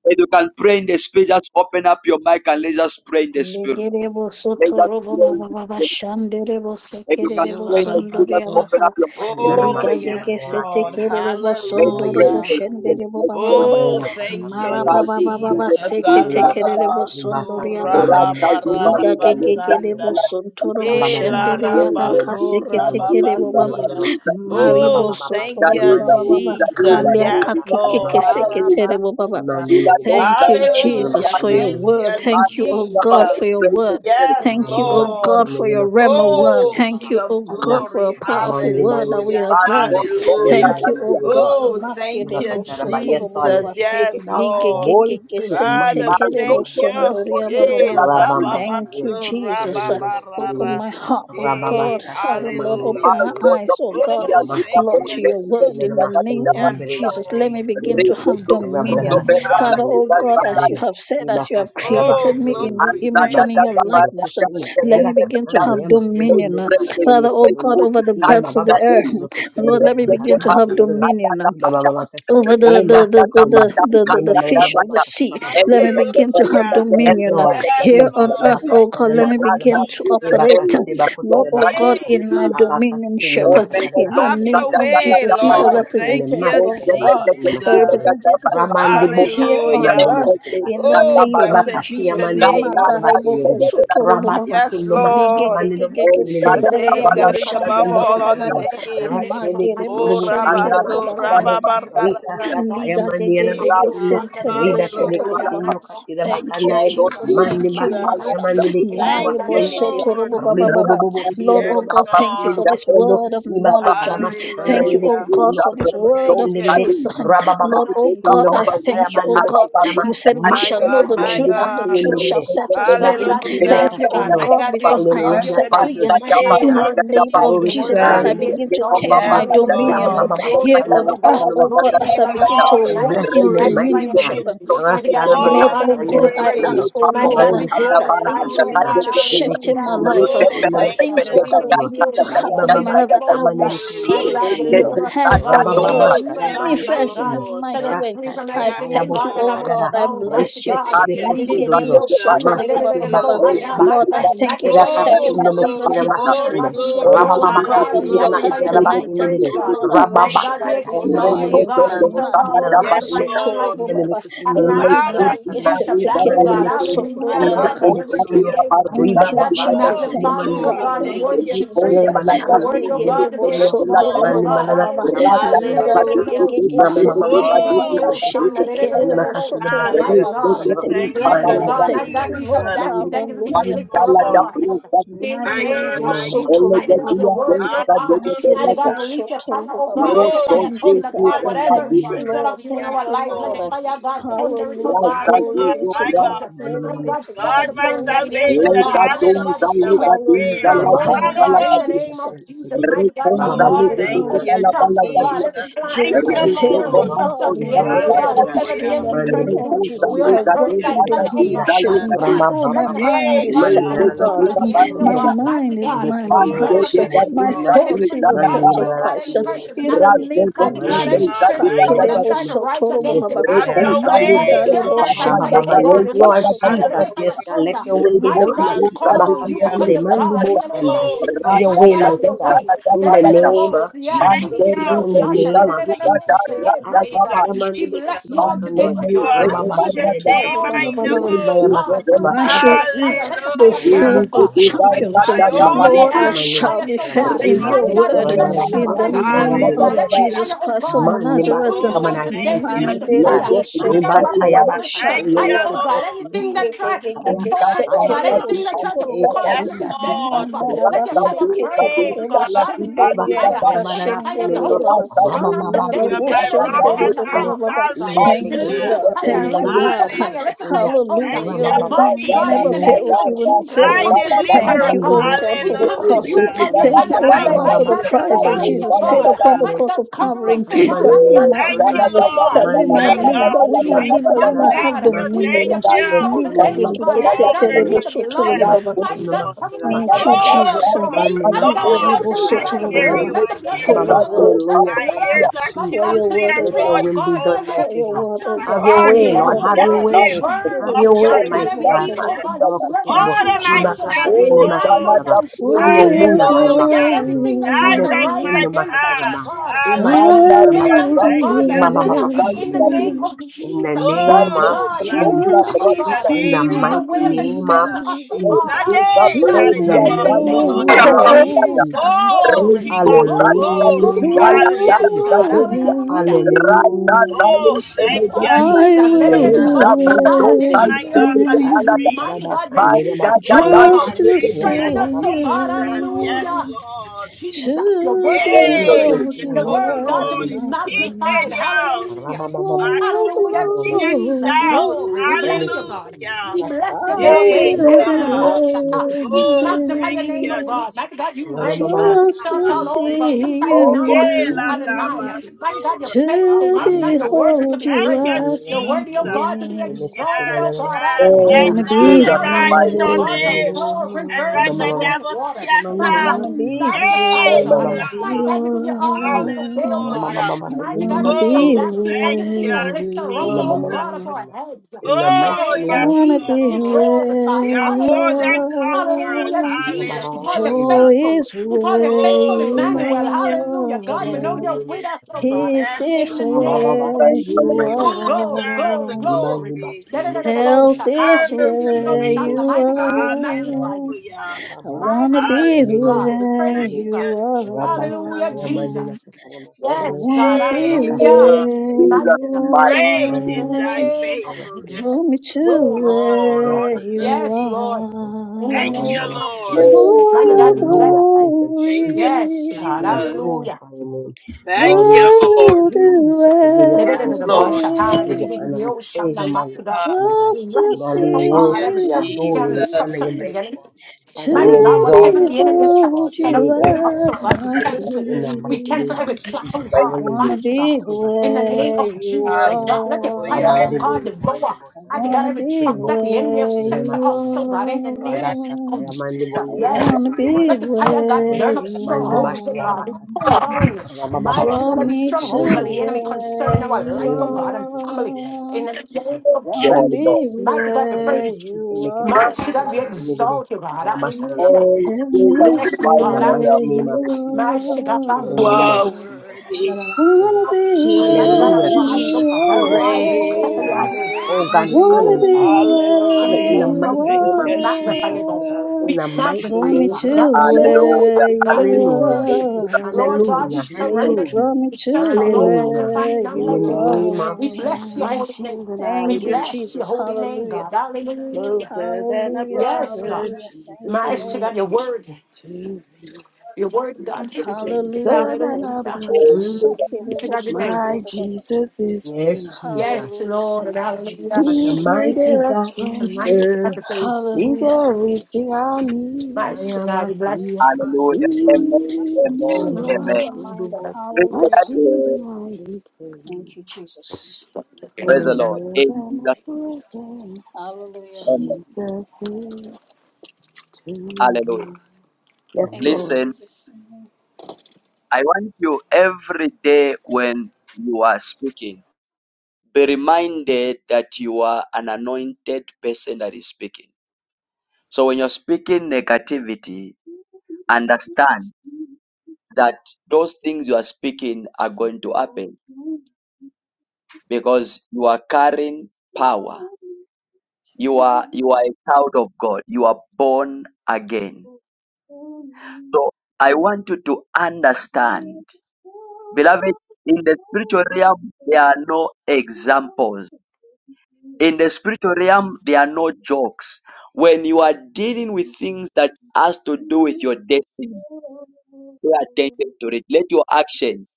[SPEAKER 1] if you can pray in the spirit, just open up your mic and let's just pray in the spirit.
[SPEAKER 8] Legerebo
[SPEAKER 1] Let's
[SPEAKER 8] soto
[SPEAKER 1] just
[SPEAKER 8] robo
[SPEAKER 1] pray in
[SPEAKER 8] baba
[SPEAKER 1] the
[SPEAKER 8] baba
[SPEAKER 1] spirit.
[SPEAKER 8] shanderebo
[SPEAKER 1] If you can
[SPEAKER 8] sekerebo
[SPEAKER 1] pray in the spirit, just
[SPEAKER 8] sondoria
[SPEAKER 5] Ilarabaso.
[SPEAKER 1] open
[SPEAKER 8] baba.
[SPEAKER 1] up your mic. and Let's just
[SPEAKER 5] Oh,
[SPEAKER 1] pray.
[SPEAKER 8] Liga
[SPEAKER 1] in
[SPEAKER 14] Nunamasi,
[SPEAKER 1] the
[SPEAKER 5] yes,
[SPEAKER 8] gege
[SPEAKER 14] Yamanayamasi,
[SPEAKER 8] sete
[SPEAKER 5] Lord.
[SPEAKER 14] Nunamasi,
[SPEAKER 8] kerebo
[SPEAKER 1] Spirit. Let's
[SPEAKER 14] Kanila,
[SPEAKER 1] pray
[SPEAKER 8] sondorobo
[SPEAKER 1] in
[SPEAKER 5] Hallelujah.
[SPEAKER 1] the
[SPEAKER 14] Nunamasi,
[SPEAKER 1] spirit.
[SPEAKER 14] Nune,
[SPEAKER 8] shenderebo
[SPEAKER 1] Let's pray in the spirit.
[SPEAKER 14] Norena,
[SPEAKER 5] Oh, thank
[SPEAKER 14] Katamba,
[SPEAKER 5] you,
[SPEAKER 1] Thank
[SPEAKER 14] Nunamasi,
[SPEAKER 1] you.
[SPEAKER 8] Marababa
[SPEAKER 5] Jesus.
[SPEAKER 14] Yamanamasi,
[SPEAKER 8] seke
[SPEAKER 14] Nununo,
[SPEAKER 8] tekerere
[SPEAKER 14] Rubasa,
[SPEAKER 5] Alarabaso,
[SPEAKER 8] bosondori yabaha.
[SPEAKER 14] Kuyamandi,
[SPEAKER 8] Diga
[SPEAKER 14] Neketunamasi, Yanamasi,
[SPEAKER 8] gegegere
[SPEAKER 5] rababararabasanda.
[SPEAKER 14] Yanara,
[SPEAKER 8] bosontoro boshendere
[SPEAKER 14] Rabanadanashi,
[SPEAKER 8] yabaka
[SPEAKER 14] Nunamasi,
[SPEAKER 8] seke
[SPEAKER 14] Kundamosi,
[SPEAKER 8] tekere baba.
[SPEAKER 5] Elarabahorababasira.
[SPEAKER 14] Kundununo,
[SPEAKER 8] maribo
[SPEAKER 5] Oh,
[SPEAKER 14] Ribabababasi,
[SPEAKER 5] thank
[SPEAKER 8] bosotoro
[SPEAKER 5] you,
[SPEAKER 14] Yamandi,
[SPEAKER 8] baba baba.
[SPEAKER 14] Wokutu,
[SPEAKER 5] Jesus.
[SPEAKER 8] Kalya
[SPEAKER 5] Yes,
[SPEAKER 14] Nundanamasi,
[SPEAKER 8] kakikeke
[SPEAKER 5] Lord.
[SPEAKER 14] Mandi,
[SPEAKER 8] seke
[SPEAKER 14] Munda,
[SPEAKER 8] tere
[SPEAKER 5] Arabasira.
[SPEAKER 14] Mandi,
[SPEAKER 8] Thank you, Jesus,
[SPEAKER 5] Hallelujah.
[SPEAKER 14] Yaneketunamasi,
[SPEAKER 8] for your
[SPEAKER 5] Thank
[SPEAKER 14] Nunamasi,
[SPEAKER 8] word.
[SPEAKER 5] you,
[SPEAKER 8] Thank you,
[SPEAKER 14] Nunamasi,
[SPEAKER 8] oh God,
[SPEAKER 5] Jesus.
[SPEAKER 8] for your word.
[SPEAKER 5] Yes,
[SPEAKER 8] Thank
[SPEAKER 14] la
[SPEAKER 8] you,
[SPEAKER 14] mamá
[SPEAKER 8] oh God,
[SPEAKER 5] Lord.
[SPEAKER 14] sukinde
[SPEAKER 8] for
[SPEAKER 14] yeba
[SPEAKER 8] your Rema
[SPEAKER 14] kutile la
[SPEAKER 8] word.
[SPEAKER 14] siya
[SPEAKER 5] Oh,
[SPEAKER 14] mama
[SPEAKER 8] Thank
[SPEAKER 5] King
[SPEAKER 8] you,
[SPEAKER 5] of
[SPEAKER 8] oh
[SPEAKER 14] makusana
[SPEAKER 8] God, for a
[SPEAKER 5] glory.
[SPEAKER 8] powerful
[SPEAKER 14] rabandi
[SPEAKER 8] word
[SPEAKER 14] bande
[SPEAKER 8] that we
[SPEAKER 5] Hallelujah.
[SPEAKER 14] beke
[SPEAKER 8] have heard.
[SPEAKER 14] sindo kosundo
[SPEAKER 5] Hallelujah.
[SPEAKER 8] Thank
[SPEAKER 14] mega
[SPEAKER 8] you, oh
[SPEAKER 14] manyebe
[SPEAKER 8] God.
[SPEAKER 14] beto
[SPEAKER 5] Oh, thank
[SPEAKER 14] ima
[SPEAKER 5] you,
[SPEAKER 14] katara ba yes I will
[SPEAKER 5] Jesus.
[SPEAKER 8] Makerebosotorobo-baba.
[SPEAKER 14] shake it
[SPEAKER 5] Yes,
[SPEAKER 14] off by the
[SPEAKER 5] Lord.
[SPEAKER 14] Holy Spirit
[SPEAKER 5] Father,
[SPEAKER 14] mande
[SPEAKER 5] we
[SPEAKER 14] simme la
[SPEAKER 5] thank you.
[SPEAKER 14] matasata
[SPEAKER 5] Yay,
[SPEAKER 8] Ligegegegesentekerebosondoriabababa.
[SPEAKER 14] rabamba
[SPEAKER 8] Thank
[SPEAKER 14] bande yoro
[SPEAKER 8] you,
[SPEAKER 5] rababaso,
[SPEAKER 14] masikebe
[SPEAKER 8] Jesus.
[SPEAKER 14] nilo
[SPEAKER 8] Open
[SPEAKER 14] mosimile
[SPEAKER 5] rababarara.
[SPEAKER 8] my heart, oh
[SPEAKER 14] rababa
[SPEAKER 8] God.
[SPEAKER 5] Hey,
[SPEAKER 14] sakaya
[SPEAKER 8] Father, Lord,
[SPEAKER 14] mande
[SPEAKER 8] open
[SPEAKER 14] bande
[SPEAKER 8] my
[SPEAKER 5] hallelujah.
[SPEAKER 14] yoro
[SPEAKER 8] eyes, oh
[SPEAKER 14] mosike
[SPEAKER 8] God.
[SPEAKER 5] Oh, thank
[SPEAKER 8] Lord,
[SPEAKER 5] you,
[SPEAKER 14] makotulo
[SPEAKER 8] to your word
[SPEAKER 5] Jesus.
[SPEAKER 14] mosikile la
[SPEAKER 8] in the name
[SPEAKER 14] masinde la
[SPEAKER 8] of
[SPEAKER 5] Yes,
[SPEAKER 14] viberele la
[SPEAKER 8] Jesus.
[SPEAKER 14] kisuro
[SPEAKER 8] Let
[SPEAKER 5] Lord.
[SPEAKER 8] me begin to
[SPEAKER 14] mosimile
[SPEAKER 8] have
[SPEAKER 14] rabanda
[SPEAKER 8] dominion.
[SPEAKER 14] la katara
[SPEAKER 8] Father,
[SPEAKER 14] mande la
[SPEAKER 8] oh God,
[SPEAKER 14] masinde
[SPEAKER 5] Hallelujah.
[SPEAKER 8] as you
[SPEAKER 14] la
[SPEAKER 8] have said,
[SPEAKER 14] ima
[SPEAKER 8] as you have
[SPEAKER 14] kasara
[SPEAKER 5] Oh,
[SPEAKER 8] created me in
[SPEAKER 14] bakosundo
[SPEAKER 1] Thank
[SPEAKER 8] your
[SPEAKER 5] glory.
[SPEAKER 8] image
[SPEAKER 5] Thank
[SPEAKER 8] and in your
[SPEAKER 5] you.
[SPEAKER 14] Makasino
[SPEAKER 8] likeness, uh,
[SPEAKER 14] kusino
[SPEAKER 8] let
[SPEAKER 14] kayara
[SPEAKER 8] me begin to
[SPEAKER 14] kasando
[SPEAKER 8] have
[SPEAKER 14] ya mando wondo
[SPEAKER 8] dominion.
[SPEAKER 14] na
[SPEAKER 8] uh,
[SPEAKER 14] masinyo
[SPEAKER 8] Father, oh
[SPEAKER 14] kendono
[SPEAKER 8] God, over the
[SPEAKER 14] iya
[SPEAKER 8] birds
[SPEAKER 14] baba
[SPEAKER 8] of the air.
[SPEAKER 14] bakasundo kusino
[SPEAKER 8] Lord,
[SPEAKER 14] ya
[SPEAKER 8] let me
[SPEAKER 14] katara
[SPEAKER 8] begin to have
[SPEAKER 14] basundo ya
[SPEAKER 8] dominion. uh,
[SPEAKER 14] baba bakasana
[SPEAKER 8] over
[SPEAKER 14] e
[SPEAKER 8] the the,
[SPEAKER 14] masi
[SPEAKER 8] the, the,
[SPEAKER 14] konya
[SPEAKER 8] the, the,
[SPEAKER 14] ye
[SPEAKER 8] the the
[SPEAKER 14] mama mama
[SPEAKER 8] fish of the
[SPEAKER 14] mama
[SPEAKER 8] sea.
[SPEAKER 14] mama
[SPEAKER 8] Let me begin to have
[SPEAKER 5] Hallelujah.
[SPEAKER 14] Yes,
[SPEAKER 8] dominion uh,
[SPEAKER 14] Lord,
[SPEAKER 5] Yes,
[SPEAKER 8] here
[SPEAKER 14] Jesus,
[SPEAKER 8] on
[SPEAKER 5] Lord.
[SPEAKER 8] earth, oh
[SPEAKER 5] Thank
[SPEAKER 8] God.
[SPEAKER 14] Ibakastana
[SPEAKER 8] Let
[SPEAKER 5] you,
[SPEAKER 8] me
[SPEAKER 14] Makataraba,
[SPEAKER 8] begin to
[SPEAKER 5] Jesus.
[SPEAKER 8] operate, uh,
[SPEAKER 14] Ibakasteba
[SPEAKER 8] Lord, oh God,
[SPEAKER 5] Hey,
[SPEAKER 14] Kuturabakasatam,
[SPEAKER 8] in my
[SPEAKER 5] God.
[SPEAKER 14] Abakastin the
[SPEAKER 8] dominionship. uh,
[SPEAKER 14] Makataraba,
[SPEAKER 8] In the
[SPEAKER 5] Have
[SPEAKER 14] the
[SPEAKER 8] name
[SPEAKER 5] your
[SPEAKER 8] of
[SPEAKER 14] Kitaraba,
[SPEAKER 5] way,
[SPEAKER 8] Jesus, be a
[SPEAKER 5] Lord.
[SPEAKER 14] Ibakastin the
[SPEAKER 5] Thank you,
[SPEAKER 8] representative
[SPEAKER 14] Massacre,
[SPEAKER 8] of
[SPEAKER 14] the
[SPEAKER 8] God,
[SPEAKER 14] Bakasin the
[SPEAKER 8] a
[SPEAKER 14] Machine,
[SPEAKER 5] Jesus.
[SPEAKER 8] representative of
[SPEAKER 14] Ramandi
[SPEAKER 8] Christ
[SPEAKER 14] Bosa
[SPEAKER 8] here on
[SPEAKER 14] Kayamandi
[SPEAKER 5] Hallelujah.
[SPEAKER 8] earth. In the
[SPEAKER 14] Mekitabasana,
[SPEAKER 5] Oh,
[SPEAKER 8] name of
[SPEAKER 5] blessed be the
[SPEAKER 8] Jesus,
[SPEAKER 14] Ibakatiamandi
[SPEAKER 5] name of
[SPEAKER 8] Magareboko
[SPEAKER 14] Mekitabasin,
[SPEAKER 1] you.
[SPEAKER 5] Jesus.
[SPEAKER 8] Sotorobaba,
[SPEAKER 5] Yes,
[SPEAKER 14] Rabasikuno
[SPEAKER 5] Lord.
[SPEAKER 14] Makatamandi
[SPEAKER 1] Thank
[SPEAKER 8] Ligegegege
[SPEAKER 5] The
[SPEAKER 14] Bosin,
[SPEAKER 5] name
[SPEAKER 8] Senderiabo
[SPEAKER 5] that is
[SPEAKER 14] Rineka
[SPEAKER 5] above
[SPEAKER 14] Sundo
[SPEAKER 5] all other
[SPEAKER 8] Shandarababa,
[SPEAKER 14] Kitanda,
[SPEAKER 5] names.
[SPEAKER 14] Rashede
[SPEAKER 8] Magerebo
[SPEAKER 5] Oh,
[SPEAKER 14] Kiturubusin
[SPEAKER 5] Rabba,
[SPEAKER 14] the
[SPEAKER 5] so
[SPEAKER 8] Sontorobaba.
[SPEAKER 14] Massacre,
[SPEAKER 5] Rabba, ba, ra, ra,
[SPEAKER 14] Rika
[SPEAKER 5] ra.
[SPEAKER 8] Liga de
[SPEAKER 14] Satayamandi
[SPEAKER 8] ge ge
[SPEAKER 5] Hey,
[SPEAKER 8] ge
[SPEAKER 14] and
[SPEAKER 5] God.
[SPEAKER 8] senterebo
[SPEAKER 14] ribe kede
[SPEAKER 8] sotorobo
[SPEAKER 5] Hallelujah.
[SPEAKER 8] baba.
[SPEAKER 14] kesino katire
[SPEAKER 5] Thank
[SPEAKER 8] Thank you,
[SPEAKER 5] you,
[SPEAKER 14] bakanae
[SPEAKER 8] Jesus.
[SPEAKER 14] mandi
[SPEAKER 8] Thank you,
[SPEAKER 14] basi
[SPEAKER 5] Jesus.
[SPEAKER 14] kaya
[SPEAKER 8] Master.
[SPEAKER 14] mandi beke tudu
[SPEAKER 5] Thank
[SPEAKER 14] basi
[SPEAKER 8] Maribo
[SPEAKER 5] you,
[SPEAKER 14] yenere
[SPEAKER 5] Lord.
[SPEAKER 8] sotorobo baba
[SPEAKER 14] ribo
[SPEAKER 8] baba.
[SPEAKER 14] bobo bosi
[SPEAKER 8] Lord,
[SPEAKER 14] yenuru
[SPEAKER 8] oh
[SPEAKER 5] Yes,
[SPEAKER 8] God,
[SPEAKER 14] basi
[SPEAKER 8] thank you
[SPEAKER 14] kanuru
[SPEAKER 5] Lord.
[SPEAKER 8] for this
[SPEAKER 14] kotundo
[SPEAKER 8] word of
[SPEAKER 14] iba
[SPEAKER 8] knowledge.
[SPEAKER 14] katara basi kanda
[SPEAKER 8] Thank you,
[SPEAKER 14] ibe
[SPEAKER 8] oh
[SPEAKER 5] Hallelujah.
[SPEAKER 8] God,
[SPEAKER 14] ketundo
[SPEAKER 8] for this
[SPEAKER 14] kotudu basi
[SPEAKER 5] Thank
[SPEAKER 8] word of
[SPEAKER 5] you.
[SPEAKER 14] kendere
[SPEAKER 8] truth.
[SPEAKER 14] raba baba
[SPEAKER 8] Lord, oh God,
[SPEAKER 14] kasindo
[SPEAKER 8] I
[SPEAKER 14] makataya
[SPEAKER 8] thank you, oh
[SPEAKER 14] mandi
[SPEAKER 8] God.
[SPEAKER 14] beke kenama
[SPEAKER 8] You said we
[SPEAKER 5] My
[SPEAKER 8] shall know
[SPEAKER 5] God,
[SPEAKER 14] maxika
[SPEAKER 8] the
[SPEAKER 5] my
[SPEAKER 8] truth
[SPEAKER 14] bondi
[SPEAKER 8] and the
[SPEAKER 14] basi
[SPEAKER 5] God.
[SPEAKER 8] truth shall
[SPEAKER 14] yenere
[SPEAKER 8] set us
[SPEAKER 14] iba
[SPEAKER 8] free.
[SPEAKER 13] Mighty God, we
[SPEAKER 14] kasinde
[SPEAKER 8] Thank
[SPEAKER 13] bless
[SPEAKER 5] Hallelujah.
[SPEAKER 13] you,
[SPEAKER 8] you, oh
[SPEAKER 13] God.
[SPEAKER 14] kasundo
[SPEAKER 13] Mighty
[SPEAKER 8] God,
[SPEAKER 13] God,
[SPEAKER 1] you.
[SPEAKER 13] we
[SPEAKER 8] because I am
[SPEAKER 13] exalt you,
[SPEAKER 14] Hallelujah.
[SPEAKER 13] oh
[SPEAKER 8] set
[SPEAKER 5] Blessed
[SPEAKER 1] Thank
[SPEAKER 13] God.
[SPEAKER 14] Thank
[SPEAKER 8] free.
[SPEAKER 5] be
[SPEAKER 14] you,
[SPEAKER 5] the
[SPEAKER 13] Mighty God, your
[SPEAKER 5] name
[SPEAKER 8] In
[SPEAKER 14] Jesus.
[SPEAKER 5] of
[SPEAKER 8] the
[SPEAKER 13] word is to be
[SPEAKER 8] name
[SPEAKER 13] praised,
[SPEAKER 8] of
[SPEAKER 14] Glory
[SPEAKER 13] your
[SPEAKER 14] to
[SPEAKER 13] word,
[SPEAKER 8] Jesus,
[SPEAKER 13] is
[SPEAKER 8] as
[SPEAKER 13] God,
[SPEAKER 5] Jesus.
[SPEAKER 8] I
[SPEAKER 13] to be
[SPEAKER 8] begin to take
[SPEAKER 13] exalted.
[SPEAKER 8] my
[SPEAKER 5] Yes,
[SPEAKER 13] Hallelujah.
[SPEAKER 8] dominion
[SPEAKER 5] Lord.
[SPEAKER 13] Glory,
[SPEAKER 8] here on
[SPEAKER 13] glory,
[SPEAKER 8] earth,
[SPEAKER 13] glory,
[SPEAKER 14] God.
[SPEAKER 8] oh
[SPEAKER 13] glory
[SPEAKER 8] God,
[SPEAKER 5] We
[SPEAKER 13] to
[SPEAKER 8] as
[SPEAKER 13] the
[SPEAKER 5] give
[SPEAKER 8] I
[SPEAKER 13] Lamb
[SPEAKER 5] you
[SPEAKER 13] of
[SPEAKER 8] begin to
[SPEAKER 5] all
[SPEAKER 13] God.
[SPEAKER 5] the
[SPEAKER 14] We
[SPEAKER 13] Mighty
[SPEAKER 8] walk
[SPEAKER 14] bless
[SPEAKER 13] God,
[SPEAKER 14] your
[SPEAKER 13] we
[SPEAKER 8] in
[SPEAKER 14] name,
[SPEAKER 5] glory.
[SPEAKER 13] magnify
[SPEAKER 14] mighty
[SPEAKER 13] your
[SPEAKER 14] God.
[SPEAKER 8] dominionship.
[SPEAKER 13] name.
[SPEAKER 5] We give
[SPEAKER 13] Mighty
[SPEAKER 5] you
[SPEAKER 13] God,
[SPEAKER 14] Rashana
[SPEAKER 13] we give you
[SPEAKER 8] Lord,
[SPEAKER 5] all the
[SPEAKER 13] honor,
[SPEAKER 8] oh
[SPEAKER 13] we
[SPEAKER 14] makashane
[SPEAKER 13] give
[SPEAKER 8] God,
[SPEAKER 13] you
[SPEAKER 8] I
[SPEAKER 13] praise.
[SPEAKER 14] lekitundo.
[SPEAKER 8] ask,
[SPEAKER 5] praise.
[SPEAKER 8] oh
[SPEAKER 13] Mighty
[SPEAKER 8] Lord,
[SPEAKER 13] God,
[SPEAKER 8] uh,
[SPEAKER 13] we
[SPEAKER 14] Magnifica
[SPEAKER 8] that
[SPEAKER 13] glorify
[SPEAKER 8] things
[SPEAKER 13] you,
[SPEAKER 8] will
[SPEAKER 13] oh
[SPEAKER 5] Hallelujah.
[SPEAKER 14] lakasuna.
[SPEAKER 8] begin
[SPEAKER 13] God.
[SPEAKER 8] to shift in my
[SPEAKER 13] Hallelujah.
[SPEAKER 14] Elekitundo
[SPEAKER 8] life, uh,
[SPEAKER 5] Oh,
[SPEAKER 14] makatundo
[SPEAKER 8] that
[SPEAKER 5] thank
[SPEAKER 8] things,
[SPEAKER 14] makatana
[SPEAKER 5] you,
[SPEAKER 8] oh God, will
[SPEAKER 14] masundo.
[SPEAKER 8] begin to
[SPEAKER 5] Jesus.
[SPEAKER 14] Riba
[SPEAKER 8] happen in my
[SPEAKER 14] baba
[SPEAKER 8] life, that I
[SPEAKER 14] sakama
[SPEAKER 8] will
[SPEAKER 14] nelekundo
[SPEAKER 13] Mighty
[SPEAKER 8] see
[SPEAKER 13] God,
[SPEAKER 5] Hallelujah.
[SPEAKER 13] we
[SPEAKER 8] your
[SPEAKER 14] yosinile.
[SPEAKER 13] Deliver us, oh
[SPEAKER 8] hand,
[SPEAKER 13] God.
[SPEAKER 8] oh
[SPEAKER 14] Raba
[SPEAKER 8] God,
[SPEAKER 13] Deliver
[SPEAKER 14] baba
[SPEAKER 13] us,
[SPEAKER 5] Oh,
[SPEAKER 14] saya
[SPEAKER 13] oh
[SPEAKER 5] thank
[SPEAKER 13] God. Mighty
[SPEAKER 5] you,
[SPEAKER 8] manifest in a
[SPEAKER 13] God.
[SPEAKER 14] manikesene.
[SPEAKER 5] Lord.
[SPEAKER 13] Set
[SPEAKER 8] mighty
[SPEAKER 13] us
[SPEAKER 8] way.
[SPEAKER 13] free from
[SPEAKER 14] Rashata
[SPEAKER 8] I
[SPEAKER 5] Yes,
[SPEAKER 13] everything, oh
[SPEAKER 14] tayabo
[SPEAKER 8] thank
[SPEAKER 13] God,
[SPEAKER 8] you,
[SPEAKER 13] that I
[SPEAKER 8] oh
[SPEAKER 5] Lord.
[SPEAKER 13] was
[SPEAKER 8] God,
[SPEAKER 14] sikadara.
[SPEAKER 8] I
[SPEAKER 13] bound. Mighty
[SPEAKER 8] bless you.
[SPEAKER 14] Reshe
[SPEAKER 5] Thank
[SPEAKER 13] God.
[SPEAKER 5] you,
[SPEAKER 14] tereko sudoriro.
[SPEAKER 5] Jesus.
[SPEAKER 14] Masiki bako
[SPEAKER 8] Ligeremosotoroboba.
[SPEAKER 5] Hallelujah.
[SPEAKER 13] Di-di-di-di-di-oh-shanda-di-di-di-di-di-bo-hi-ya.
[SPEAKER 8] Lord,
[SPEAKER 13] Mighty
[SPEAKER 8] I
[SPEAKER 13] God,
[SPEAKER 14] sudabakata.
[SPEAKER 13] we
[SPEAKER 8] thank you for
[SPEAKER 13] magnify your
[SPEAKER 8] setting
[SPEAKER 13] name.
[SPEAKER 5] Oh,
[SPEAKER 8] me
[SPEAKER 14] Erakasundo
[SPEAKER 8] at
[SPEAKER 13] Give
[SPEAKER 5] glory,
[SPEAKER 14] mekutira
[SPEAKER 8] liberty
[SPEAKER 13] you honor,
[SPEAKER 5] glory,
[SPEAKER 8] with
[SPEAKER 13] God,
[SPEAKER 14] masikande.
[SPEAKER 13] we
[SPEAKER 8] these
[SPEAKER 13] give you
[SPEAKER 5] glory.
[SPEAKER 8] words, oh
[SPEAKER 13] glory,
[SPEAKER 8] God,
[SPEAKER 13] God,
[SPEAKER 8] that
[SPEAKER 13] we
[SPEAKER 8] we
[SPEAKER 14] Rabababakasindo
[SPEAKER 8] have heard
[SPEAKER 13] magnify
[SPEAKER 5] Hallelujah.
[SPEAKER 13] your name, we
[SPEAKER 8] tonight.
[SPEAKER 13] praise you,
[SPEAKER 14] makatarabasindere.
[SPEAKER 13] God.
[SPEAKER 8] Lord,
[SPEAKER 5] Oh,
[SPEAKER 1] you.
[SPEAKER 8] I
[SPEAKER 13] Mighty
[SPEAKER 5] thank
[SPEAKER 8] worship,
[SPEAKER 13] God, we
[SPEAKER 8] I
[SPEAKER 5] you,
[SPEAKER 14] Rababakata
[SPEAKER 13] exalt
[SPEAKER 8] glorify
[SPEAKER 13] you,
[SPEAKER 14] yamande
[SPEAKER 13] oh
[SPEAKER 1] Rosson,
[SPEAKER 8] you.
[SPEAKER 13] God, we
[SPEAKER 5] Jesus.
[SPEAKER 14] bekoturo
[SPEAKER 13] search all
[SPEAKER 14] bosikina
[SPEAKER 13] over, we
[SPEAKER 5] Yes,
[SPEAKER 13] couldn't
[SPEAKER 14] namasende.
[SPEAKER 13] find none like
[SPEAKER 5] Lord.
[SPEAKER 14] Imene
[SPEAKER 13] you.
[SPEAKER 8] Mageremosotoroboba.
[SPEAKER 14] mekutundo
[SPEAKER 13] Adonai,
[SPEAKER 8] Thank
[SPEAKER 13] we
[SPEAKER 5] Father,
[SPEAKER 13] bless you,
[SPEAKER 14] namakatarabasanda.
[SPEAKER 13] we
[SPEAKER 5] thank
[SPEAKER 13] shall
[SPEAKER 5] you.
[SPEAKER 13] back you,
[SPEAKER 14] Mande
[SPEAKER 13] God.
[SPEAKER 14] bekiro
[SPEAKER 13] Hallelujah,
[SPEAKER 14] kotundo
[SPEAKER 13] God, we
[SPEAKER 14] makide
[SPEAKER 13] reverence your
[SPEAKER 14] ketundo.
[SPEAKER 5] Hallelujah.
[SPEAKER 13] name.
[SPEAKER 14] Riba
[SPEAKER 13] Mighty
[SPEAKER 8] you,
[SPEAKER 13] God, we
[SPEAKER 14] babaka
[SPEAKER 8] Jesus.
[SPEAKER 5] Oh,
[SPEAKER 14] kundo
[SPEAKER 13] magnify
[SPEAKER 8] Thank you,
[SPEAKER 13] you,
[SPEAKER 14] mande
[SPEAKER 13] oh
[SPEAKER 5] glory.
[SPEAKER 8] God.
[SPEAKER 14] dede
[SPEAKER 13] God, your
[SPEAKER 8] Thank
[SPEAKER 14] onururo.
[SPEAKER 13] word
[SPEAKER 8] you,
[SPEAKER 5] Thank
[SPEAKER 13] is
[SPEAKER 5] you,
[SPEAKER 13] to be
[SPEAKER 14] Ye
[SPEAKER 8] Jesus.
[SPEAKER 13] mighty
[SPEAKER 5] Jesus.
[SPEAKER 13] praise. You're
[SPEAKER 14] mananana
[SPEAKER 13] worthy, oh
[SPEAKER 14] sayebe
[SPEAKER 13] God, to
[SPEAKER 8] Legerebo
[SPEAKER 13] be
[SPEAKER 14] ketundo.
[SPEAKER 5] Yes,
[SPEAKER 13] exalted,
[SPEAKER 8] sondoro
[SPEAKER 13] oh
[SPEAKER 5] Lord.
[SPEAKER 14] Mande
[SPEAKER 8] baba
[SPEAKER 13] God.
[SPEAKER 14] manana
[SPEAKER 8] mama
[SPEAKER 14] kataba
[SPEAKER 8] Legerebosondorobobabababa.
[SPEAKER 13] Hallelujah.
[SPEAKER 14] koturo basunda.
[SPEAKER 5] Hallelujah.
[SPEAKER 8] Ligagegegege
[SPEAKER 13] Di-di-di-di-di-di-bo-sia.
[SPEAKER 14] Name mama mama masile
[SPEAKER 5] Oh,
[SPEAKER 14] mekete.
[SPEAKER 13] Di-di-di-di-di-di-o-shanda.
[SPEAKER 5] glory.
[SPEAKER 14] Umakasundo
[SPEAKER 13] Di-di-di-di-di-di-bo-sia.
[SPEAKER 14] basire
[SPEAKER 13] Mighty
[SPEAKER 8] senderiabakashetekererebosotoroboba.
[SPEAKER 13] God,
[SPEAKER 14] kotundo.
[SPEAKER 5] Hallelujah.
[SPEAKER 13] we
[SPEAKER 5] Thank
[SPEAKER 8] Thank
[SPEAKER 13] bless
[SPEAKER 8] you,
[SPEAKER 5] you,
[SPEAKER 14] Mande
[SPEAKER 13] you,
[SPEAKER 8] Lord.
[SPEAKER 13] God. Mighty
[SPEAKER 8] Thank
[SPEAKER 14] mousenda.
[SPEAKER 13] God,
[SPEAKER 8] you,
[SPEAKER 13] we shall
[SPEAKER 8] Lord.
[SPEAKER 5] Jesus.
[SPEAKER 13] back you.
[SPEAKER 14] Mande
[SPEAKER 13] Thank you for
[SPEAKER 14] mekuturo
[SPEAKER 13] being the
[SPEAKER 8] Hallelujah.
[SPEAKER 5] Yes,
[SPEAKER 13] lifter up of
[SPEAKER 5] Lord.
[SPEAKER 13] our
[SPEAKER 14] basunda.
[SPEAKER 13] head. In the
[SPEAKER 5] My God,
[SPEAKER 8] Magerebo
[SPEAKER 13] name
[SPEAKER 14] Yema
[SPEAKER 13] of
[SPEAKER 5] my
[SPEAKER 14] mama
[SPEAKER 13] Jesus,
[SPEAKER 5] God.
[SPEAKER 8] sotorobo
[SPEAKER 13] mighty
[SPEAKER 14] makundi,
[SPEAKER 13] God,
[SPEAKER 8] baba
[SPEAKER 13] you're
[SPEAKER 8] baba.
[SPEAKER 13] worthy, oh God. Mighty
[SPEAKER 8] Magerebo
[SPEAKER 13] God,
[SPEAKER 5] Hallelujah.
[SPEAKER 13] release your fire,
[SPEAKER 8] sotorobo
[SPEAKER 13] oh
[SPEAKER 8] baba.
[SPEAKER 13] God. Let your
[SPEAKER 5] Oh,
[SPEAKER 13] fire
[SPEAKER 8] Thank
[SPEAKER 5] thank
[SPEAKER 8] you,
[SPEAKER 13] thunder,
[SPEAKER 5] you,
[SPEAKER 13] God.
[SPEAKER 8] Father.
[SPEAKER 13] Whatever
[SPEAKER 8] Thank you,
[SPEAKER 14] mama
[SPEAKER 13] is
[SPEAKER 5] Jesus.
[SPEAKER 13] out
[SPEAKER 14] mama,
[SPEAKER 8] Lord.
[SPEAKER 13] of you in
[SPEAKER 8] Thank
[SPEAKER 5] Yes,
[SPEAKER 13] our
[SPEAKER 8] you,
[SPEAKER 13] life, let
[SPEAKER 8] Lord.
[SPEAKER 13] the
[SPEAKER 5] Lord.
[SPEAKER 13] fire, God, thunder it, oh
[SPEAKER 8] Hallelujah.
[SPEAKER 5] My
[SPEAKER 13] God. In the
[SPEAKER 8] Glory
[SPEAKER 5] God,
[SPEAKER 8] be
[SPEAKER 13] name
[SPEAKER 8] to
[SPEAKER 13] of
[SPEAKER 5] my
[SPEAKER 8] God.
[SPEAKER 5] God.
[SPEAKER 13] Jesus,
[SPEAKER 14] mama
[SPEAKER 8] Glory
[SPEAKER 13] mighty
[SPEAKER 14] mama,
[SPEAKER 8] be
[SPEAKER 13] God,
[SPEAKER 8] to
[SPEAKER 14] mama
[SPEAKER 8] God.
[SPEAKER 13] scatter
[SPEAKER 5] God,
[SPEAKER 13] the
[SPEAKER 14] yebeke
[SPEAKER 5] my
[SPEAKER 14] tu,
[SPEAKER 13] plans
[SPEAKER 8] Glory
[SPEAKER 13] of
[SPEAKER 8] be
[SPEAKER 13] the enemy
[SPEAKER 8] to
[SPEAKER 13] authority, oh
[SPEAKER 8] my
[SPEAKER 5] salvation.
[SPEAKER 13] God. Mighty
[SPEAKER 8] Master.
[SPEAKER 13] God,
[SPEAKER 1] Legatuza,
[SPEAKER 13] to
[SPEAKER 5] Hallelujah.
[SPEAKER 13] pull
[SPEAKER 5] With
[SPEAKER 13] down
[SPEAKER 1] legatuza,
[SPEAKER 8] Hallelujah.
[SPEAKER 14] ida
[SPEAKER 5] fear.
[SPEAKER 14] mama,
[SPEAKER 13] stronghold, oh
[SPEAKER 1] laganda,
[SPEAKER 8] Thank
[SPEAKER 13] God,
[SPEAKER 8] you,
[SPEAKER 13] in
[SPEAKER 5] Hallelujah.
[SPEAKER 13] the
[SPEAKER 1] lagadi.
[SPEAKER 13] name
[SPEAKER 8] Jesus.
[SPEAKER 13] of Jesus. Mighty God,
[SPEAKER 14] mama
[SPEAKER 1] Reconza,
[SPEAKER 8] You
[SPEAKER 5] Oh,
[SPEAKER 8] are
[SPEAKER 14] maste
[SPEAKER 8] the
[SPEAKER 13] bombard
[SPEAKER 8] God
[SPEAKER 5] thank
[SPEAKER 14] manula
[SPEAKER 13] every
[SPEAKER 8] that
[SPEAKER 1] legatuza,
[SPEAKER 5] you,
[SPEAKER 14] kutu
[SPEAKER 13] trap,
[SPEAKER 8] never
[SPEAKER 1] laganda,
[SPEAKER 13] oh
[SPEAKER 14] bosungu,
[SPEAKER 13] God,
[SPEAKER 1] lagadi.
[SPEAKER 8] fails.
[SPEAKER 5] Jesus.
[SPEAKER 13] every plan,
[SPEAKER 8] You
[SPEAKER 5] Thank
[SPEAKER 8] will not
[SPEAKER 5] you,
[SPEAKER 13] every
[SPEAKER 14] wese
[SPEAKER 1] Rece
[SPEAKER 8] fail,
[SPEAKER 13] storm,
[SPEAKER 14] kudo
[SPEAKER 8] oh
[SPEAKER 5] Lord.
[SPEAKER 13] traps
[SPEAKER 1] comando,
[SPEAKER 14] wakatu
[SPEAKER 8] God,
[SPEAKER 13] of the
[SPEAKER 8] in
[SPEAKER 14] mama
[SPEAKER 8] your
[SPEAKER 1] sade
[SPEAKER 13] enemy, oh
[SPEAKER 14] maste
[SPEAKER 13] God.
[SPEAKER 8] word.
[SPEAKER 14] mana,
[SPEAKER 1] barnata.
[SPEAKER 13] Whatever the
[SPEAKER 5] Hallelujah.
[SPEAKER 8] In the
[SPEAKER 13] enemy
[SPEAKER 14] mandi
[SPEAKER 13] trying
[SPEAKER 8] name
[SPEAKER 13] to do,
[SPEAKER 8] of
[SPEAKER 14] mesi
[SPEAKER 1] Reconza,
[SPEAKER 8] Jesus,
[SPEAKER 13] we
[SPEAKER 14] bonde
[SPEAKER 8] I
[SPEAKER 14] ya
[SPEAKER 5] Thank
[SPEAKER 13] overturn
[SPEAKER 14] maste
[SPEAKER 8] walk
[SPEAKER 13] it
[SPEAKER 1] legatuza,
[SPEAKER 5] you,
[SPEAKER 13] by
[SPEAKER 8] in
[SPEAKER 14] mene
[SPEAKER 13] fire, oh
[SPEAKER 14] kitenda,
[SPEAKER 1] lagatuza,
[SPEAKER 13] God.
[SPEAKER 8] dominionship.
[SPEAKER 5] Jesus.
[SPEAKER 13] Mighty
[SPEAKER 1] lagadi.
[SPEAKER 13] God,
[SPEAKER 14] raba
[SPEAKER 8] Oh, my
[SPEAKER 13] let
[SPEAKER 14] baba
[SPEAKER 13] the fire,
[SPEAKER 14] baka
[SPEAKER 8] mind
[SPEAKER 13] oh
[SPEAKER 14] tu
[SPEAKER 5] Hey,
[SPEAKER 8] is
[SPEAKER 13] God,
[SPEAKER 8] set
[SPEAKER 14] mandi
[SPEAKER 13] stand
[SPEAKER 14] na
[SPEAKER 1] Lece
[SPEAKER 14] na
[SPEAKER 8] on
[SPEAKER 13] up
[SPEAKER 5] God.
[SPEAKER 8] God.
[SPEAKER 13] tongues of
[SPEAKER 1] gatuza,
[SPEAKER 13] the enemy, oh
[SPEAKER 5] Hallelujah.
[SPEAKER 8] My
[SPEAKER 14] na,
[SPEAKER 1] barnata.
[SPEAKER 13] God. Mighty
[SPEAKER 8] mind is the
[SPEAKER 13] God,
[SPEAKER 14] Indeke
[SPEAKER 8] mind of
[SPEAKER 13] we
[SPEAKER 14] tubo
[SPEAKER 1] Manche
[SPEAKER 13] burn
[SPEAKER 5] Oh,
[SPEAKER 13] up
[SPEAKER 8] Christ.
[SPEAKER 1] de
[SPEAKER 14] kuturu
[SPEAKER 5] yes,
[SPEAKER 13] every
[SPEAKER 14] bosi
[SPEAKER 8] My
[SPEAKER 5] Lord.
[SPEAKER 14] kinda.
[SPEAKER 1] garrita,
[SPEAKER 13] in-betweener, every
[SPEAKER 5] Thank
[SPEAKER 8] thoughts is
[SPEAKER 1] tuza,
[SPEAKER 8] the
[SPEAKER 5] you,
[SPEAKER 14] Mani
[SPEAKER 8] thoughts
[SPEAKER 5] Jesus.
[SPEAKER 1] lagai.
[SPEAKER 13] principality,
[SPEAKER 8] of
[SPEAKER 13] oh
[SPEAKER 14] manana
[SPEAKER 13] God, every
[SPEAKER 8] Christ.
[SPEAKER 14] sindere bo
[SPEAKER 8] In the
[SPEAKER 14] sindere.
[SPEAKER 13] personality.
[SPEAKER 8] name
[SPEAKER 1] Race do
[SPEAKER 8] of
[SPEAKER 13] Mighty
[SPEAKER 14] Manana
[SPEAKER 13] God,
[SPEAKER 5] My
[SPEAKER 14] na
[SPEAKER 13] any
[SPEAKER 1] proce,
[SPEAKER 5] God,
[SPEAKER 8] Jesus,
[SPEAKER 14] sakama
[SPEAKER 1] sade,
[SPEAKER 13] spirit
[SPEAKER 1] da,
[SPEAKER 5] my
[SPEAKER 14] yero bo
[SPEAKER 1] da,
[SPEAKER 13] power that
[SPEAKER 5] God.
[SPEAKER 1] da, da.
[SPEAKER 8] Sakerebo
[SPEAKER 13] try
[SPEAKER 14] kusuno.
[SPEAKER 13] to rise
[SPEAKER 8] Sotorobo
[SPEAKER 13] against the
[SPEAKER 14] Ibese
[SPEAKER 8] Baba,
[SPEAKER 5] Have
[SPEAKER 13] people.
[SPEAKER 14] kiara
[SPEAKER 5] your
[SPEAKER 1] Reconza,
[SPEAKER 13] Mighty God,
[SPEAKER 5] way,
[SPEAKER 14] kasandere.
[SPEAKER 13] scatter
[SPEAKER 1] legatuza,
[SPEAKER 8] Mandarebo
[SPEAKER 13] it
[SPEAKER 5] Lord.
[SPEAKER 13] by
[SPEAKER 14] Rama
[SPEAKER 13] fire
[SPEAKER 1] barnata,
[SPEAKER 14] mama,
[SPEAKER 13] fire, oh
[SPEAKER 1] da, da,
[SPEAKER 14] yes
[SPEAKER 13] God.
[SPEAKER 1] da,
[SPEAKER 8] Shendekerebo
[SPEAKER 13] Release
[SPEAKER 14] Lord
[SPEAKER 13] your
[SPEAKER 1] da, da,
[SPEAKER 13] fire.
[SPEAKER 8] Sotorobo
[SPEAKER 13] Let
[SPEAKER 1] da,
[SPEAKER 14] Jesus,
[SPEAKER 13] your
[SPEAKER 8] Baba,
[SPEAKER 14] yes
[SPEAKER 13] fire
[SPEAKER 1] da.
[SPEAKER 14] God,
[SPEAKER 13] thunder.
[SPEAKER 14] let your will be
[SPEAKER 8] Nigarebo
[SPEAKER 13] Mighty
[SPEAKER 14] done.
[SPEAKER 13] God, we
[SPEAKER 1] Reconza,
[SPEAKER 13] call
[SPEAKER 8] Sotorobo
[SPEAKER 13] upon you
[SPEAKER 5] Hallelujah.
[SPEAKER 13] because
[SPEAKER 14] Amakasande
[SPEAKER 1] legatuza,
[SPEAKER 13] you're
[SPEAKER 8] Baba,
[SPEAKER 14] mandi
[SPEAKER 13] God.
[SPEAKER 1] lagatuza,
[SPEAKER 14] bo
[SPEAKER 13] In the name of
[SPEAKER 14] sandai.
[SPEAKER 5] Oh,
[SPEAKER 14] Have
[SPEAKER 8] Bukerebo
[SPEAKER 13] Jesus.
[SPEAKER 5] thank
[SPEAKER 14] your
[SPEAKER 13] Mighty
[SPEAKER 14] way,
[SPEAKER 5] you,
[SPEAKER 13] God,
[SPEAKER 1] Raja
[SPEAKER 13] have
[SPEAKER 14] mighty
[SPEAKER 13] your
[SPEAKER 8] Sotorobo
[SPEAKER 14] God.
[SPEAKER 5] Jesus.
[SPEAKER 13] way.
[SPEAKER 8] Baba.
[SPEAKER 14] In the
[SPEAKER 8] I
[SPEAKER 14] name
[SPEAKER 8] shall
[SPEAKER 14] of
[SPEAKER 13] Da-da-da-da-da-bo-sia,
[SPEAKER 8] eat
[SPEAKER 5] Thank
[SPEAKER 14] Jesus.
[SPEAKER 8] the
[SPEAKER 5] you,
[SPEAKER 8] food
[SPEAKER 14] In
[SPEAKER 8] of
[SPEAKER 14] the
[SPEAKER 13] di-di-di-di-di-o-shanda,
[SPEAKER 14] name of
[SPEAKER 8] champions uh,
[SPEAKER 14] Jesus.
[SPEAKER 8] in
[SPEAKER 5] Jesus,
[SPEAKER 13] da-da-da-da-da-bo-shake.
[SPEAKER 8] the
[SPEAKER 13] Mighty
[SPEAKER 8] name
[SPEAKER 13] God,
[SPEAKER 5] Jesus,
[SPEAKER 14] Asakaya
[SPEAKER 8] of
[SPEAKER 14] mandi
[SPEAKER 13] we
[SPEAKER 14] beke
[SPEAKER 5] Jesus.
[SPEAKER 8] Jesus.
[SPEAKER 13] bless you
[SPEAKER 14] tubo
[SPEAKER 13] on today,
[SPEAKER 14] bosono.
[SPEAKER 13] oh
[SPEAKER 5] You
[SPEAKER 13] God.
[SPEAKER 5] are the
[SPEAKER 14] Rama
[SPEAKER 13] Mighty God,
[SPEAKER 14] basta
[SPEAKER 13] we
[SPEAKER 5] sweetest
[SPEAKER 14] ya beke
[SPEAKER 5] name
[SPEAKER 13] exalt
[SPEAKER 14] sono.
[SPEAKER 5] I
[SPEAKER 8] uh,
[SPEAKER 13] you.
[SPEAKER 14] Iba ya
[SPEAKER 5] know.
[SPEAKER 13] God,
[SPEAKER 14] makasa
[SPEAKER 8] I
[SPEAKER 13] purify
[SPEAKER 14] bakuto
[SPEAKER 13] us by
[SPEAKER 8] shall
[SPEAKER 13] your
[SPEAKER 14] bakata
[SPEAKER 8] eat
[SPEAKER 13] fire. Let the
[SPEAKER 14] babakata
[SPEAKER 8] the
[SPEAKER 13] fire
[SPEAKER 14] wana
[SPEAKER 13] burn, oh
[SPEAKER 5] Hallelujah.
[SPEAKER 8] food of
[SPEAKER 13] God. Let
[SPEAKER 14] makasa
[SPEAKER 13] the
[SPEAKER 8] champions.
[SPEAKER 13] fire,
[SPEAKER 5] My
[SPEAKER 13] oh God,
[SPEAKER 14] Imama
[SPEAKER 5] only
[SPEAKER 8] Lord, I
[SPEAKER 5] help
[SPEAKER 14] kikamani
[SPEAKER 13] detoxify
[SPEAKER 8] shall
[SPEAKER 13] us,
[SPEAKER 8] be
[SPEAKER 13] oh
[SPEAKER 14] makashala
[SPEAKER 8] fed
[SPEAKER 13] God.
[SPEAKER 5] in time
[SPEAKER 8] in
[SPEAKER 14] basama.
[SPEAKER 8] your
[SPEAKER 13] Mighty God,
[SPEAKER 5] of
[SPEAKER 8] word.
[SPEAKER 5] need.
[SPEAKER 14] Rama
[SPEAKER 13] replenish
[SPEAKER 14] mama
[SPEAKER 13] us
[SPEAKER 8] In the
[SPEAKER 13] by your fire,
[SPEAKER 14] makutumani
[SPEAKER 8] name
[SPEAKER 13] oh God.
[SPEAKER 14] nini.
[SPEAKER 8] of
[SPEAKER 13] Let the
[SPEAKER 5] Hallelujah.
[SPEAKER 8] Jesus
[SPEAKER 13] fire, oh
[SPEAKER 8] Christ of
[SPEAKER 13] God,
[SPEAKER 14] Mani
[SPEAKER 8] Nazareth.
[SPEAKER 13] increase us
[SPEAKER 5] Oh,
[SPEAKER 14] masikamani.
[SPEAKER 13] on
[SPEAKER 14] I
[SPEAKER 13] today
[SPEAKER 5] thank
[SPEAKER 13] today.
[SPEAKER 14] thank
[SPEAKER 13] We
[SPEAKER 14] you,
[SPEAKER 5] you,
[SPEAKER 13] need the
[SPEAKER 14] mighty
[SPEAKER 5] Jesus.
[SPEAKER 14] God.
[SPEAKER 13] fire.
[SPEAKER 8] Manderebo
[SPEAKER 13] Father God,
[SPEAKER 14] Ribata
[SPEAKER 8] sotokorobo
[SPEAKER 13] baptize us with the
[SPEAKER 14] yabakato
[SPEAKER 5] Thank you,
[SPEAKER 13] fire, oh
[SPEAKER 8] shanderiaba.
[SPEAKER 13] God.
[SPEAKER 14] yokoto.
[SPEAKER 5] Lord.
[SPEAKER 13] Anything
[SPEAKER 14] Ike
[SPEAKER 13] that tries to
[SPEAKER 14] takaya
[SPEAKER 8] Digegegegege
[SPEAKER 13] choke
[SPEAKER 5] My
[SPEAKER 13] us, oh
[SPEAKER 14] kataya
[SPEAKER 13] God.
[SPEAKER 5] God.
[SPEAKER 8] seterebo
[SPEAKER 13] Anything
[SPEAKER 14] koto.
[SPEAKER 13] that tries to
[SPEAKER 14] Ike
[SPEAKER 8] sotorobo
[SPEAKER 13] cause us
[SPEAKER 5] Yes,
[SPEAKER 13] to
[SPEAKER 14] ike
[SPEAKER 13] be bent
[SPEAKER 14] atika
[SPEAKER 5] Lord.
[SPEAKER 13] over.
[SPEAKER 14] turoko
[SPEAKER 13] Let
[SPEAKER 8] Mandaraba
[SPEAKER 13] your
[SPEAKER 14] siya
[SPEAKER 13] fire burn it up,
[SPEAKER 14] katamani
[SPEAKER 5] Hey
[SPEAKER 13] oh
[SPEAKER 8] seketekerebo
[SPEAKER 13] God.
[SPEAKER 14] bakata.
[SPEAKER 13] God,
[SPEAKER 5] God,
[SPEAKER 13] we need the
[SPEAKER 8] sondoriaba
[SPEAKER 13] fire.
[SPEAKER 14] Ibakata
[SPEAKER 13] Let the
[SPEAKER 5] hallelujah.
[SPEAKER 14] yabana
[SPEAKER 13] fire of the
[SPEAKER 8] kashenderebo
[SPEAKER 14] sinelelo.
[SPEAKER 13] Holy
[SPEAKER 8] baba.
[SPEAKER 13] Ghost
[SPEAKER 14] Rama
[SPEAKER 13] burn on
[SPEAKER 14] mama
[SPEAKER 13] today.
[SPEAKER 5] You're
[SPEAKER 8] Larebo
[SPEAKER 13] Get
[SPEAKER 5] my
[SPEAKER 13] into the
[SPEAKER 5] rock
[SPEAKER 14] masikamani
[SPEAKER 13] bones,
[SPEAKER 5] and
[SPEAKER 8] sondorobo
[SPEAKER 5] my
[SPEAKER 14] namakundo.
[SPEAKER 8] baba baba.
[SPEAKER 13] mighty God.
[SPEAKER 14] Ime
[SPEAKER 8] Thank you,
[SPEAKER 14] segundo
[SPEAKER 13] Release your
[SPEAKER 5] salvation.
[SPEAKER 8] God.
[SPEAKER 14] kosundo
[SPEAKER 13] fire.
[SPEAKER 8] Thank you,
[SPEAKER 13] Release your
[SPEAKER 1] Rasta
[SPEAKER 8] God.
[SPEAKER 14] namakikamani
[SPEAKER 13] fire. Let the
[SPEAKER 14] ketundo.
[SPEAKER 13] fire
[SPEAKER 5] Hallelujah.
[SPEAKER 13] thunder.
[SPEAKER 8] Hallelujah.
[SPEAKER 5] Thank
[SPEAKER 8] You're
[SPEAKER 14] Imama
[SPEAKER 8] the
[SPEAKER 14] mama
[SPEAKER 13] Mighty
[SPEAKER 8] one that
[SPEAKER 5] you,
[SPEAKER 13] God,
[SPEAKER 5] Jesus.
[SPEAKER 13] in
[SPEAKER 8] never
[SPEAKER 13] the
[SPEAKER 14] sakano
[SPEAKER 13] name
[SPEAKER 8] fails.
[SPEAKER 13] of
[SPEAKER 8] You
[SPEAKER 14] makatala
[SPEAKER 8] will not
[SPEAKER 13] Jesus, we
[SPEAKER 8] fail.
[SPEAKER 5] My
[SPEAKER 8] And
[SPEAKER 13] come to you because
[SPEAKER 8] Thank
[SPEAKER 5] deliverer.
[SPEAKER 13] you're
[SPEAKER 8] you,
[SPEAKER 14] Rabandi
[SPEAKER 8] oh
[SPEAKER 13] God.
[SPEAKER 14] besi
[SPEAKER 8] God,
[SPEAKER 13] We
[SPEAKER 8] for the
[SPEAKER 14] yedeke
[SPEAKER 13] come to
[SPEAKER 8] cross.
[SPEAKER 13] you
[SPEAKER 8] And
[SPEAKER 14] tuboko
[SPEAKER 5] Hallelujah.
[SPEAKER 13] because you're
[SPEAKER 14] tunos.
[SPEAKER 8] thank you, oh
[SPEAKER 5] My
[SPEAKER 13] Adonai.
[SPEAKER 8] God,
[SPEAKER 13] Mighty
[SPEAKER 8] for
[SPEAKER 14] Yababa
[SPEAKER 8] the
[SPEAKER 13] God,
[SPEAKER 5] healer.
[SPEAKER 14] kasa
[SPEAKER 13] deliver
[SPEAKER 8] price that
[SPEAKER 14] mandi
[SPEAKER 13] us, oh
[SPEAKER 14] leke
[SPEAKER 8] Jesus paid
[SPEAKER 13] God.
[SPEAKER 14] turubo
[SPEAKER 8] upon
[SPEAKER 5] Hallelujah.
[SPEAKER 8] the
[SPEAKER 13] Mighty
[SPEAKER 14] tunos.
[SPEAKER 8] cross
[SPEAKER 13] God,
[SPEAKER 8] of
[SPEAKER 13] cover
[SPEAKER 14] Ise
[SPEAKER 8] Calvary
[SPEAKER 13] us,
[SPEAKER 14] kaya
[SPEAKER 13] oh God.
[SPEAKER 14] mandi
[SPEAKER 8] that
[SPEAKER 13] Mighty
[SPEAKER 8] we
[SPEAKER 13] God,
[SPEAKER 14] beyandi
[SPEAKER 8] might
[SPEAKER 5] Thank
[SPEAKER 13] protect
[SPEAKER 5] you,
[SPEAKER 14] onai.
[SPEAKER 13] us,
[SPEAKER 8] live,
[SPEAKER 13] oh God.
[SPEAKER 5] Lord.
[SPEAKER 8] that we
[SPEAKER 14] Mandi
[SPEAKER 8] might
[SPEAKER 13] In
[SPEAKER 5] My
[SPEAKER 13] the
[SPEAKER 14] mandi
[SPEAKER 13] name
[SPEAKER 8] live,
[SPEAKER 5] God.
[SPEAKER 14] leke
[SPEAKER 8] that
[SPEAKER 13] of
[SPEAKER 8] we
[SPEAKER 14] turuba
[SPEAKER 8] might
[SPEAKER 5] Thank
[SPEAKER 13] Jesus,
[SPEAKER 8] live, that
[SPEAKER 5] you.
[SPEAKER 8] we
[SPEAKER 14] kutanda.
[SPEAKER 13] mighty
[SPEAKER 8] might
[SPEAKER 5] Thank
[SPEAKER 8] have
[SPEAKER 13] God,
[SPEAKER 5] you.
[SPEAKER 13] we
[SPEAKER 14] Masike
[SPEAKER 13] need
[SPEAKER 8] dominion.
[SPEAKER 13] your
[SPEAKER 14] beke
[SPEAKER 5] Thank
[SPEAKER 13] peace
[SPEAKER 14] tubeke
[SPEAKER 5] you
[SPEAKER 13] on
[SPEAKER 8] Liga
[SPEAKER 14] tunos.
[SPEAKER 13] today, oh
[SPEAKER 8] gege
[SPEAKER 14] Masike
[SPEAKER 5] for
[SPEAKER 13] God. Mighty
[SPEAKER 8] gese
[SPEAKER 14] beke
[SPEAKER 13] God, we
[SPEAKER 5] ordering
[SPEAKER 8] terebo
[SPEAKER 5] my
[SPEAKER 13] need
[SPEAKER 14] tunos.
[SPEAKER 13] the blood.
[SPEAKER 8] sotorobo
[SPEAKER 5] steps,
[SPEAKER 8] baba.
[SPEAKER 13] Mighty God,
[SPEAKER 5] Lord.
[SPEAKER 13] cover us
[SPEAKER 8] Thank
[SPEAKER 13] by
[SPEAKER 14] Imakasundo
[SPEAKER 8] you,
[SPEAKER 13] the blood,
[SPEAKER 5] Oh,
[SPEAKER 13] oh
[SPEAKER 8] Jesus. And
[SPEAKER 13] God.
[SPEAKER 5] speak,
[SPEAKER 14] Mande
[SPEAKER 13] Mighty God,
[SPEAKER 14] makate
[SPEAKER 8] Liga
[SPEAKER 5] Lord.
[SPEAKER 13] shelter
[SPEAKER 8] rebo
[SPEAKER 14] makatara
[SPEAKER 13] us
[SPEAKER 5] I
[SPEAKER 13] by the
[SPEAKER 8] sotorobo
[SPEAKER 5] hear
[SPEAKER 13] blood.
[SPEAKER 14] masemelele.
[SPEAKER 8] baba.
[SPEAKER 5] you.
[SPEAKER 13] Let
[SPEAKER 5] I
[SPEAKER 13] the blood
[SPEAKER 5] hear
[SPEAKER 8] For
[SPEAKER 14] Baba,
[SPEAKER 5] you.
[SPEAKER 14] my
[SPEAKER 8] your
[SPEAKER 13] deliver us.
[SPEAKER 8] word,
[SPEAKER 13] Let the
[SPEAKER 14] hallelujah,
[SPEAKER 5] My
[SPEAKER 14] thank
[SPEAKER 13] blood,
[SPEAKER 14] you,
[SPEAKER 5] ears are
[SPEAKER 13] mighty
[SPEAKER 14] Jesus.
[SPEAKER 8] for
[SPEAKER 13] God,
[SPEAKER 5] tuned
[SPEAKER 8] your
[SPEAKER 5] to
[SPEAKER 13] set
[SPEAKER 8] word,
[SPEAKER 5] your
[SPEAKER 13] us
[SPEAKER 8] oh
[SPEAKER 14] Let
[SPEAKER 13] free,
[SPEAKER 8] God.
[SPEAKER 14] your
[SPEAKER 13] oh
[SPEAKER 5] voice,
[SPEAKER 14] will be
[SPEAKER 13] God, from
[SPEAKER 14] done,
[SPEAKER 13] every
[SPEAKER 5] Lord,
[SPEAKER 8] For
[SPEAKER 14] mighty
[SPEAKER 8] your
[SPEAKER 14] God.
[SPEAKER 8] word,
[SPEAKER 5] and
[SPEAKER 8] oh
[SPEAKER 13] obstruction
[SPEAKER 5] my
[SPEAKER 14] Have
[SPEAKER 8] God,
[SPEAKER 14] your
[SPEAKER 13] of
[SPEAKER 8] for
[SPEAKER 5] heart
[SPEAKER 13] the
[SPEAKER 14] way,
[SPEAKER 5] is
[SPEAKER 8] your
[SPEAKER 13] enemy,
[SPEAKER 14] Lord,
[SPEAKER 8] word,
[SPEAKER 13] oh
[SPEAKER 14] have
[SPEAKER 8] oh
[SPEAKER 14] your
[SPEAKER 8] God.
[SPEAKER 13] God. We
[SPEAKER 5] receptive
[SPEAKER 14] way.
[SPEAKER 13] burn,
[SPEAKER 14] Have
[SPEAKER 5] of
[SPEAKER 14] your
[SPEAKER 5] your
[SPEAKER 14] way,
[SPEAKER 13] mighty God,
[SPEAKER 14] mighty
[SPEAKER 13] every
[SPEAKER 14] God.
[SPEAKER 13] evil, oh
[SPEAKER 5] instruction.
[SPEAKER 8] Shandidibusutububububububub.
[SPEAKER 13] God.
[SPEAKER 14] Masika
[SPEAKER 13] We blood, lock
[SPEAKER 14] wakuturbo.
[SPEAKER 8] Thank you,
[SPEAKER 13] evil
[SPEAKER 5] Order my
[SPEAKER 13] eyes, oh
[SPEAKER 8] Jesus.
[SPEAKER 13] God.
[SPEAKER 5] steps,
[SPEAKER 13] We
[SPEAKER 14] Ibakasane
[SPEAKER 1] Oh,
[SPEAKER 13] blind
[SPEAKER 1] Jana,
[SPEAKER 5] Lord.
[SPEAKER 14] makataraba.
[SPEAKER 13] monetary
[SPEAKER 1] the
[SPEAKER 13] spirits.
[SPEAKER 8] For
[SPEAKER 1] praise,
[SPEAKER 8] your
[SPEAKER 14] Hallelujah,
[SPEAKER 13] Mighty God,
[SPEAKER 5] Hallelujah.
[SPEAKER 14] tanamakutundo.
[SPEAKER 13] everything that tried
[SPEAKER 14] Ile
[SPEAKER 13] to
[SPEAKER 8] glory,
[SPEAKER 5] Direct
[SPEAKER 13] rise
[SPEAKER 5] my
[SPEAKER 14] kesindo
[SPEAKER 13] against us, oh
[SPEAKER 5] path.
[SPEAKER 14] makataraba.
[SPEAKER 13] God, I
[SPEAKER 1] Thank
[SPEAKER 13] got
[SPEAKER 8] I
[SPEAKER 1] you,
[SPEAKER 14] Imakasana
[SPEAKER 5] Hallelujah.
[SPEAKER 13] scattered,
[SPEAKER 8] will
[SPEAKER 14] makutu.
[SPEAKER 13] oh
[SPEAKER 1] Jesus.
[SPEAKER 8] do
[SPEAKER 13] God,
[SPEAKER 5] Thank
[SPEAKER 13] by
[SPEAKER 5] you,
[SPEAKER 1] Thank
[SPEAKER 14] Yemama
[SPEAKER 13] fire
[SPEAKER 14] mama
[SPEAKER 1] you,
[SPEAKER 13] in the
[SPEAKER 14] maseme
[SPEAKER 1] Lord
[SPEAKER 14] kutu.
[SPEAKER 13] name
[SPEAKER 5] Jesus.
[SPEAKER 13] of
[SPEAKER 8] anything
[SPEAKER 14] In the
[SPEAKER 13] Jesus.
[SPEAKER 14] name
[SPEAKER 13] Mighty
[SPEAKER 14] of
[SPEAKER 5] Oh,
[SPEAKER 13] God, you are new
[SPEAKER 5] blessed
[SPEAKER 13] thing,
[SPEAKER 14] Jesus.
[SPEAKER 8] just
[SPEAKER 5] be
[SPEAKER 13] oh
[SPEAKER 8] to
[SPEAKER 13] God.
[SPEAKER 5] the
[SPEAKER 8] see
[SPEAKER 14] In the
[SPEAKER 5] name
[SPEAKER 13] Create
[SPEAKER 5] of
[SPEAKER 13] a
[SPEAKER 14] mighty
[SPEAKER 13] way of
[SPEAKER 14] name
[SPEAKER 13] escape
[SPEAKER 14] of
[SPEAKER 13] for
[SPEAKER 5] Jesus.
[SPEAKER 13] us,
[SPEAKER 8] you,
[SPEAKER 13] oh
[SPEAKER 14] Jesus.
[SPEAKER 13] God.
[SPEAKER 5] The name
[SPEAKER 13] Hallelujah.
[SPEAKER 8] to
[SPEAKER 5] that
[SPEAKER 14] In
[SPEAKER 5] is
[SPEAKER 14] the
[SPEAKER 13] In
[SPEAKER 5] above
[SPEAKER 13] the
[SPEAKER 5] all other
[SPEAKER 13] name
[SPEAKER 8] behold
[SPEAKER 14] name
[SPEAKER 13] of
[SPEAKER 14] of
[SPEAKER 5] names.
[SPEAKER 8] you
[SPEAKER 14] Jesus.
[SPEAKER 8] as
[SPEAKER 13] Jesus.
[SPEAKER 8] my
[SPEAKER 5] Oh,
[SPEAKER 13] Glory,
[SPEAKER 5] King
[SPEAKER 8] King.
[SPEAKER 5] of
[SPEAKER 13] glory, glory, glory,
[SPEAKER 5] glory.
[SPEAKER 8] For
[SPEAKER 14] Hallelujah,
[SPEAKER 13] glory.
[SPEAKER 8] your
[SPEAKER 13] Mighty God.
[SPEAKER 14] Jesus.
[SPEAKER 5] Hallelujah.
[SPEAKER 13] Hallelujah.
[SPEAKER 8] glory,
[SPEAKER 14] Hallelujah,
[SPEAKER 5] Oh,
[SPEAKER 13] In the Name
[SPEAKER 5] thank
[SPEAKER 14] Jesus.
[SPEAKER 13] of
[SPEAKER 5] you,
[SPEAKER 8] I
[SPEAKER 13] Jesus.
[SPEAKER 8] will
[SPEAKER 5] Jesus.
[SPEAKER 14] Hallelujah,
[SPEAKER 13] Da-da-da-da-da-bo-shaka,
[SPEAKER 8] do
[SPEAKER 5] My
[SPEAKER 14] Jesus.
[SPEAKER 5] God
[SPEAKER 13] di-di-di-di-di-ocean.
[SPEAKER 5] is
[SPEAKER 8] anything
[SPEAKER 5] real.
[SPEAKER 13] Mighty God, we need your strength, oh
[SPEAKER 14] Akatarabasanderebasandereba.
[SPEAKER 5] Oh,
[SPEAKER 8] just
[SPEAKER 13] God.
[SPEAKER 8] to
[SPEAKER 5] thank
[SPEAKER 13] Strengthen
[SPEAKER 5] you,
[SPEAKER 13] us,
[SPEAKER 8] see
[SPEAKER 13] oh God.
[SPEAKER 5] Jesus. Yes,
[SPEAKER 13] Hallelujah.
[SPEAKER 14] Rababababakatibasataraba.
[SPEAKER 8] you,
[SPEAKER 5] Lord.
[SPEAKER 13] Jesus, your
[SPEAKER 8] to
[SPEAKER 13] word is to be
[SPEAKER 5] Yay.
[SPEAKER 13] praised.
[SPEAKER 8] behold
[SPEAKER 5] You
[SPEAKER 13] Your
[SPEAKER 5] know
[SPEAKER 13] word,
[SPEAKER 5] the
[SPEAKER 8] you
[SPEAKER 13] God, to
[SPEAKER 8] as
[SPEAKER 13] be
[SPEAKER 5] Lord
[SPEAKER 8] my
[SPEAKER 5] is keeping
[SPEAKER 13] magnified.
[SPEAKER 14] Isetiramokutuwanemekitayamasanle.
[SPEAKER 8] king.
[SPEAKER 5] you.
[SPEAKER 13] Hallelujah.
[SPEAKER 8] For
[SPEAKER 5] Why
[SPEAKER 8] your
[SPEAKER 5] don't
[SPEAKER 13] Hallelujah,
[SPEAKER 5] you sing and
[SPEAKER 13] Jesus.
[SPEAKER 8] glory,
[SPEAKER 14] Rabababababakashinderemakatarabasane.
[SPEAKER 5] shout?
[SPEAKER 13] Glory. We bless you, God.
[SPEAKER 14] Emekesenle.
[SPEAKER 5] Hallelujah.
[SPEAKER 13] We bless you,
[SPEAKER 8] I
[SPEAKER 13] Yahweh.
[SPEAKER 5] Yay,
[SPEAKER 14] Ibakatarabasanle.
[SPEAKER 8] will
[SPEAKER 1] Jesus.
[SPEAKER 5] God.
[SPEAKER 13] Da-da-da-da-da-bo-shaka.
[SPEAKER 8] do
[SPEAKER 13] We
[SPEAKER 5] Oh,
[SPEAKER 13] magnify
[SPEAKER 5] thank
[SPEAKER 13] your name,
[SPEAKER 5] you,
[SPEAKER 13] oh
[SPEAKER 14] Ibakatarabasanle.
[SPEAKER 8] anything
[SPEAKER 13] God. Mighty God,
[SPEAKER 14] In
[SPEAKER 13] you
[SPEAKER 14] the
[SPEAKER 5] Jesus.
[SPEAKER 13] reign.
[SPEAKER 14] mighty
[SPEAKER 13] We
[SPEAKER 8] just
[SPEAKER 13] search
[SPEAKER 8] to
[SPEAKER 13] all
[SPEAKER 14] name
[SPEAKER 13] over. We
[SPEAKER 5] Arabasi.
[SPEAKER 13] couldn't
[SPEAKER 8] see
[SPEAKER 13] find
[SPEAKER 1] Oh,
[SPEAKER 13] none like
[SPEAKER 1] God.
[SPEAKER 13] you,
[SPEAKER 14] of
[SPEAKER 13] Adonai.
[SPEAKER 8] you,
[SPEAKER 5] Eladabaso,
[SPEAKER 13] Mighty God, you're faithful.
[SPEAKER 8] to
[SPEAKER 13] Mighty God, you're worthy
[SPEAKER 5] rababasanda.
[SPEAKER 13] to
[SPEAKER 8] behold
[SPEAKER 13] be
[SPEAKER 5] Thank
[SPEAKER 13] praised.
[SPEAKER 5] you,
[SPEAKER 8] you as
[SPEAKER 13] You're
[SPEAKER 8] my
[SPEAKER 13] worthy, oh
[SPEAKER 5] Jesus.
[SPEAKER 13] God, to be
[SPEAKER 8] king.
[SPEAKER 13] exalted,
[SPEAKER 5] Yes,
[SPEAKER 13] oh God.
[SPEAKER 5] yes.
[SPEAKER 8] I
[SPEAKER 5] Let
[SPEAKER 13] Hallelujah.
[SPEAKER 8] want to
[SPEAKER 1] In
[SPEAKER 13] You
[SPEAKER 5] God
[SPEAKER 8] be
[SPEAKER 13] set
[SPEAKER 1] Jesus'
[SPEAKER 13] out our
[SPEAKER 5] arise
[SPEAKER 13] belly,
[SPEAKER 1] mighty
[SPEAKER 5] in
[SPEAKER 13] oh
[SPEAKER 5] our
[SPEAKER 8] where
[SPEAKER 13] God, shall
[SPEAKER 8] you
[SPEAKER 5] midst
[SPEAKER 13] flow
[SPEAKER 5] and let
[SPEAKER 13] rivers
[SPEAKER 8] are.
[SPEAKER 13] of
[SPEAKER 5] the
[SPEAKER 13] living
[SPEAKER 5] devil
[SPEAKER 13] water.
[SPEAKER 8] I
[SPEAKER 13] Mighty
[SPEAKER 5] scatter.
[SPEAKER 13] God,
[SPEAKER 8] wanna
[SPEAKER 13] we
[SPEAKER 8] be
[SPEAKER 13] magnify you,
[SPEAKER 5] Hey,
[SPEAKER 13] God.
[SPEAKER 8] where
[SPEAKER 1] name.
[SPEAKER 13] Mighty
[SPEAKER 5] God.
[SPEAKER 13] God, we give you honor on the day, oh
[SPEAKER 8] you are.
[SPEAKER 13] God.
[SPEAKER 5] Hallelujah.
[SPEAKER 8] I
[SPEAKER 13] Mighty God,
[SPEAKER 8] wanna
[SPEAKER 13] we shall
[SPEAKER 8] be
[SPEAKER 5] Oh,
[SPEAKER 13] back you. Thank
[SPEAKER 5] thank
[SPEAKER 13] you for being
[SPEAKER 5] you,
[SPEAKER 8] where
[SPEAKER 13] the
[SPEAKER 8] you
[SPEAKER 13] lifter up, oh
[SPEAKER 5] Jesus.
[SPEAKER 13] God, of
[SPEAKER 8] are. I
[SPEAKER 13] our heads. In the
[SPEAKER 5] Oh,
[SPEAKER 13] name of
[SPEAKER 5] yes,
[SPEAKER 8] wanna
[SPEAKER 14] Jesus,
[SPEAKER 13] Jesus,
[SPEAKER 8] be
[SPEAKER 13] we
[SPEAKER 5] Lord.
[SPEAKER 13] glorify
[SPEAKER 5] We
[SPEAKER 13] you.
[SPEAKER 8] where
[SPEAKER 5] are
[SPEAKER 8] you
[SPEAKER 5] more than
[SPEAKER 13] Hallelujah.
[SPEAKER 5] conquerors.
[SPEAKER 13] Hallelujah,
[SPEAKER 8] are.
[SPEAKER 14] in the
[SPEAKER 13] Jesus. We
[SPEAKER 14] Baba
[SPEAKER 13] call you
[SPEAKER 14] Sanda,
[SPEAKER 5] Hallelujah.
[SPEAKER 8] Joy
[SPEAKER 13] faithful.
[SPEAKER 8] is
[SPEAKER 13] We
[SPEAKER 14] the
[SPEAKER 13] call you
[SPEAKER 8] where
[SPEAKER 13] faithful,
[SPEAKER 5] Oh,
[SPEAKER 8] you
[SPEAKER 5] thank
[SPEAKER 13] Emmanuel.
[SPEAKER 14] Baba
[SPEAKER 5] you,
[SPEAKER 13] Hallelujah. God, we
[SPEAKER 5] Jesus.
[SPEAKER 13] know
[SPEAKER 8] are.
[SPEAKER 13] you're with us, oh
[SPEAKER 14] Sanda,
[SPEAKER 13] God.
[SPEAKER 8] Peace
[SPEAKER 5] Yes,
[SPEAKER 13] In
[SPEAKER 8] is
[SPEAKER 13] the
[SPEAKER 5] Lord.
[SPEAKER 14] Rabababa,
[SPEAKER 13] name of
[SPEAKER 8] where
[SPEAKER 1] Thank you,
[SPEAKER 8] you
[SPEAKER 1] Lord Jesus.
[SPEAKER 13] Jesus.
[SPEAKER 5] You
[SPEAKER 14] Ranayakata,
[SPEAKER 13] Glory,
[SPEAKER 5] deserve
[SPEAKER 13] glory,
[SPEAKER 5] the
[SPEAKER 8] are.
[SPEAKER 13] glory.
[SPEAKER 5] glory.
[SPEAKER 14] Ribanibasi,
[SPEAKER 5] You
[SPEAKER 8] Health
[SPEAKER 14] Lekitimosina,
[SPEAKER 13] Da-da-da-da-da-bo-shaka.
[SPEAKER 8] is
[SPEAKER 13] di di
[SPEAKER 5] deserve
[SPEAKER 13] di di
[SPEAKER 5] the
[SPEAKER 13] di Oh
[SPEAKER 8] where
[SPEAKER 5] praise.
[SPEAKER 13] shanga
[SPEAKER 8] you
[SPEAKER 14] Manimoshi,
[SPEAKER 13] Mighty God, we
[SPEAKER 14] Kumosana,
[SPEAKER 13] magnify
[SPEAKER 8] are.
[SPEAKER 13] you.
[SPEAKER 5] Hallelujah.
[SPEAKER 8] I
[SPEAKER 14] Rabababa,
[SPEAKER 8] wanna
[SPEAKER 13] Mighty
[SPEAKER 14] Sukaya,
[SPEAKER 8] be
[SPEAKER 5] Hallelujah.
[SPEAKER 13] God, we
[SPEAKER 8] where
[SPEAKER 5] Thank
[SPEAKER 13] praise
[SPEAKER 14] Menimosino,
[SPEAKER 13] you, God.
[SPEAKER 5] you,
[SPEAKER 8] you
[SPEAKER 13] Hallelujah,
[SPEAKER 14] Rabasakaya,
[SPEAKER 5] Jesus.
[SPEAKER 8] are.
[SPEAKER 14] Manila,
[SPEAKER 13] Jesus.
[SPEAKER 8] Lord, I
[SPEAKER 14] Katanamasino,
[SPEAKER 13] Yes,
[SPEAKER 8] wanna
[SPEAKER 13] God,
[SPEAKER 8] be
[SPEAKER 5] Hey,
[SPEAKER 14] Imakasi,
[SPEAKER 13] hallelujah.
[SPEAKER 1] In
[SPEAKER 5] God.
[SPEAKER 14] Bakutumay,
[SPEAKER 8] where
[SPEAKER 13] Mighty God,
[SPEAKER 1] Jesus'
[SPEAKER 14] Rekitana,
[SPEAKER 1] mighty
[SPEAKER 5] Great is
[SPEAKER 13] in the
[SPEAKER 14] Manimaki,
[SPEAKER 5] thy
[SPEAKER 8] you are.
[SPEAKER 13] name of
[SPEAKER 14] Kitana, Sula,
[SPEAKER 5] faithfulness,
[SPEAKER 8] Draw me
[SPEAKER 13] Jesus.
[SPEAKER 8] to
[SPEAKER 14] Katanabasana,
[SPEAKER 13] Glory.
[SPEAKER 5] Lord,
[SPEAKER 8] where
[SPEAKER 14] Alalakasi,
[SPEAKER 5] unto
[SPEAKER 8] you
[SPEAKER 13] Yes,
[SPEAKER 5] thee.
[SPEAKER 13] Lord.
[SPEAKER 14] Bakuto,
[SPEAKER 13] In the
[SPEAKER 5] Thank
[SPEAKER 8] are.
[SPEAKER 5] you,
[SPEAKER 14] Rabababa,
[SPEAKER 13] name of
[SPEAKER 5] Lord.
[SPEAKER 14] Sukuna.
[SPEAKER 1] All Oh,
[SPEAKER 13] Jesus.
[SPEAKER 8] For
[SPEAKER 13] Mighty
[SPEAKER 1] Jesus,
[SPEAKER 13] God,
[SPEAKER 8] your
[SPEAKER 13] we
[SPEAKER 14] Hallelujah.
[SPEAKER 13] bless. you.
[SPEAKER 14] Thank you,
[SPEAKER 8] glory,
[SPEAKER 5] Thank you,
[SPEAKER 14] Jesus.
[SPEAKER 13] Yes, God,
[SPEAKER 14] We
[SPEAKER 5] Jesus.
[SPEAKER 13] hallelujah.
[SPEAKER 14] glorify your name. Lord,
[SPEAKER 5] Thank
[SPEAKER 14] we
[SPEAKER 5] you,
[SPEAKER 14] wish
[SPEAKER 8] I
[SPEAKER 14] you
[SPEAKER 5] Lord.
[SPEAKER 14] love,
[SPEAKER 8] will
[SPEAKER 14] God.
[SPEAKER 8] do
[SPEAKER 14] We
[SPEAKER 13] Jesus.
[SPEAKER 14] give you
[SPEAKER 13] Mighty
[SPEAKER 5] Yes,
[SPEAKER 14] thanks,
[SPEAKER 13] God.
[SPEAKER 14] Lord.
[SPEAKER 5] Lord
[SPEAKER 14] We give you
[SPEAKER 8] anything
[SPEAKER 14] honor. We praise your mighty
[SPEAKER 5] God.
[SPEAKER 13] We
[SPEAKER 14] name, God.
[SPEAKER 8] just to
[SPEAKER 14] Lord,
[SPEAKER 13] eradicate,
[SPEAKER 14] we
[SPEAKER 13] oh
[SPEAKER 5] Thank
[SPEAKER 13] God,
[SPEAKER 8] see
[SPEAKER 5] you,
[SPEAKER 14] worship,
[SPEAKER 13] every
[SPEAKER 14] we
[SPEAKER 13] trap,
[SPEAKER 14] adore
[SPEAKER 13] scam,
[SPEAKER 14] you,
[SPEAKER 13] and
[SPEAKER 5] Jesus.
[SPEAKER 14] we honor
[SPEAKER 13] structure
[SPEAKER 14] your
[SPEAKER 13] of the
[SPEAKER 14] mighty
[SPEAKER 8] you.
[SPEAKER 13] enemy.
[SPEAKER 14] God. Father, we
[SPEAKER 13] Mighty God,
[SPEAKER 8] To
[SPEAKER 14] exalt
[SPEAKER 13] whatever the
[SPEAKER 14] and
[SPEAKER 13] enemy
[SPEAKER 14] we
[SPEAKER 13] has tried to
[SPEAKER 8] behold
[SPEAKER 14] exalt your
[SPEAKER 13] set
[SPEAKER 8] you
[SPEAKER 13] up
[SPEAKER 14] name,
[SPEAKER 13] for
[SPEAKER 14] O God
[SPEAKER 13] us, so
[SPEAKER 8] as
[SPEAKER 13] God,
[SPEAKER 14] Almighty.
[SPEAKER 13] we
[SPEAKER 8] my
[SPEAKER 13] cancel it.
[SPEAKER 14] In the mighty
[SPEAKER 13] We cancel
[SPEAKER 14] name
[SPEAKER 8] king.
[SPEAKER 14] of
[SPEAKER 13] every plot,
[SPEAKER 14] Jesus.
[SPEAKER 13] oh
[SPEAKER 8] I
[SPEAKER 1] thank
[SPEAKER 13] God,
[SPEAKER 14] Hallelujah.
[SPEAKER 8] wanna
[SPEAKER 1] you,
[SPEAKER 13] mighty God.
[SPEAKER 8] be
[SPEAKER 13] In the
[SPEAKER 14] Ibakatima
[SPEAKER 13] name
[SPEAKER 8] where
[SPEAKER 13] of
[SPEAKER 8] you
[SPEAKER 13] Jesus, eh, God,
[SPEAKER 14] katakasana,
[SPEAKER 13] let the
[SPEAKER 8] are.
[SPEAKER 13] fire,
[SPEAKER 5] Hallelujah.
[SPEAKER 13] oh
[SPEAKER 14] rabandele
[SPEAKER 13] God, devour.
[SPEAKER 14] limoni
[SPEAKER 8] I
[SPEAKER 13] Mighty
[SPEAKER 14] bosana,
[SPEAKER 13] God,
[SPEAKER 8] wanna
[SPEAKER 13] every
[SPEAKER 8] be
[SPEAKER 14] kire
[SPEAKER 13] trap that the
[SPEAKER 14] bokutu
[SPEAKER 13] enemy has
[SPEAKER 8] where
[SPEAKER 14] bosira
[SPEAKER 13] set for
[SPEAKER 8] you
[SPEAKER 13] us, so
[SPEAKER 14] makandane,
[SPEAKER 13] God, in the name
[SPEAKER 14] rada
[SPEAKER 5] Yes,
[SPEAKER 8] are.
[SPEAKER 14] shata
[SPEAKER 13] of
[SPEAKER 14] ya mani
[SPEAKER 8] I
[SPEAKER 13] Jesus,
[SPEAKER 14] boni
[SPEAKER 8] wanna
[SPEAKER 13] yes.
[SPEAKER 8] be
[SPEAKER 13] Let the fire, God,
[SPEAKER 14] leketundo
[SPEAKER 8] where
[SPEAKER 13] burn up
[SPEAKER 8] you
[SPEAKER 14] Mandi
[SPEAKER 13] strongholds,
[SPEAKER 14] mashi
[SPEAKER 13] oh
[SPEAKER 14] yara
[SPEAKER 13] God.
[SPEAKER 8] are.
[SPEAKER 13] We pull
[SPEAKER 14] bakasana.
[SPEAKER 13] down,
[SPEAKER 14] Raba baba
[SPEAKER 13] mighty
[SPEAKER 8] Draw
[SPEAKER 13] God,
[SPEAKER 14] bakuye
[SPEAKER 13] every
[SPEAKER 8] me
[SPEAKER 14] bikaturo
[SPEAKER 8] to
[SPEAKER 13] strongholds of
[SPEAKER 14] yinire
[SPEAKER 13] the enemy
[SPEAKER 14] yesinire.
[SPEAKER 8] where
[SPEAKER 13] concerning our
[SPEAKER 8] you
[SPEAKER 13] life,
[SPEAKER 14] Rayela
[SPEAKER 13] oh
[SPEAKER 14] nuna
[SPEAKER 13] God, and
[SPEAKER 14] kuturo
[SPEAKER 13] family.
[SPEAKER 14] washi
[SPEAKER 8] are.
[SPEAKER 13] In the name
[SPEAKER 8] I
[SPEAKER 13] of
[SPEAKER 1] your
[SPEAKER 8] wanna
[SPEAKER 1] Holy
[SPEAKER 14] Mandi
[SPEAKER 1] God.
[SPEAKER 13] Jesus,
[SPEAKER 8] be
[SPEAKER 14] mashi kuru
[SPEAKER 13] mighty God, be
[SPEAKER 14] bakasana.
[SPEAKER 8] where you
[SPEAKER 13] praised. Mighty
[SPEAKER 14] kuturo
[SPEAKER 13] God, be
[SPEAKER 8] are.
[SPEAKER 14] bakinire.
[SPEAKER 13] exalted, God.
[SPEAKER 14] Raba shara
[SPEAKER 13] Hallelujah.
[SPEAKER 14] lama
[SPEAKER 1] Oh,
[SPEAKER 14] kuturo
[SPEAKER 8] Heaven
[SPEAKER 1] Jesus,
[SPEAKER 14] bakasana.
[SPEAKER 8] is
[SPEAKER 13] Yes,
[SPEAKER 1] my
[SPEAKER 14] In the
[SPEAKER 13] God.
[SPEAKER 8] where
[SPEAKER 14] mighty
[SPEAKER 13] Hallelujah.
[SPEAKER 14] name of
[SPEAKER 1] mother.
[SPEAKER 8] you
[SPEAKER 14] Jesus.
[SPEAKER 13] Mighty God,
[SPEAKER 14] In the
[SPEAKER 5] you
[SPEAKER 13] hallelujah
[SPEAKER 14] name of
[SPEAKER 5] are
[SPEAKER 8] are.
[SPEAKER 14] Jesus. La, la,
[SPEAKER 5] worthy
[SPEAKER 8] I
[SPEAKER 14] la, la, kundo.
[SPEAKER 8] wanna
[SPEAKER 13] of
[SPEAKER 8] be
[SPEAKER 13] Jesus, mighty
[SPEAKER 5] to
[SPEAKER 13] God,
[SPEAKER 14] Hallelujah,
[SPEAKER 8] where
[SPEAKER 14] Jesus.
[SPEAKER 13] arise, oh
[SPEAKER 5] be
[SPEAKER 8] you
[SPEAKER 14] We
[SPEAKER 13] God,
[SPEAKER 14] give you
[SPEAKER 13] arise
[SPEAKER 14] thanks,
[SPEAKER 13] and
[SPEAKER 14] mighty
[SPEAKER 5] praised.
[SPEAKER 13] settle your
[SPEAKER 8] are.
[SPEAKER 14] God.
[SPEAKER 13] enemy.
[SPEAKER 14] Oh
[SPEAKER 8] I
[SPEAKER 14] God,
[SPEAKER 13] In
[SPEAKER 14] we
[SPEAKER 13] the
[SPEAKER 14] honor
[SPEAKER 8] wanna
[SPEAKER 14] you,
[SPEAKER 13] name
[SPEAKER 8] be
[SPEAKER 14] oh
[SPEAKER 13] of
[SPEAKER 14] God.
[SPEAKER 13] Jesus, in
[SPEAKER 14] Father,
[SPEAKER 13] the
[SPEAKER 8] where
[SPEAKER 14] in the
[SPEAKER 5] Hallelujah.
[SPEAKER 13] name
[SPEAKER 8] you
[SPEAKER 13] of
[SPEAKER 14] mighty
[SPEAKER 5] Thank
[SPEAKER 13] Jesus,
[SPEAKER 14] name
[SPEAKER 13] we
[SPEAKER 14] of
[SPEAKER 5] you,
[SPEAKER 14] Jesus
[SPEAKER 13] magnify you, God.
[SPEAKER 5] Jesus.
[SPEAKER 8] are.
[SPEAKER 14] in
[SPEAKER 13] We
[SPEAKER 14] the mighty
[SPEAKER 13] magnify
[SPEAKER 8] Draw
[SPEAKER 13] you,
[SPEAKER 8] me
[SPEAKER 14] name
[SPEAKER 13] God.
[SPEAKER 14] of
[SPEAKER 13] Yeah,
[SPEAKER 8] to
[SPEAKER 13] We have to
[SPEAKER 14] Jesus.
[SPEAKER 13] glorify
[SPEAKER 1] Hallelujah,
[SPEAKER 8] where
[SPEAKER 13] you, God. We
[SPEAKER 8] you
[SPEAKER 14] Hallelujah.
[SPEAKER 1] hallelujah.
[SPEAKER 13] worship you.
[SPEAKER 5] Thank
[SPEAKER 13] Lord
[SPEAKER 5] you,
[SPEAKER 13] God, we
[SPEAKER 14] Hallelujah.
[SPEAKER 8] are. Oh,
[SPEAKER 13] surrender to you.
[SPEAKER 14] Hallelujah.
[SPEAKER 8] draw me
[SPEAKER 5] Jesus.
[SPEAKER 13] We
[SPEAKER 8] to
[SPEAKER 13] search all over. We can
[SPEAKER 14] Hallelujah.
[SPEAKER 5] He
[SPEAKER 13] find
[SPEAKER 8] where
[SPEAKER 5] is
[SPEAKER 13] none
[SPEAKER 14] In
[SPEAKER 5] my
[SPEAKER 14] the
[SPEAKER 13] like
[SPEAKER 8] you
[SPEAKER 13] you, God.
[SPEAKER 5] rock,
[SPEAKER 14] name of
[SPEAKER 13] We bless
[SPEAKER 14] Jesus.
[SPEAKER 13] your
[SPEAKER 5] my
[SPEAKER 8] are.
[SPEAKER 13] holy name.
[SPEAKER 5] shield and
[SPEAKER 13] We
[SPEAKER 8] Thank you,
[SPEAKER 5] hiding
[SPEAKER 13] bless
[SPEAKER 5] place.
[SPEAKER 13] your
[SPEAKER 8] Jesus.
[SPEAKER 13] holy name,
[SPEAKER 8] Hallelujah.
[SPEAKER 13] God. Hallelujah.
[SPEAKER 5] Closer than a
[SPEAKER 8] Hallelujah.
[SPEAKER 13] Yes, God.
[SPEAKER 5] brother,
[SPEAKER 8] Hallelujah.
[SPEAKER 5] Jesus is
[SPEAKER 8] Thank you,
[SPEAKER 13] My God,
[SPEAKER 8] Lord.
[SPEAKER 13] your word.
[SPEAKER 5] to me.
[SPEAKER 13] Your word, God, should be praised.
[SPEAKER 8] Hallelujah.
[SPEAKER 5] Closer than
[SPEAKER 8] Thank
[SPEAKER 5] a
[SPEAKER 8] you,
[SPEAKER 13] Hallelujah.
[SPEAKER 1] Oh,
[SPEAKER 5] brother.
[SPEAKER 8] Jesus.
[SPEAKER 14] Mm,
[SPEAKER 1] Jesus,
[SPEAKER 13] If you God, we thank you.
[SPEAKER 5] My Jesus is the
[SPEAKER 14] yes,
[SPEAKER 5] Lord.
[SPEAKER 14] Jesus.
[SPEAKER 13] Yes,
[SPEAKER 8] Hallelujah.
[SPEAKER 13] Lord,
[SPEAKER 8] Thank you,
[SPEAKER 13] hallelujah.
[SPEAKER 14] But a
[SPEAKER 5] He's
[SPEAKER 8] Jesus.
[SPEAKER 5] my
[SPEAKER 14] mighty God
[SPEAKER 5] dearest
[SPEAKER 14] we
[SPEAKER 13] And
[SPEAKER 5] friend.
[SPEAKER 13] mighty to
[SPEAKER 14] serve.
[SPEAKER 13] God, we praise you.
[SPEAKER 5] He's
[SPEAKER 8] Hallelujah. Thank you,
[SPEAKER 5] everything
[SPEAKER 8] Jesus.
[SPEAKER 5] I
[SPEAKER 13] Mighty
[SPEAKER 5] need.
[SPEAKER 13] to
[SPEAKER 14] Maya
[SPEAKER 13] God, we bless
[SPEAKER 14] Masia
[SPEAKER 8] Master
[SPEAKER 1] hallelujah.
[SPEAKER 14] Masama.
[SPEAKER 8] Jesus.
[SPEAKER 1] Amen,
[SPEAKER 8] Master
[SPEAKER 5] He's
[SPEAKER 13] you.
[SPEAKER 5] my
[SPEAKER 13] In the
[SPEAKER 1] amen,
[SPEAKER 8] planner,
[SPEAKER 13] name of
[SPEAKER 14] Ikeruba
[SPEAKER 1] amen.
[SPEAKER 13] Jesus.
[SPEAKER 5] rock,
[SPEAKER 8] masterminder.
[SPEAKER 14] Kudubo
[SPEAKER 1] Praise
[SPEAKER 5] my
[SPEAKER 1] the
[SPEAKER 14] Siria
[SPEAKER 8] Hallelujah.
[SPEAKER 5] shield
[SPEAKER 1] Lord.
[SPEAKER 5] and
[SPEAKER 14] Samaya.
[SPEAKER 5] hiding place.
[SPEAKER 8] Thank you, Jesus.
[SPEAKER 1] Praise the
[SPEAKER 13] Hallelujah.
[SPEAKER 1] Lord.
[SPEAKER 5] Closer
[SPEAKER 1] In
[SPEAKER 5] than a
[SPEAKER 1] Jesus'
[SPEAKER 5] brother,
[SPEAKER 8] Hallelujah.
[SPEAKER 1] Amen.
[SPEAKER 5] Jesus is to me.
[SPEAKER 1] Hallelujah.
[SPEAKER 5] Yes,
[SPEAKER 9] Amen.
[SPEAKER 8] Thank you,
[SPEAKER 5] Lord.
[SPEAKER 1] Listen,
[SPEAKER 8] Jesus.
[SPEAKER 1] I want you every day when you are speaking, be reminded that you are an anointed person that is speaking. So when you're speaking negativity, understand that those things you are speaking are going to happen because you are carrying power. You are you are a child of God. You are born again. So I want you to understand, beloved, in the spiritual realm there are no examples. In the spiritual realm there are no jokes. When you are dealing with things that has to
[SPEAKER 8] Thank
[SPEAKER 1] do with
[SPEAKER 8] you,
[SPEAKER 1] your destiny, pay attention to it. Let your action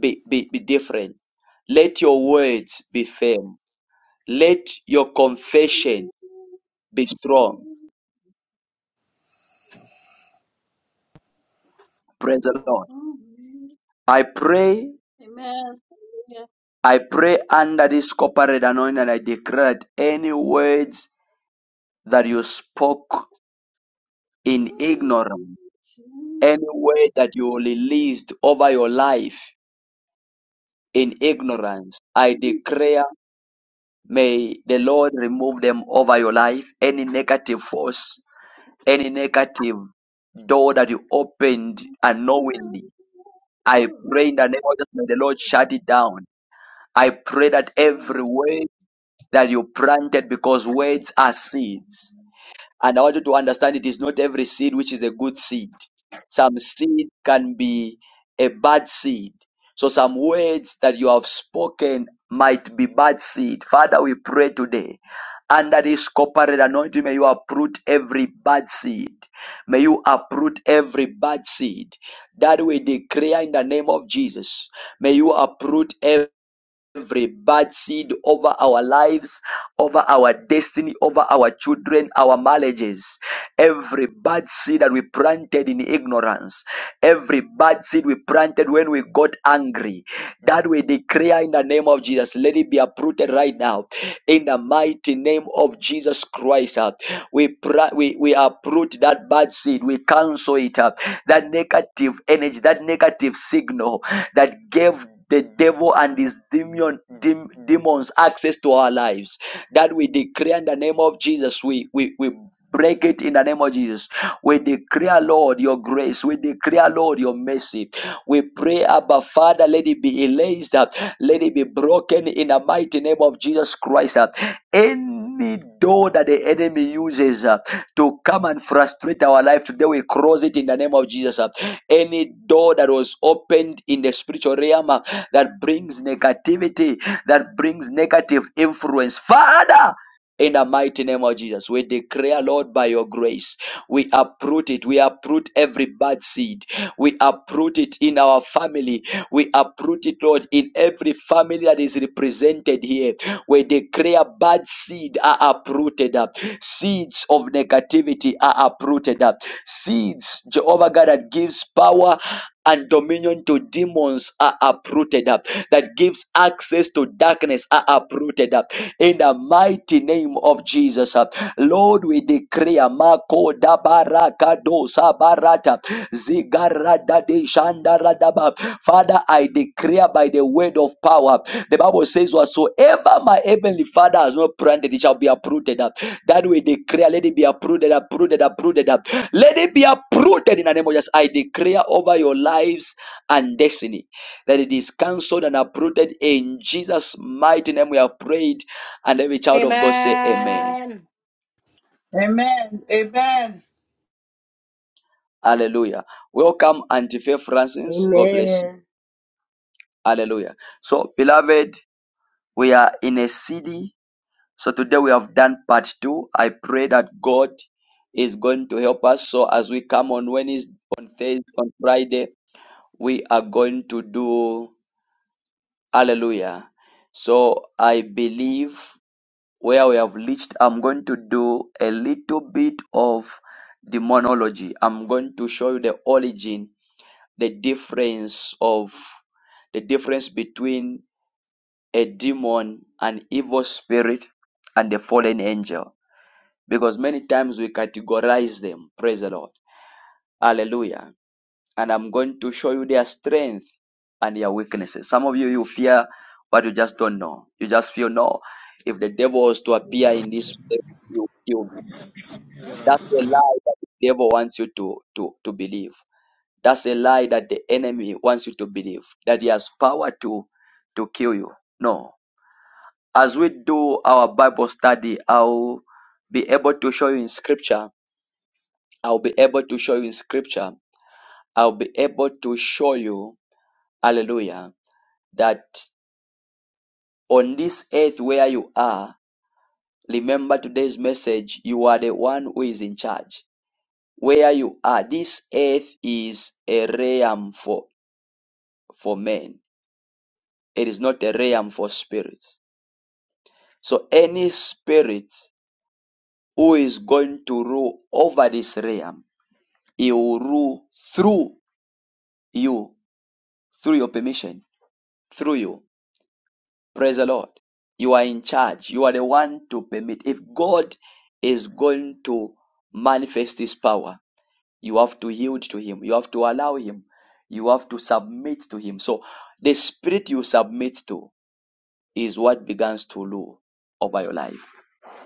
[SPEAKER 1] be, be, be different. Let your words
[SPEAKER 8] Jesus.
[SPEAKER 1] be firm Let your confession be strong. Praise the Lord. I pray,
[SPEAKER 8] Amen.
[SPEAKER 1] I pray under this corporate anointing and I declare that any words that you spoke in ignorance, any word that you released over your life in ignorance, I declare may the Lord remove them over your life. Any negative force, any negative door that you opened unknowingly, I pray in the name of Jesus, may the Lord shut it down I pray that every
[SPEAKER 8] Hallelujah.
[SPEAKER 1] word that you planted, because words are seeds. And I want you to understand it is not every seed which is a good seed. Some seed can be a bad seed. So some words that you have spoken might be bad seed. Father, we pray today. Under this corporate anointing, may you uproot every bad seed. May you uproot every bad seed that we declare in the name of Jesus. May you uproot every every bad seed over our lives, over our destiny, over our children, our marriages, every bad seed that we planted in ignorance, every bad seed we planted when we got angry, that we declare in the name of Jesus, let it be uprooted right now. In the mighty name of Jesus Christ, uh, we, pra- we, we uproot that bad seed, we cancel it, uh, that negative energy, that negative signal that gave the devil and his demon, dem, demons access to our lives. That we decree in the name of Jesus. We, we, we break it in the name of Jesus. We declare, Lord, your grace. We declare, Lord, your mercy. We pray, Abba Father, let it be erased, uh, let it be broken in our in the mighty name of Jesus Christ. uh, Any door that the enemy uses uh, to come and frustrate our life today, we close it in the name of Jesus. uh. Any door that was opened in the spiritual realm uh, that brings negativity, that brings negative influence, Father in the mighty name of Jesus. We declare, Lord, by your grace, we uproot it. We uproot every bad seed. We uproot it in our family. We uproot it, Lord, in every family that is represented here. We declare bad seed are uprooted. up. Seeds of negativity are uprooted. up. Seeds, Jehovah God, that gives power. And dominion dominion to demons are uprooted up, that gives access to darkness are uprooted up. In the mighty name of Jesus, uh, Lord, we declare Mako Dabarakado Barata Zigarada de Shandaradaba. Father, I declare by the word of power. The Bible says, Whatsoever my heavenly Father has not planted, it shall be uprooted up. That we declare, let it be uprooted, uprooted, uprooted up. Let it be uprooted in the name of Jesus. I declare over your lives and destiny. That it is cancelled and uprooted in Jesus' mighty name. We have prayed, and every child of God say, Amen.
[SPEAKER 13] Amen.
[SPEAKER 16] Amen. Amen.
[SPEAKER 1] Hallelujah. Welcome, Auntie Faith Francis. God bless you.
[SPEAKER 14] Amen.
[SPEAKER 1] Hallelujah. So, beloved, we are in a city. So, today we have done part two. I pray that God is going to help us. So, as we come on Wednesday, on Thursday, on Friday, we are going to do Hallelujah. So, I believe. where we have reached, I'm going to do a little bit of demonology. I'm going to show you the origin, the difference of the difference between a demon, an evil spirit, and a fallen angel. Because many times we categorize them. Praise the Lord. Hallelujah. And I'm going to show you their strength and their weaknesses. Some of you you fear what you just don't know. You just feel no. If the devil was to appear in this place, you will kill me That's a lie that the devil wants you to, to, to believe. That's a lie that the enemy wants you to believe, that he has power to, to kill you. No. As we do our Bible study, I'll be able to show you in scripture. I'll be able to show you in scripture. I'll be able to show you, hallelujah, that on this earth where you are, remember today's message, you are the one who is in charge where you are. This earth is a realm for. for men. It is not a realm for spirits. So any spirit who is going to rule over this realm, he will rule through you, through your permission, through you. Praise the Lord. You are in charge. You are the one to permit. If God is going to manifest his power, you have to yield to him. You have to allow him. You have to submit to him. So the spirit you submit to is what begins to rule over your life.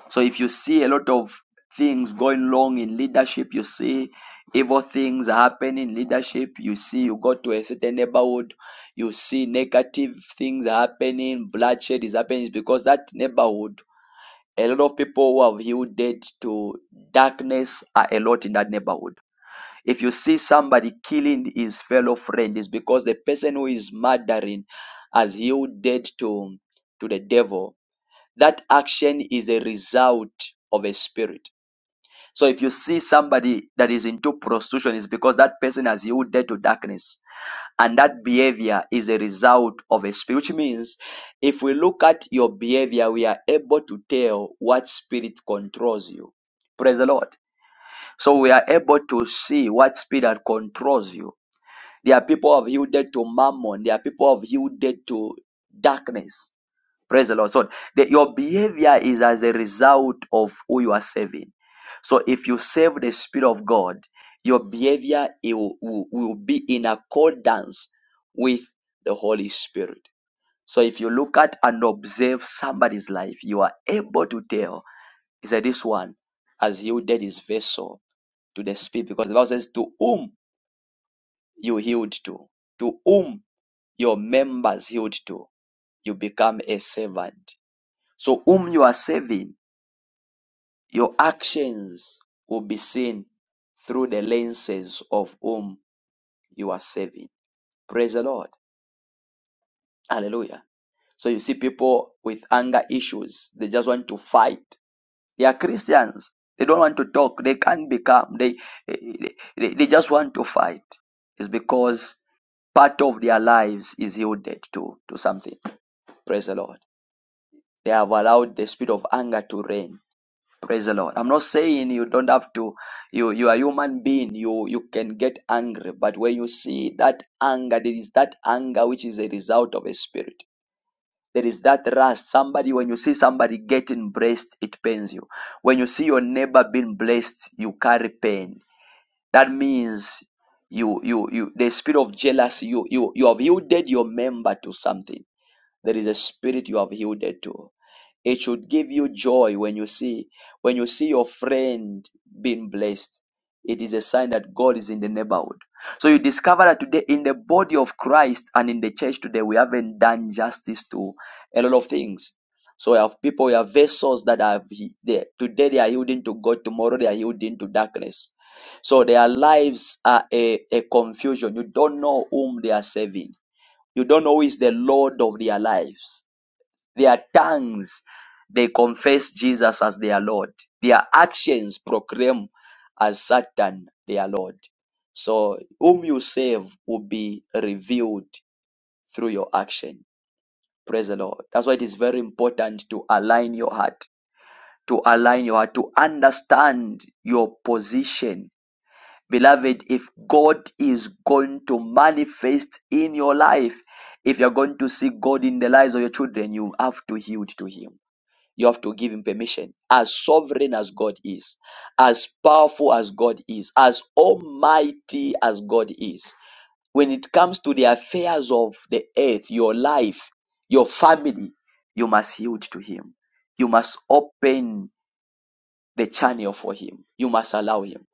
[SPEAKER 1] So if you see a lot of things going wrong in leadership, you see evil things happen in leadership, you see you go to a certain neighborhood, you see negative things happening, bloodshed is happening it's because that neighborhood, a lot of people who have yielded to darkness are a lot in that neighborhood. If you see somebody killing his fellow friend, it's because the person who is murdering has yielded to to the devil that action is a result of a spirit. So if you see somebody that is into prostitution, it's because that person has yielded to darkness. And that behavior is a result of a spirit, which means if we look at your behavior, we are able to tell what spirit controls you. Praise the Lord. So we are able to see what spirit controls you. There are people who have yielded to mammon, there are people who have yielded to darkness Praise the Lord. So the, your behavior is as a result of who you are serving. So if you serve the Spirit of God, your behavior it will, will will be in accordance with the Holy Spirit. So if you look at and observe somebody's life, you are able to tell, He said, this one has yielded his vessel to the Spirit? Because the Bible says, to whom you yield to, to whom your members yield to, you become a servant. So whom you are serving Your actions will be seen through the lenses of whom you are serving. Praise the Lord. Hallelujah. So you see people with anger issues, they just want to fight. They are Christians. They don't want to talk. They can't be calm. They, they, they they just want to fight. It's because part of their lives is yielded to, to something. Praise the Lord. They have allowed the spirit of anger to reign Praise the Lord. I'm not saying you don't have to, you you are human being, you you can get angry, but when you see that anger, there is that anger which is a result of a spirit. There is that rust. Somebody, when you see somebody getting blessed, it pains you. When you see your neighbor being blessed, you carry pain. That means you you you the spirit of jealousy, you you you have yielded your member to something there is a spirit you have yielded to. It should give you joy when you see when you see your friend being blessed. It is a sign that God is in the neighborhood. So you discover that today in the body of Christ and in the church today, we haven't done justice to a lot of things. So we have people, we have vessels that are there. Today they are yielding to God, tomorrow they are yielding to darkness. So their lives are a, a confusion. You don't know whom they are serving. You don't know who is the Lord of their lives. Their tongues, they confess Jesus as their Lord. Their actions proclaim as Satan their Lord. So, whom you save will be revealed through your action. Praise the Lord. That's why it is very important to align your heart, to align your heart, to understand your position Beloved, if God is going to manifest in your life, if you're going to see God in the lives of your children, you have to yield to Him. You have to give Him permission. As sovereign as God is, as powerful as God is, as almighty as God is, when it comes to the affairs of the earth, your life, your family, you must yield to Him. You must open the channel for Him. You must allow Him.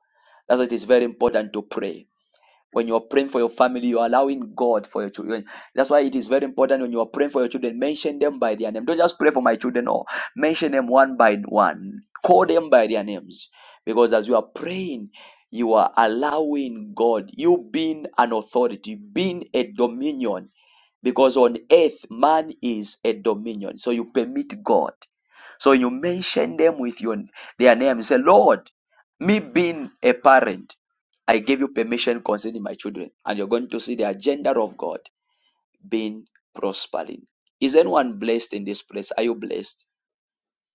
[SPEAKER 1] That's why it is very important to pray when you are praying for your family, you are allowing God for your children. That's why it is very important when you are praying for your children, mention them by their name. Don't just pray for my children, or mention them one by one. Call them by their names. Because as you are praying, you are allowing God, you being an authority, being a dominion because on earth man is a dominion so you permit god so you mention them with your their name. You say, Lord, me being a parent, I gave you permission concerning my children, and you're going to see the agenda of God being prospering. Is anyone blessed in this place? Are you blessed?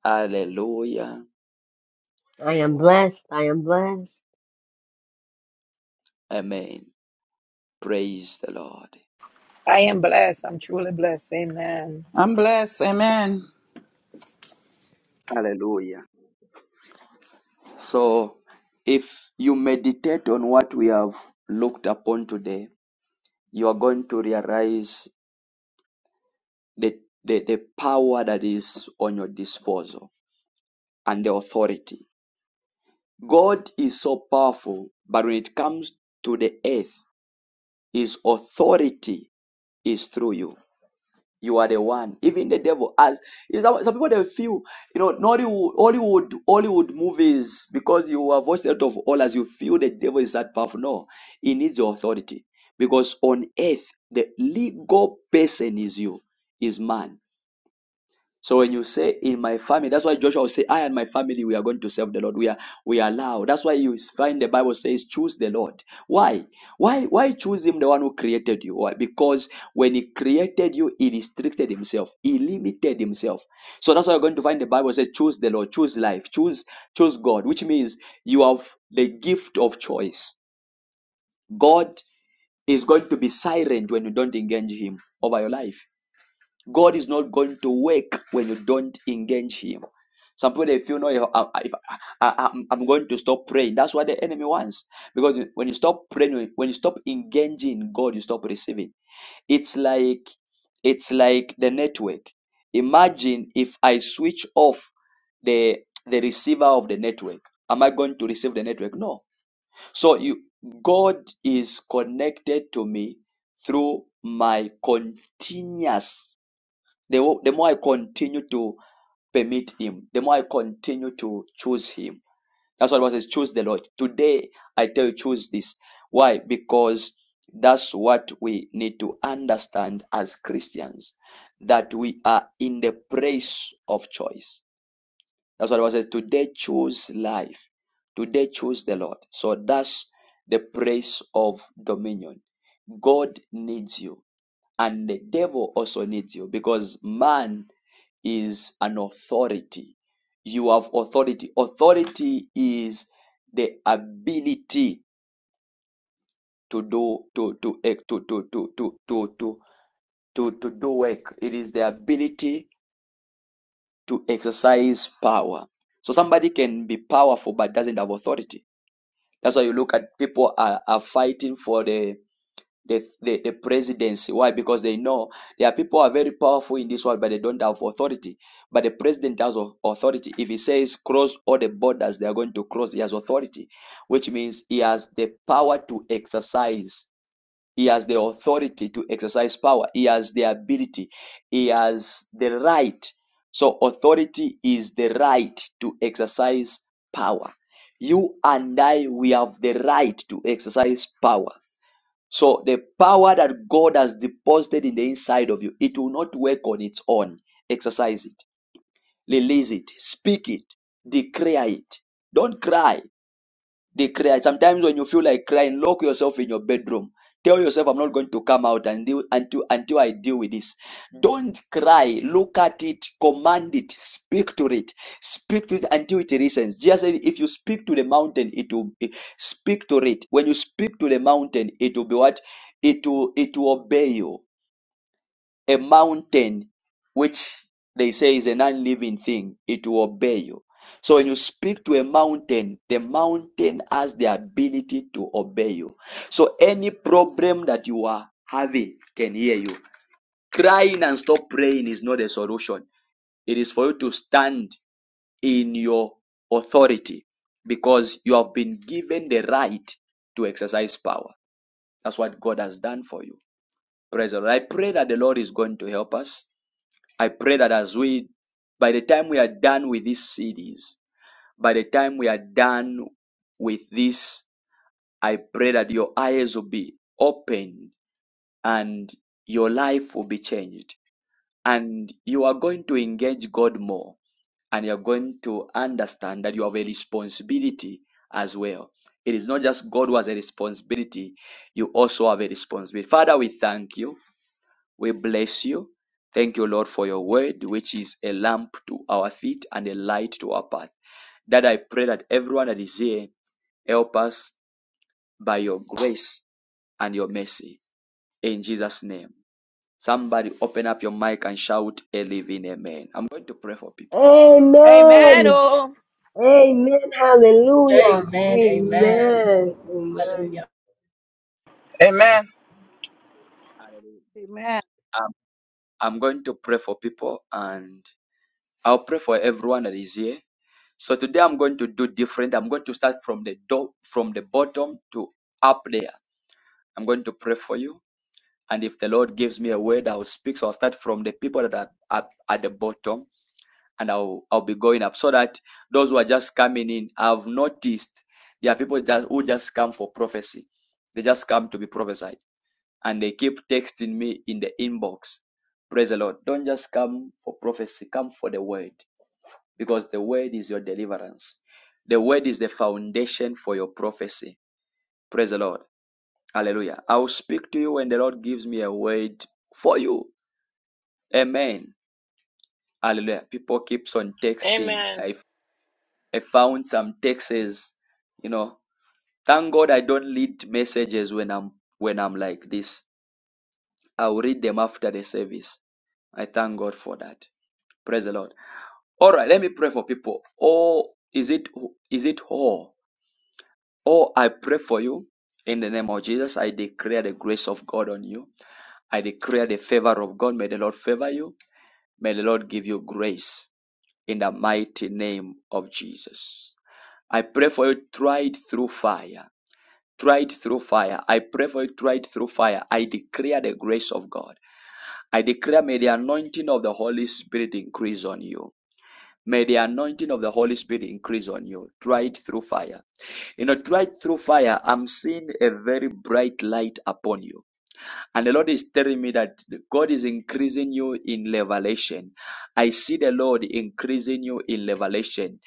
[SPEAKER 1] Hallelujah.
[SPEAKER 14] I am blessed. I am blessed.
[SPEAKER 1] Amen. Praise the Lord.
[SPEAKER 17] I am blessed. I'm truly blessed. Amen.
[SPEAKER 16] I'm blessed. Amen.
[SPEAKER 1] Hallelujah. So, if you meditate on what we have looked upon today, you are going to realize the, the, the power that is on your disposal and the authority. God is so powerful, but when it comes to the earth, his authority is through you. You are the one. Even the devil as you know, some, some people they feel, you know, Nollywood, Hollywood, Hollywood movies, because you have watched a lot of all as you feel the devil is that powerful. No, he needs your authority. Because on earth, the legal person is you, is man. So when you say in my family, that's why Joshua will say, I and my family, we are going to serve the Lord. We are we are allowed. That's why you find the Bible says, choose the Lord. Why? Why why choose him the one who created you? Why? Because when he created you, he restricted himself, he limited himself. So that's why you're going to find the Bible says, choose the Lord, choose life, choose, choose God, which means you have the gift of choice. God is going to be silent when you don't engage him over your life. God is not going to work when you don't engage Him. Some people they feel no, if, I, if uh, I, I, am I'm I'm going to stop praying. That's what the enemy wants. Because when you stop praying, when you stop engaging God, you stop receiving. It's like it's like the network. Imagine if I switch off the the receiver of the network. Am I going to receive the network? No. So you God is connected to me through my continuous the, the more I continue to permit Him, the more I continue to choose Him. That's what the Bible says, choose the Lord. Today, I tell you, choose this. Why? Because that's what we need to understand as Christians, that we are in the place of choice. That's what the Bible says, today choose life. Today choose the Lord. So that's the place of dominion. God needs you. And the devil also needs you because man is an authority. You have authority. Authority is the ability to do to to eh, to to to to to to to, to do work. It is the ability to exercise power. So somebody can be powerful but doesn't have authority. That's why you look at people are, are fighting for the the, the, the presidency. Why? Because they know there are people who are very powerful in this world, but they don't have authority. But the president has authority. If he says cross all the borders they are going to cross, he has authority, which means he has the power to exercise. He has the authority to exercise power. He has the ability. He has the right. So authority is the right to exercise power. You and I, we have the right to exercise power so the power that God has deposited in the inside of you, it will not work on its own. Exercise it, release it, speak it, declare it. Don't cry. They cry. Sometimes when you feel like crying, lock yourself in your bedroom. Tell yourself, I'm not going to come out and deal, until, until I deal with this. Don't cry. Look at it. Command it. Speak to it. Speak to it until it listens. Jesus said, if you speak to the mountain, it will it- speak to it. When you speak to the mountain, it will be what? It will, it will obey you a mountain which they say is an unliving thing, it will obey you. So when you speak to a mountain, the mountain has the ability to obey you. So any problem that you are having can hear you. Crying and stop praying is not a solution. It is for you to stand in your authority because you have been given the right to exercise power. That's what God has done for you. Praise the Lord. I pray that the Lord is going to help us I pray that as we, by the time we are done with these CDs, by the time we are done with this, I pray that your eyes will be opened and your life will be changed. And you are going to engage God more and you are going to understand that you have a responsibility as well. It is not just God who has a responsibility, you also have a responsibility. Father, we thank you. We bless you. Thank you, Lord, for your word, which is a lamp to our feet and a light to our path. That I pray that everyone that is here help us by your grace and your mercy. In Jesus' name. Somebody open up your mic and shout a living amen. I'm going to pray for people.
[SPEAKER 17] Amen.
[SPEAKER 14] Amen.
[SPEAKER 17] Oh,
[SPEAKER 14] Amen. Hallelujah.
[SPEAKER 18] Amen. Amen.
[SPEAKER 14] Amen. Amen.
[SPEAKER 18] Hallelujah.
[SPEAKER 16] Amen.
[SPEAKER 19] Amen.
[SPEAKER 1] I'm, I'm going to pray for people and I'll pray for everyone that is here. So today I'm going to do different. I'm going to start from the door, from the bottom to up there. I'm going to pray for you And if the Lord gives me a word, I'll speak. So I'll start from the people that are up at the bottom and I'll, I'll be going up so that those who are just coming in, I've noticed there are people that, who just come for prophecy. They just come to be prophesied and they keep texting me in the inbox. Praise the Lord. Don't just come for prophecy, come for the word because the word is your deliverance. The word is the foundation for your prophecy. Praise the Lord. Hallelujah. I will speak to you when the Lord gives me a word for you. Amen. Hallelujah. People keeps on texting.
[SPEAKER 17] amen.
[SPEAKER 1] I I found some texts, you know. Thank God I don't read messages when I'm when I'm like this. I'll read them after the service. I thank God for that. Praise the Lord. All right, let me pray for people. Oh, is it is it all? Oh, I pray for you in the name of Jesus. I declare the grace of God on you. I declare the favor of God. May the Lord favor you. May the Lord give you grace. in the mighty name of Jesus. I pray for you tried through fire. Tried through fire. I pray for you tried through fire. I declare the grace of God. I declare may the anointing of the Holy Spirit increase on you. May the anointing of the Holy Spirit increase on you. Tried through fire. You know, tried through fire, I'm seeing a very bright light upon you. And the Lord is telling me that God is increasing you in revelation. I see the Lord increasing you in revelation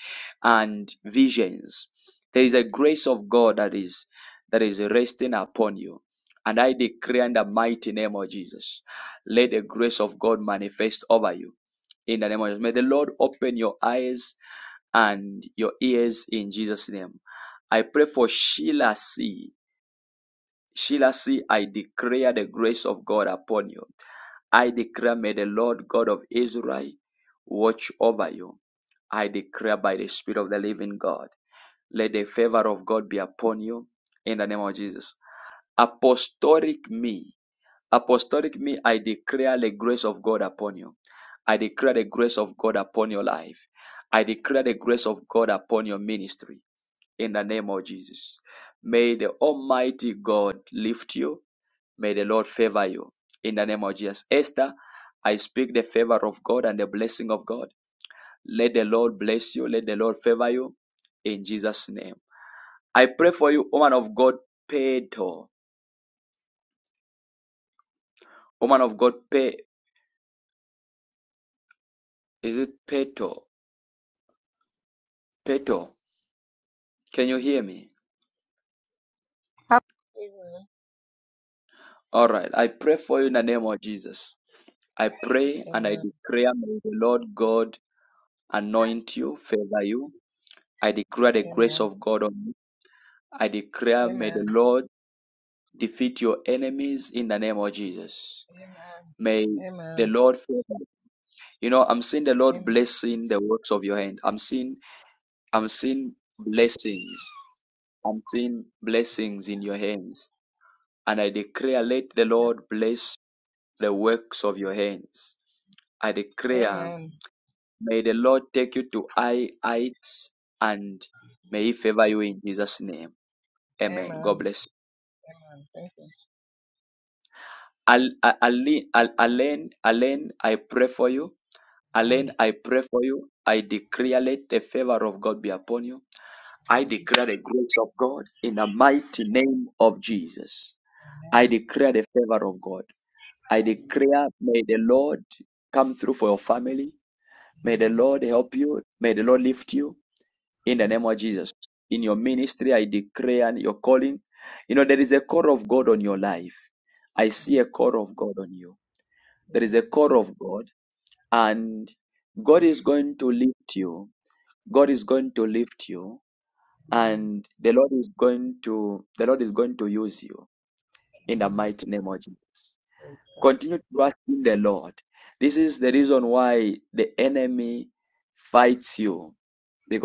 [SPEAKER 1] and visions. There is a grace of God that is that is resting upon you. And I decree in the mighty name of Jesus, let the grace of God manifest over you. In the name of Jesus, may the Lord open your eyes and your ears in Jesus' name. I pray for Sheila C. Sheila C, I declare the grace of God upon you. I declare, may the Lord God of Israel watch over you. I declare by the Spirit of the living God, let the favor of God be upon you in the name of Jesus. Apostolic me, apostolic me, I declare the grace of God upon you. I declare the grace of God upon your life. I declare the grace of God upon your ministry in the name of Jesus. May the Almighty God lift you. May the Lord favor you in the name of Jesus. Esther, I speak the favor of God and the blessing of God. Let the Lord bless you. Let the Lord favor you in Jesus' name. I pray for you, woman of God, Peto. Woman of God, Pe, is it Peto? Peto, can you hear me?
[SPEAKER 20] Amen.
[SPEAKER 1] All right. I pray for you in the name of Jesus. I pray and I
[SPEAKER 20] Amen.
[SPEAKER 1] declare, may the Lord God anoint you, favor you. I declare the grace
[SPEAKER 20] Amen.
[SPEAKER 1] of God on you. I declare, may the
[SPEAKER 20] Amen.
[SPEAKER 1] Lord defeat your enemies in the name of Jesus.
[SPEAKER 20] Amen.
[SPEAKER 1] May the
[SPEAKER 20] Amen.
[SPEAKER 1] Lord favor. you. You know, I'm seeing the Lord blessing the works of your hand. I'm seeing I'm seeing blessings. I'm seeing blessings in your hands. And I declare, let the Lord bless the works of your hands. I declare,
[SPEAKER 20] Amen.
[SPEAKER 1] may the Lord take you to high heights and may He favor you in Jesus' name. Amen.
[SPEAKER 20] Amen.
[SPEAKER 1] God bless you.
[SPEAKER 20] Amen. Thank you.
[SPEAKER 1] Al- Al- Aline, Al- Alan, Alan, I pray for you Alain, I pray for you. I declare let the favor of God be upon you. I declare the grace of God in the mighty name of Jesus. I declare the favor of God. I declare, may the Lord come through for your family. May the Lord help you. May the Lord lift you in the name of Jesus. In your ministry, I declare and your calling. You know, there is a call of God on your life. I see a call of God on you. There is a call of God, and God is going to lift you. God is going to lift you and the Lord is going to the Lord is going to use you in the mighty name of Jesus. Continue to trust in the Lord. This is the reason why the enemy fights you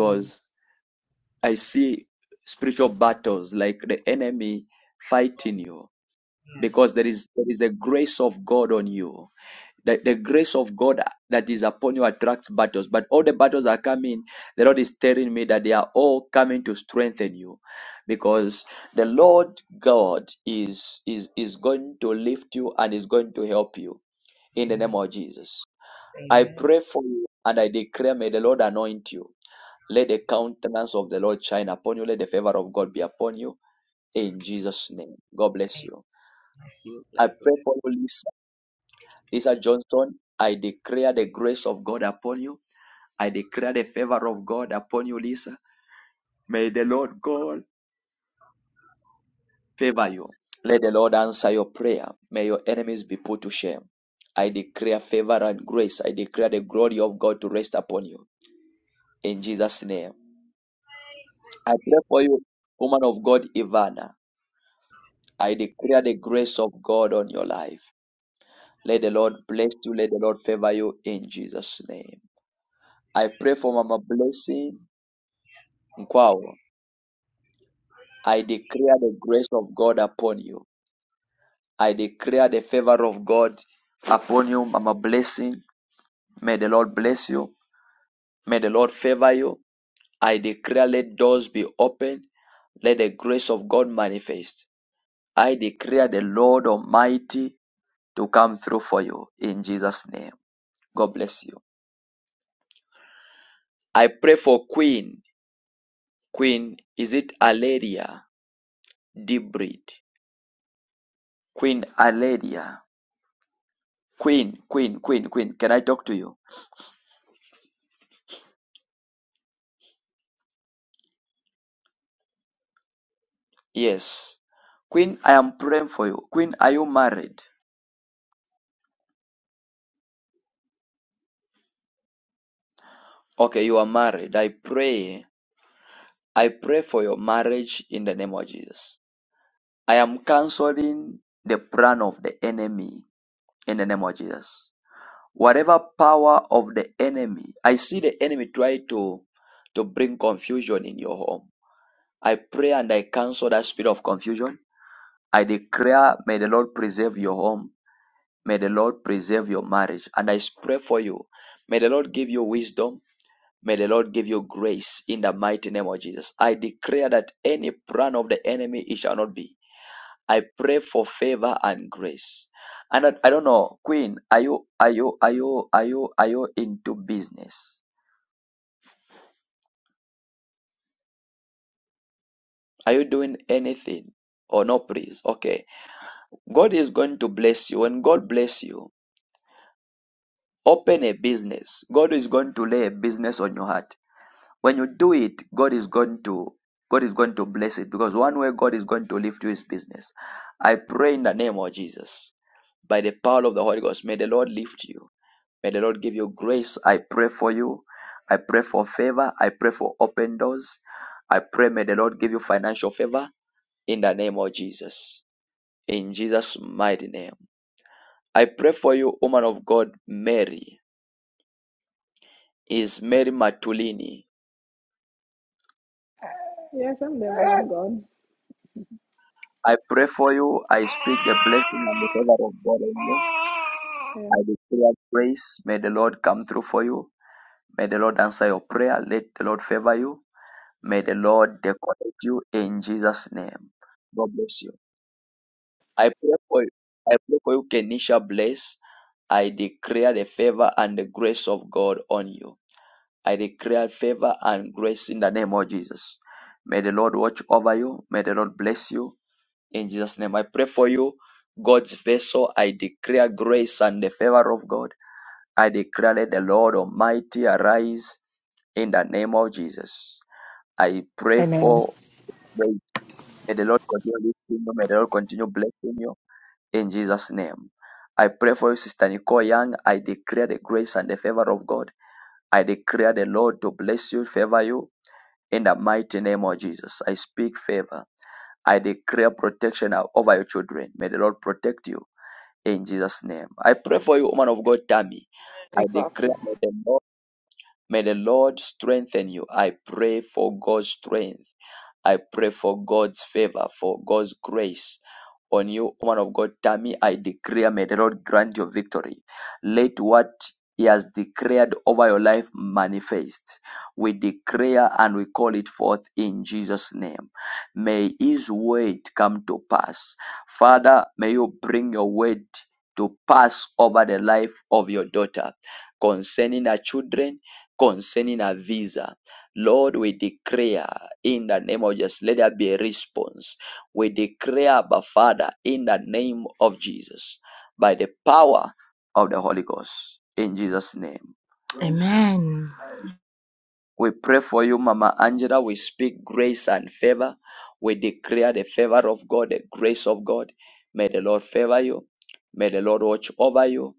[SPEAKER 6] Mm,
[SPEAKER 1] I see spiritual battles like the enemy fighting you
[SPEAKER 6] yeah,
[SPEAKER 1] because there is there is a grace of God on you the, the grace of God that is upon you attracts battles. But all the battles that are coming, the Lord is telling me that they are all coming to strengthen you. Because the Lord God is is is going to lift you and is going to help you in the name of Jesus. I pray for you and I declare may the Lord anoint you. Let the countenance of the Lord shine upon you. Let the favor of God be upon you in Jesus' name. God bless you.
[SPEAKER 6] cute,
[SPEAKER 1] I
[SPEAKER 6] like.
[SPEAKER 1] pray for you, Lisa. Lisa Johnson. I declare the grace of God upon you. I declare the favor of God upon you, Lisa. May the Lord God favor you. Let the Lord answer your prayer. May your enemies be put to shame. I declare favor and grace. I declare the glory of God to rest upon you. In Jesus' name. I pray for you, woman of God, Ivana. I declare the grace of God on your life. Let the Lord bless you. Let the Lord favor you in Jesus' name. I pray for Mama Blessing Nkwao. I declare the grace of God upon you. I declare the favor of God upon you. I'm a blessing. May the Lord bless you. May the Lord favor you. I declare let doors be open. Let the grace of God manifest. I declare the Lord Almighty to come through for you in Jesus' name. God bless you. I pray for Queen. Queen, is it Aleria? Deep breed. Queen Aleria. Queen, Queen, Queen, Queen. Can I talk to you? Yes. Queen, I am praying for you. Queen, are you married? Okay, you are married. I pray. I pray for your marriage in the name of Jesus. I am canceling the plan of the enemy in the name of Jesus. Whatever power of the enemy, I see the enemy try to to bring confusion in your home. I pray and I cancel that spirit of confusion. I declare, may the Lord preserve your home. May the Lord preserve your marriage. And I pray for you. May the Lord give you wisdom. May the Lord give you grace in the mighty name of Jesus. I declare that any plan of the enemy it shall not be. I pray for favor and grace. And I, I don't know, Queen, are you are you are you are you are you into business? Are you doing anything? Or no, please. Okay. God is going to bless you. When God bless you, open a business. God is going to lay a business on your heart. When you do it, God is going to God is going to bless it because one way God is going to lift you is business. I pray in the name of Jesus, by the power of the Holy Ghost, may the Lord lift you. May the Lord give you grace. I pray for you. I pray for favor. I pray for open doors. I pray may the Lord give you financial favor in the name of Jesus. In Jesus' mighty name. I pray for you, woman of God, Mary. Is Mary Matulini.
[SPEAKER 21] Yes, I'm there, I'm gone.
[SPEAKER 1] I pray for you. I speak the blessing and the favor of God on you. I
[SPEAKER 21] Um,
[SPEAKER 1] declare grace. May the Lord come through for you. May the Lord answer your prayer. Let the Lord favor you. May the Lord decorate you in Jesus' name. God bless you. I pray for you. I pray for you, Kenisha Bless. I declare the favor and the grace of God on you. I declare favor and grace in the name of Jesus. May the Lord watch over you. May the Lord bless you. In Jesus' name, I pray for you, God's vessel. I declare grace and the favor of God. I declare that the Lord Almighty arise in the name of Jesus. I pray
[SPEAKER 18] Amen.
[SPEAKER 1] for may the Lord continue lifting you, may the Lord continue blessing you in Jesus' name. I pray for you, Sister Nicole Young. I declare the grace and the favor of God. I declare the Lord to bless you, favor you in the mighty name of Jesus. I speak favor. I declare protection over your children. May the Lord protect you. in Jesus' name. I pray for you, woman of God, Tammy. I
[SPEAKER 22] Thank
[SPEAKER 1] declare,
[SPEAKER 22] Prophet.
[SPEAKER 1] may the Lord, may the Lord strengthen you. I pray for God's strength. I pray for God's favor, for God's grace on you, woman of God, Tammy, I declare, may the Lord grant you victory. Let what he has declared over your life manifest. We declare and we call it forth in Jesus' name. May his word come to pass. Father, may you bring your word to pass over the life of your daughter concerning her children, concerning her visa. Lord, we declare in the name of Jesus, let there be a response we declare, Abba Father, in the name of Jesus, by the power of the Holy Ghost, in Jesus' name.
[SPEAKER 23] Amen.
[SPEAKER 1] We pray for you, Mama Angela. We speak grace and favor. We declare the favor of God, the grace of God. May the Lord favor you. May the Lord watch over you.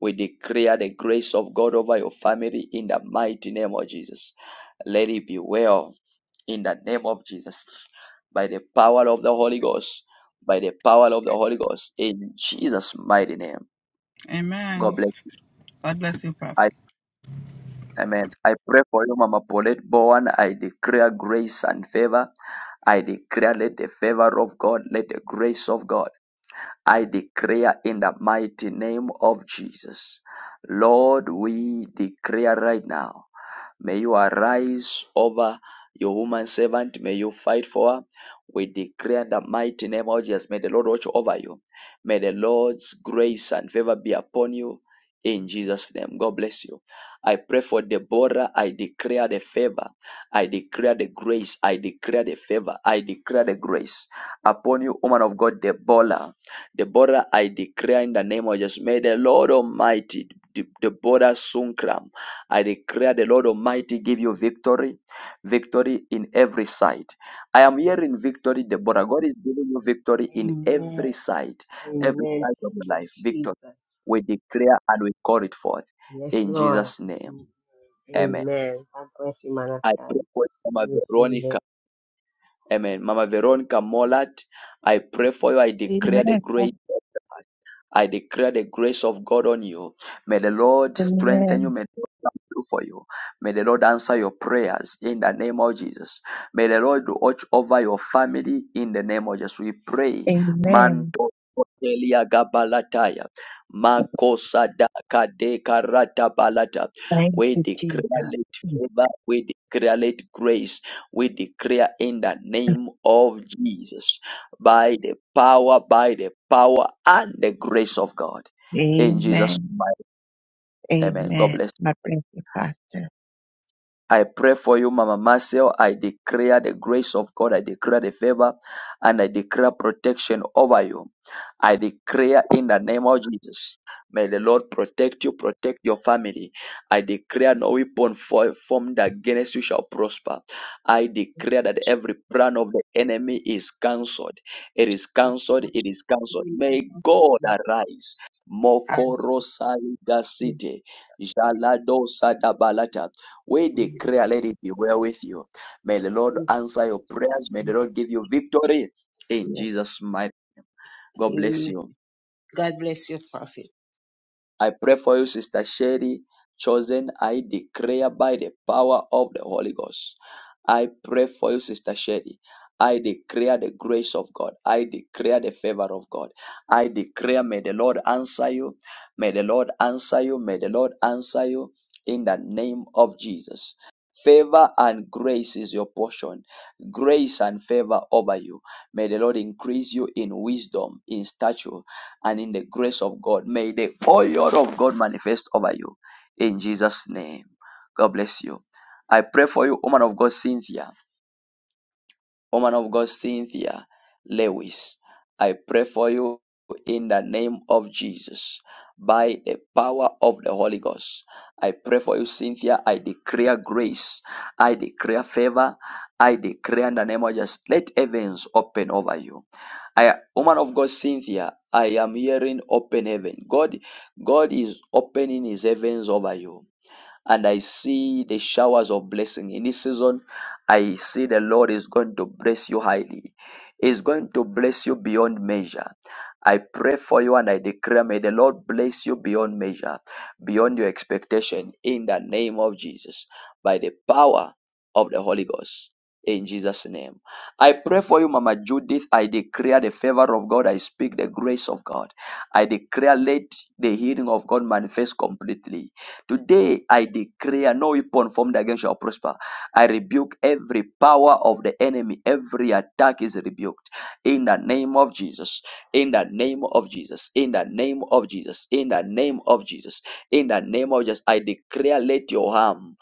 [SPEAKER 1] We declare the grace of God over your family in the mighty name of Jesus. Let it be well in the name of Jesus, by the power of the Holy Ghost, by the power of the Holy Ghost, in Jesus' mighty name. God
[SPEAKER 16] Amen.
[SPEAKER 1] bless you.
[SPEAKER 16] God bless you, Prophet.
[SPEAKER 1] I, amen. I pray for you, Mama Paulette Bowen. I declare grace and favor. I declare let the favor of God, let the grace of God. I declare in the mighty name of Jesus. Lord, we declare right now. May you arise over your woman servant. May you fight for her. We declare in the mighty name of Jesus. May the Lord watch over you. May the Lord's grace and favor be upon you. In Jesus' name, God bless you. I pray for Deborah. I declare the favor. I declare the grace. I declare the favor. I declare the grace upon you, woman of God, Deborah. Deborah, I declare in the name of Jesus. May the Lord Almighty, Deborah Sunkram, I declare the Lord Almighty give you victory, victory in every side. I am hearing victory, Deborah. God is giving you victory in
[SPEAKER 14] Amen.
[SPEAKER 1] every side, every
[SPEAKER 14] Amen.
[SPEAKER 1] side of
[SPEAKER 14] Thank
[SPEAKER 1] your
[SPEAKER 14] you,
[SPEAKER 1] life. Victory.
[SPEAKER 14] Jesus.
[SPEAKER 1] We declare and we call it forth
[SPEAKER 14] Yes,
[SPEAKER 1] in
[SPEAKER 14] Lord.
[SPEAKER 1] Jesus' name. Amen.
[SPEAKER 14] Amen. God bless you, man of
[SPEAKER 1] I
[SPEAKER 14] God.
[SPEAKER 1] pray for
[SPEAKER 14] I
[SPEAKER 1] Mama
[SPEAKER 14] receive
[SPEAKER 1] Veronica.
[SPEAKER 14] it.
[SPEAKER 1] Amen. Mama Veronica Molat, I pray for you. I declare the grace. I declare the grace of God on you. May the Lord strengthen you. May the Lord come through for you. May the Lord answer your prayers in the name of Jesus. May the Lord watch over your family in the name of Jesus. We pray.
[SPEAKER 10] Amen.
[SPEAKER 1] Manto Kotelia Gabalataya. Makosada Kade Karata Balata.
[SPEAKER 10] Thank
[SPEAKER 1] We
[SPEAKER 10] you,
[SPEAKER 1] declare
[SPEAKER 10] Jesus.
[SPEAKER 1] late favor. We declare late grace. We declare in the name of Jesus by the power, by the power and the grace of God. In Jesus'
[SPEAKER 10] Amen.
[SPEAKER 1] mighty name, amen. God
[SPEAKER 10] Amen.
[SPEAKER 1] bless.
[SPEAKER 10] My blessed pastor.
[SPEAKER 1] I pray for you, Mama Marcel. I declare the grace of God. I declare the favor and I declare protection over you. I declare in the name of Jesus. May the Lord protect you, protect your family. I declare no weapon fo- formed against you shall prosper. I declare that every plan of the enemy is cancelled. It is cancelled. It is cancelled. May God arise. Mokorosai gasite, jaladosa dabalata. We declare, let it be well with you. May the Lord answer your prayers. May the Lord give you victory in Jesus' mighty. God bless you.
[SPEAKER 24] God bless you, Prophet.
[SPEAKER 1] I pray for you, Sister Sherry Chosen. I declare by the power of the Holy Ghost. I pray for you, Sister Sherry. I declare the grace of God. I declare the favor of God. I declare, may the Lord answer you. May the Lord answer you. May the Lord answer you in the name of Jesus. Favor and grace is your portion. Grace and favor over you. May the Lord increase you in wisdom, in stature and in the grace of God. May the oil of God manifest over you in Jesus' name. God bless you. I pray for you, woman of God, Cynthia. Woman of God, Cynthia Lewis. I pray for you in the name of Jesus by the power of the Holy Ghost. I pray for you, Cynthia. I declare grace. I declare favor. I declare in the name of Jesus. Let heavens open over you I woman of God Cynthia, I am hearing open heaven. God, God is opening his heavens over you and I see the showers of blessing in this season. I see the Lord is going to bless you highly. Is going to bless you beyond measure. I pray for you and I declare, may the Lord bless you beyond measure, beyond your expectation, in the name of Jesus, by the power of the Holy Ghost, in Jesus' name. I pray for you, Mama Judith. I declare the favor of God. I speak the grace of God. I declare, let the healing of God manifest completely Today I declare no weapon formed against you shall prosper. I rebuke every power of the enemy. Every attack is rebuked. In the name of Jesus. In the name of Jesus. In the name of Jesus. In the name of Jesus. In the name of Jesus. I declare let your harm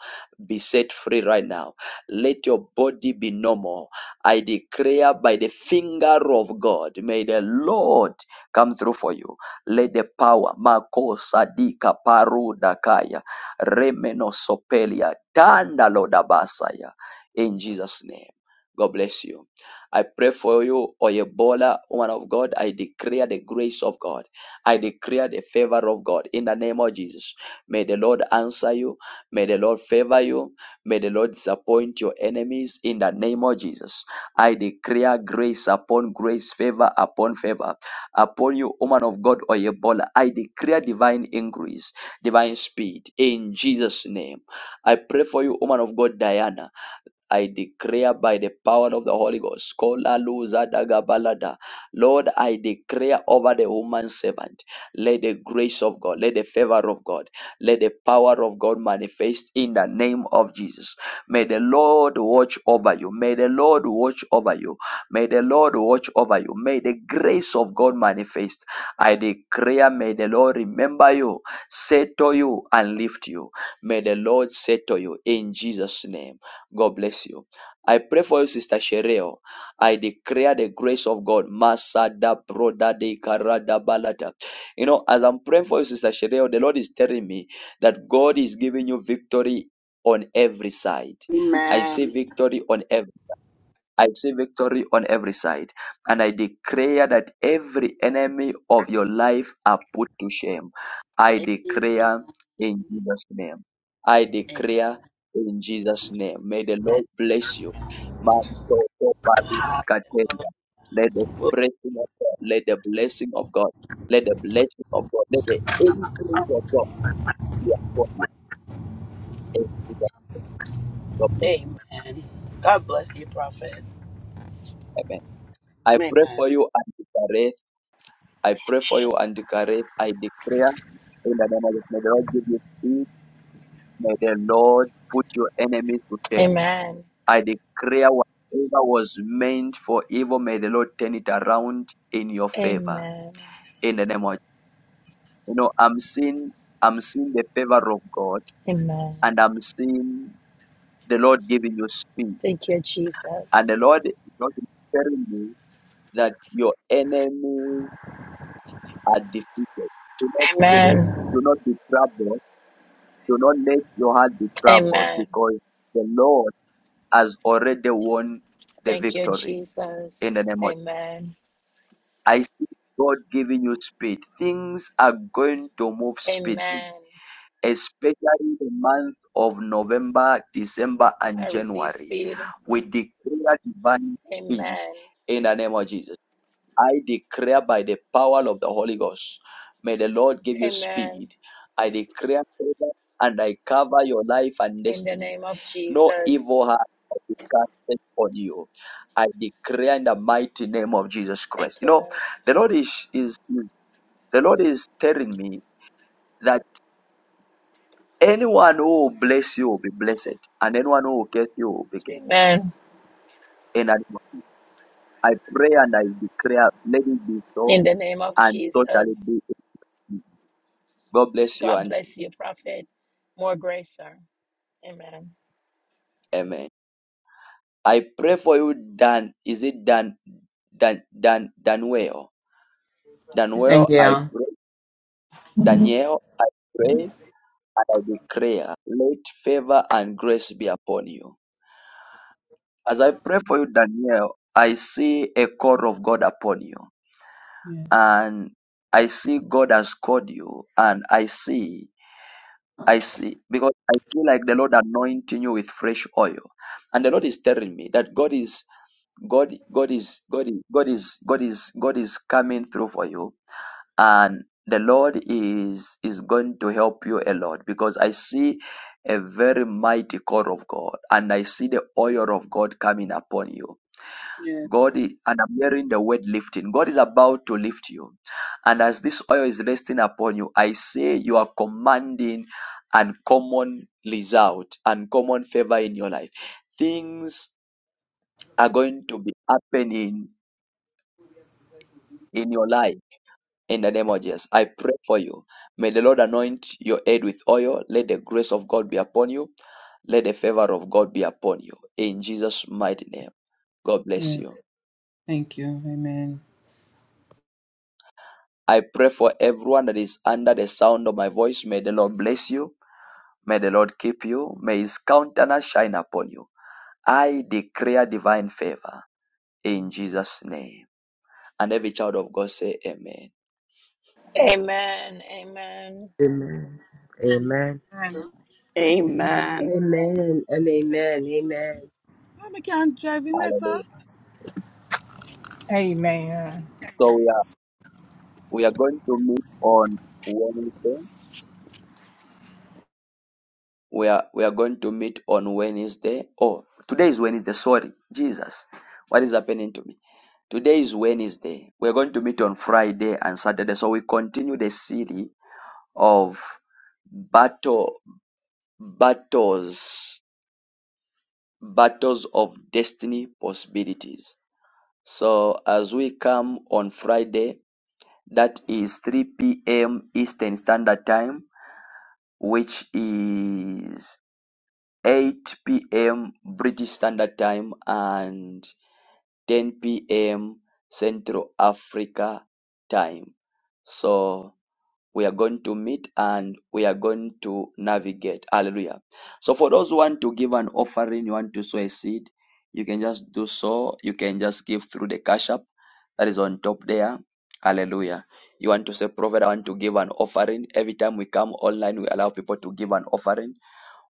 [SPEAKER 1] be set free right now. Let your body be normal. I declare by the finger of God, may the Lord come through for you. Let the power, Makosadika Paru Dakaya. Remenosopelia Tanda Lodabasaya. In Jesus' name. God bless you. I pray for you, Oyebola, woman of God. I declare the grace of God. I declare the favor of God in the name of Jesus. May the Lord answer you. May the Lord favor you. May the Lord disappoint your enemies in the name of Jesus. I declare grace upon grace, favor upon favor. Upon you, woman of God, Oyebola, I declare divine increase divine speed in Jesus' name. I pray for you, woman of God, Diana. I declare by the power of the Holy Ghost. Kola luza daga balada. Lord, I declare over the woman servant. Let the grace of God, let the favor of God, let the power of God manifest in the name of Jesus. May the Lord watch over you. May the Lord watch over you. May the Lord watch over you. May the grace of God manifest. I declare, may the Lord remember you, settle you, and lift you. May the Lord settle you in Jesus' name. God bless you. I pray for you, Sister Shereo. I declare the grace of God. Masada broda de karada balata. You know, as I'm praying for you, Sister Shereo, the Lord is telling me that God is giving you victory on every side. I see
[SPEAKER 5] Amen.
[SPEAKER 1] victory on every I see victory on every side, and I declare that every enemy of your life are put to shame. I
[SPEAKER 5] Amen.
[SPEAKER 1] declare in Jesus' name. I declare in Jesus' name. May the
[SPEAKER 5] Amen.
[SPEAKER 1] Lord bless you. Man, so, so, but it's Kateria. Let the
[SPEAKER 5] Hallelujah.
[SPEAKER 1] blessing of God, let the blessing of God, let the blessing of God, let the increase of God be upon you. In Jesus' name. God bless
[SPEAKER 5] Amen. God bless you, Prophet.
[SPEAKER 1] you. Amen. I pray
[SPEAKER 5] Amen.
[SPEAKER 1] for you, Auntie Kareth. I pray for you and declare, I declare in the name of Jesus, may the Lord give you peace. May the Lord put your enemies to shame.
[SPEAKER 17] Amen.
[SPEAKER 1] I declare whatever was meant for evil, may the Lord turn it around in your favor.
[SPEAKER 17] Amen.
[SPEAKER 1] In the name of Jesus. you know, I'm seeing I'm seeing the favor of God
[SPEAKER 17] Amen.
[SPEAKER 1] and I'm seeing the Lord giving you speed.
[SPEAKER 17] Thank you,
[SPEAKER 1] And
[SPEAKER 17] Jesus.
[SPEAKER 1] the Lord is not telling you that your enemies are defeated. Do not, do not,
[SPEAKER 17] Amen.
[SPEAKER 1] do not be troubled Do not let your heart be troubled
[SPEAKER 17] Amen.
[SPEAKER 1] because the Lord has already won the
[SPEAKER 17] Thank you,
[SPEAKER 1] victory
[SPEAKER 17] Jesus.
[SPEAKER 1] in the name of
[SPEAKER 17] Amen.
[SPEAKER 1] I see God giving you speed. Things are going to move
[SPEAKER 17] Amen.
[SPEAKER 1] speedily, especially the month of November, December, and
[SPEAKER 17] I receive
[SPEAKER 1] January.
[SPEAKER 17] speed.
[SPEAKER 1] We declare divine speed
[SPEAKER 17] Amen.
[SPEAKER 1] in the name of Jesus. I declare by the power of the Holy Ghost, may the Lord give you
[SPEAKER 17] Amen.
[SPEAKER 1] speed. I declare favor and I cover your life and
[SPEAKER 17] In the
[SPEAKER 1] destiny
[SPEAKER 17] name of
[SPEAKER 1] No
[SPEAKER 17] Jesus.
[SPEAKER 1] evil has casted on you. I declare in the mighty name of Jesus Christ.
[SPEAKER 17] Thank
[SPEAKER 1] You
[SPEAKER 17] you,
[SPEAKER 1] know,
[SPEAKER 17] Lord.
[SPEAKER 1] the Lord is, is is- the Lord is telling me that anyone who will bless you will be blessed, and anyone who will curse you will be cursed.
[SPEAKER 17] Amen.
[SPEAKER 1] And I I pray and I declare, let it be so,
[SPEAKER 17] In the name of
[SPEAKER 1] and so shall it
[SPEAKER 17] Jesus.
[SPEAKER 1] be. God bless you,
[SPEAKER 17] God bless
[SPEAKER 1] Auntie.
[SPEAKER 17] you, prophet. More grace, sir. Amen.
[SPEAKER 1] Amen. I pray for you, Dan. Is it Dan? Dan? Dan? Danuel? Danuel?
[SPEAKER 25] Thank
[SPEAKER 1] I
[SPEAKER 25] you.
[SPEAKER 1] pray. Daniel? I pray. and I declare, let favor and grace be upon you. As I pray for you, Daniel, I see a call of God upon you. And I see God has called you. And I see, I see, because I feel like the Lord anointing you with fresh oil. And the Lord is telling me that God is, God, God is, God is, God is, God is, God is coming through for you and the Lord is is going to help you a lot because I see a very mighty call of God and I see the oil of God coming upon you.
[SPEAKER 25] Yes,
[SPEAKER 1] God is, and I'm hearing the word lifting. God is about to lift you. And as this oil is resting upon you, I say you are commanding uncommon result, uncommon favor in your life. Things are going to be happening in your life In the name of Jesus, I pray for you. May the Lord anoint your head with oil. Let the grace of God be upon you. Let the favor of God be upon you. In Jesus' mighty name, God bless
[SPEAKER 25] yes.
[SPEAKER 1] you.
[SPEAKER 25] Thank you. Amen.
[SPEAKER 1] I pray for everyone that is under the sound of my voice. May the Lord bless you. May the Lord keep you. May his countenance shine upon you. I declare divine favor in Jesus' name. And every child of God say amen.
[SPEAKER 17] Amen. Amen.
[SPEAKER 9] Amen. Amen.
[SPEAKER 16] Amen.
[SPEAKER 5] Amen.
[SPEAKER 14] Amen and amen. Amen.
[SPEAKER 16] Mama can't drive in there, sir.
[SPEAKER 1] Hallelujah.
[SPEAKER 18] Amen.
[SPEAKER 1] So we are we are going to meet on Wednesday. we are we are going to meet on Wednesday. Oh, today is Wednesday. Sorry, Jesus, what is happening to me? Today is Wednesday. We are going to meet on Friday and Saturday. So we continue the series of battle battles battles of destiny possibilities. So as we come on Friday, that is 3 p.m. Eastern Standard Time, which is eight pm British Standard Time and ten pm Central Africa Time. So we are going to meet and we are going to navigate. Hallelujah. So for those who want to give an offering, you want to sow a seed, you can just do so. You can just give through the cash app that is on top there. Hallelujah. You want to say, Prophet, I want to give an offering. Every time we come online, we allow people to give an offering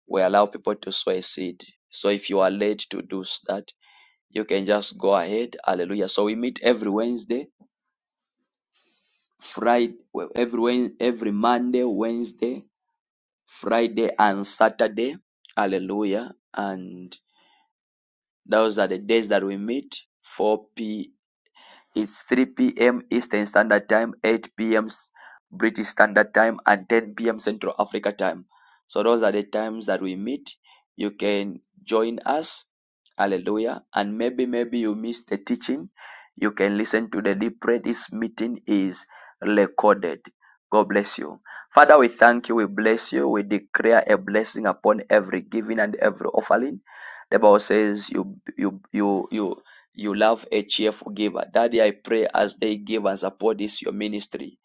[SPEAKER 1] we allow people to sow a seed. So if you are led to do that, you can just go ahead. Hallelujah. So we meet every Wednesday, Friday, well, every every Monday, Wednesday, Friday, and Saturday. Hallelujah. And those are the days that we meet, 4 p. is three p.m. Eastern Standard Time, eight p.m. British Standard Time, and ten p.m. Central Africa Time. So those are the times that we meet. You can join us. Hallelujah. And maybe, maybe you missed the teaching. You can listen to the deep prayer. This meeting is recorded. God bless you. Father, we thank you. We bless you. We declare a blessing upon every giving and every offering. The Bible says you you you you you love a cheerful giver. Daddy, I pray as they give and support this your ministry.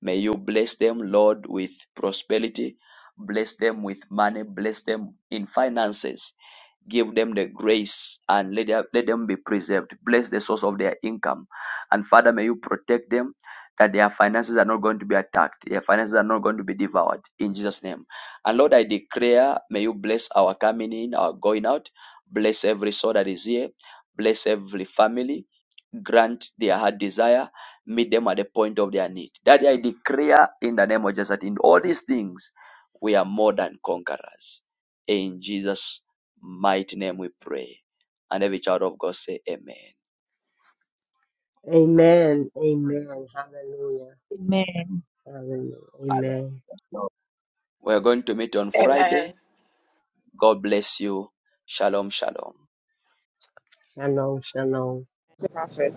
[SPEAKER 1] May you bless them, Lord, with prosperity. Bless them with money. Bless them in finances give them the grace and let, them let them be preserved. Bless the source of their income. And Father, may you protect them that their finances are not going to be attacked. Their finances are not going to be devoured in Jesus' name. And Lord, I declare, may you bless our coming in, our going out. Bless every soul that is here. Bless every family grant their heart desire, meet them at the point of their need. That I declare in the name of Jesus that in all these things we are more than conquerors. In Jesus' mighty name we pray. And every child of God say amen.
[SPEAKER 14] Amen. Amen. Hallelujah.
[SPEAKER 10] Amen.
[SPEAKER 14] Hallelujah. Amen.
[SPEAKER 1] Hallelujah. So We're going to meet on
[SPEAKER 17] Amen.
[SPEAKER 1] Friday. God bless you. Shalom, shalom.
[SPEAKER 14] Shalom. Shalom.
[SPEAKER 22] Thank Prophet.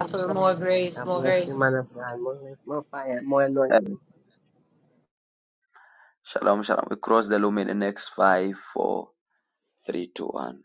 [SPEAKER 13] Ask For more
[SPEAKER 22] shalom.
[SPEAKER 13] grace,
[SPEAKER 14] God
[SPEAKER 13] more
[SPEAKER 14] bless
[SPEAKER 13] grace.
[SPEAKER 14] you, man of God. More, more fire, more anointing.
[SPEAKER 1] Amen. Shalom, shalom. We cross the lumen in the next five, four, three, two, one.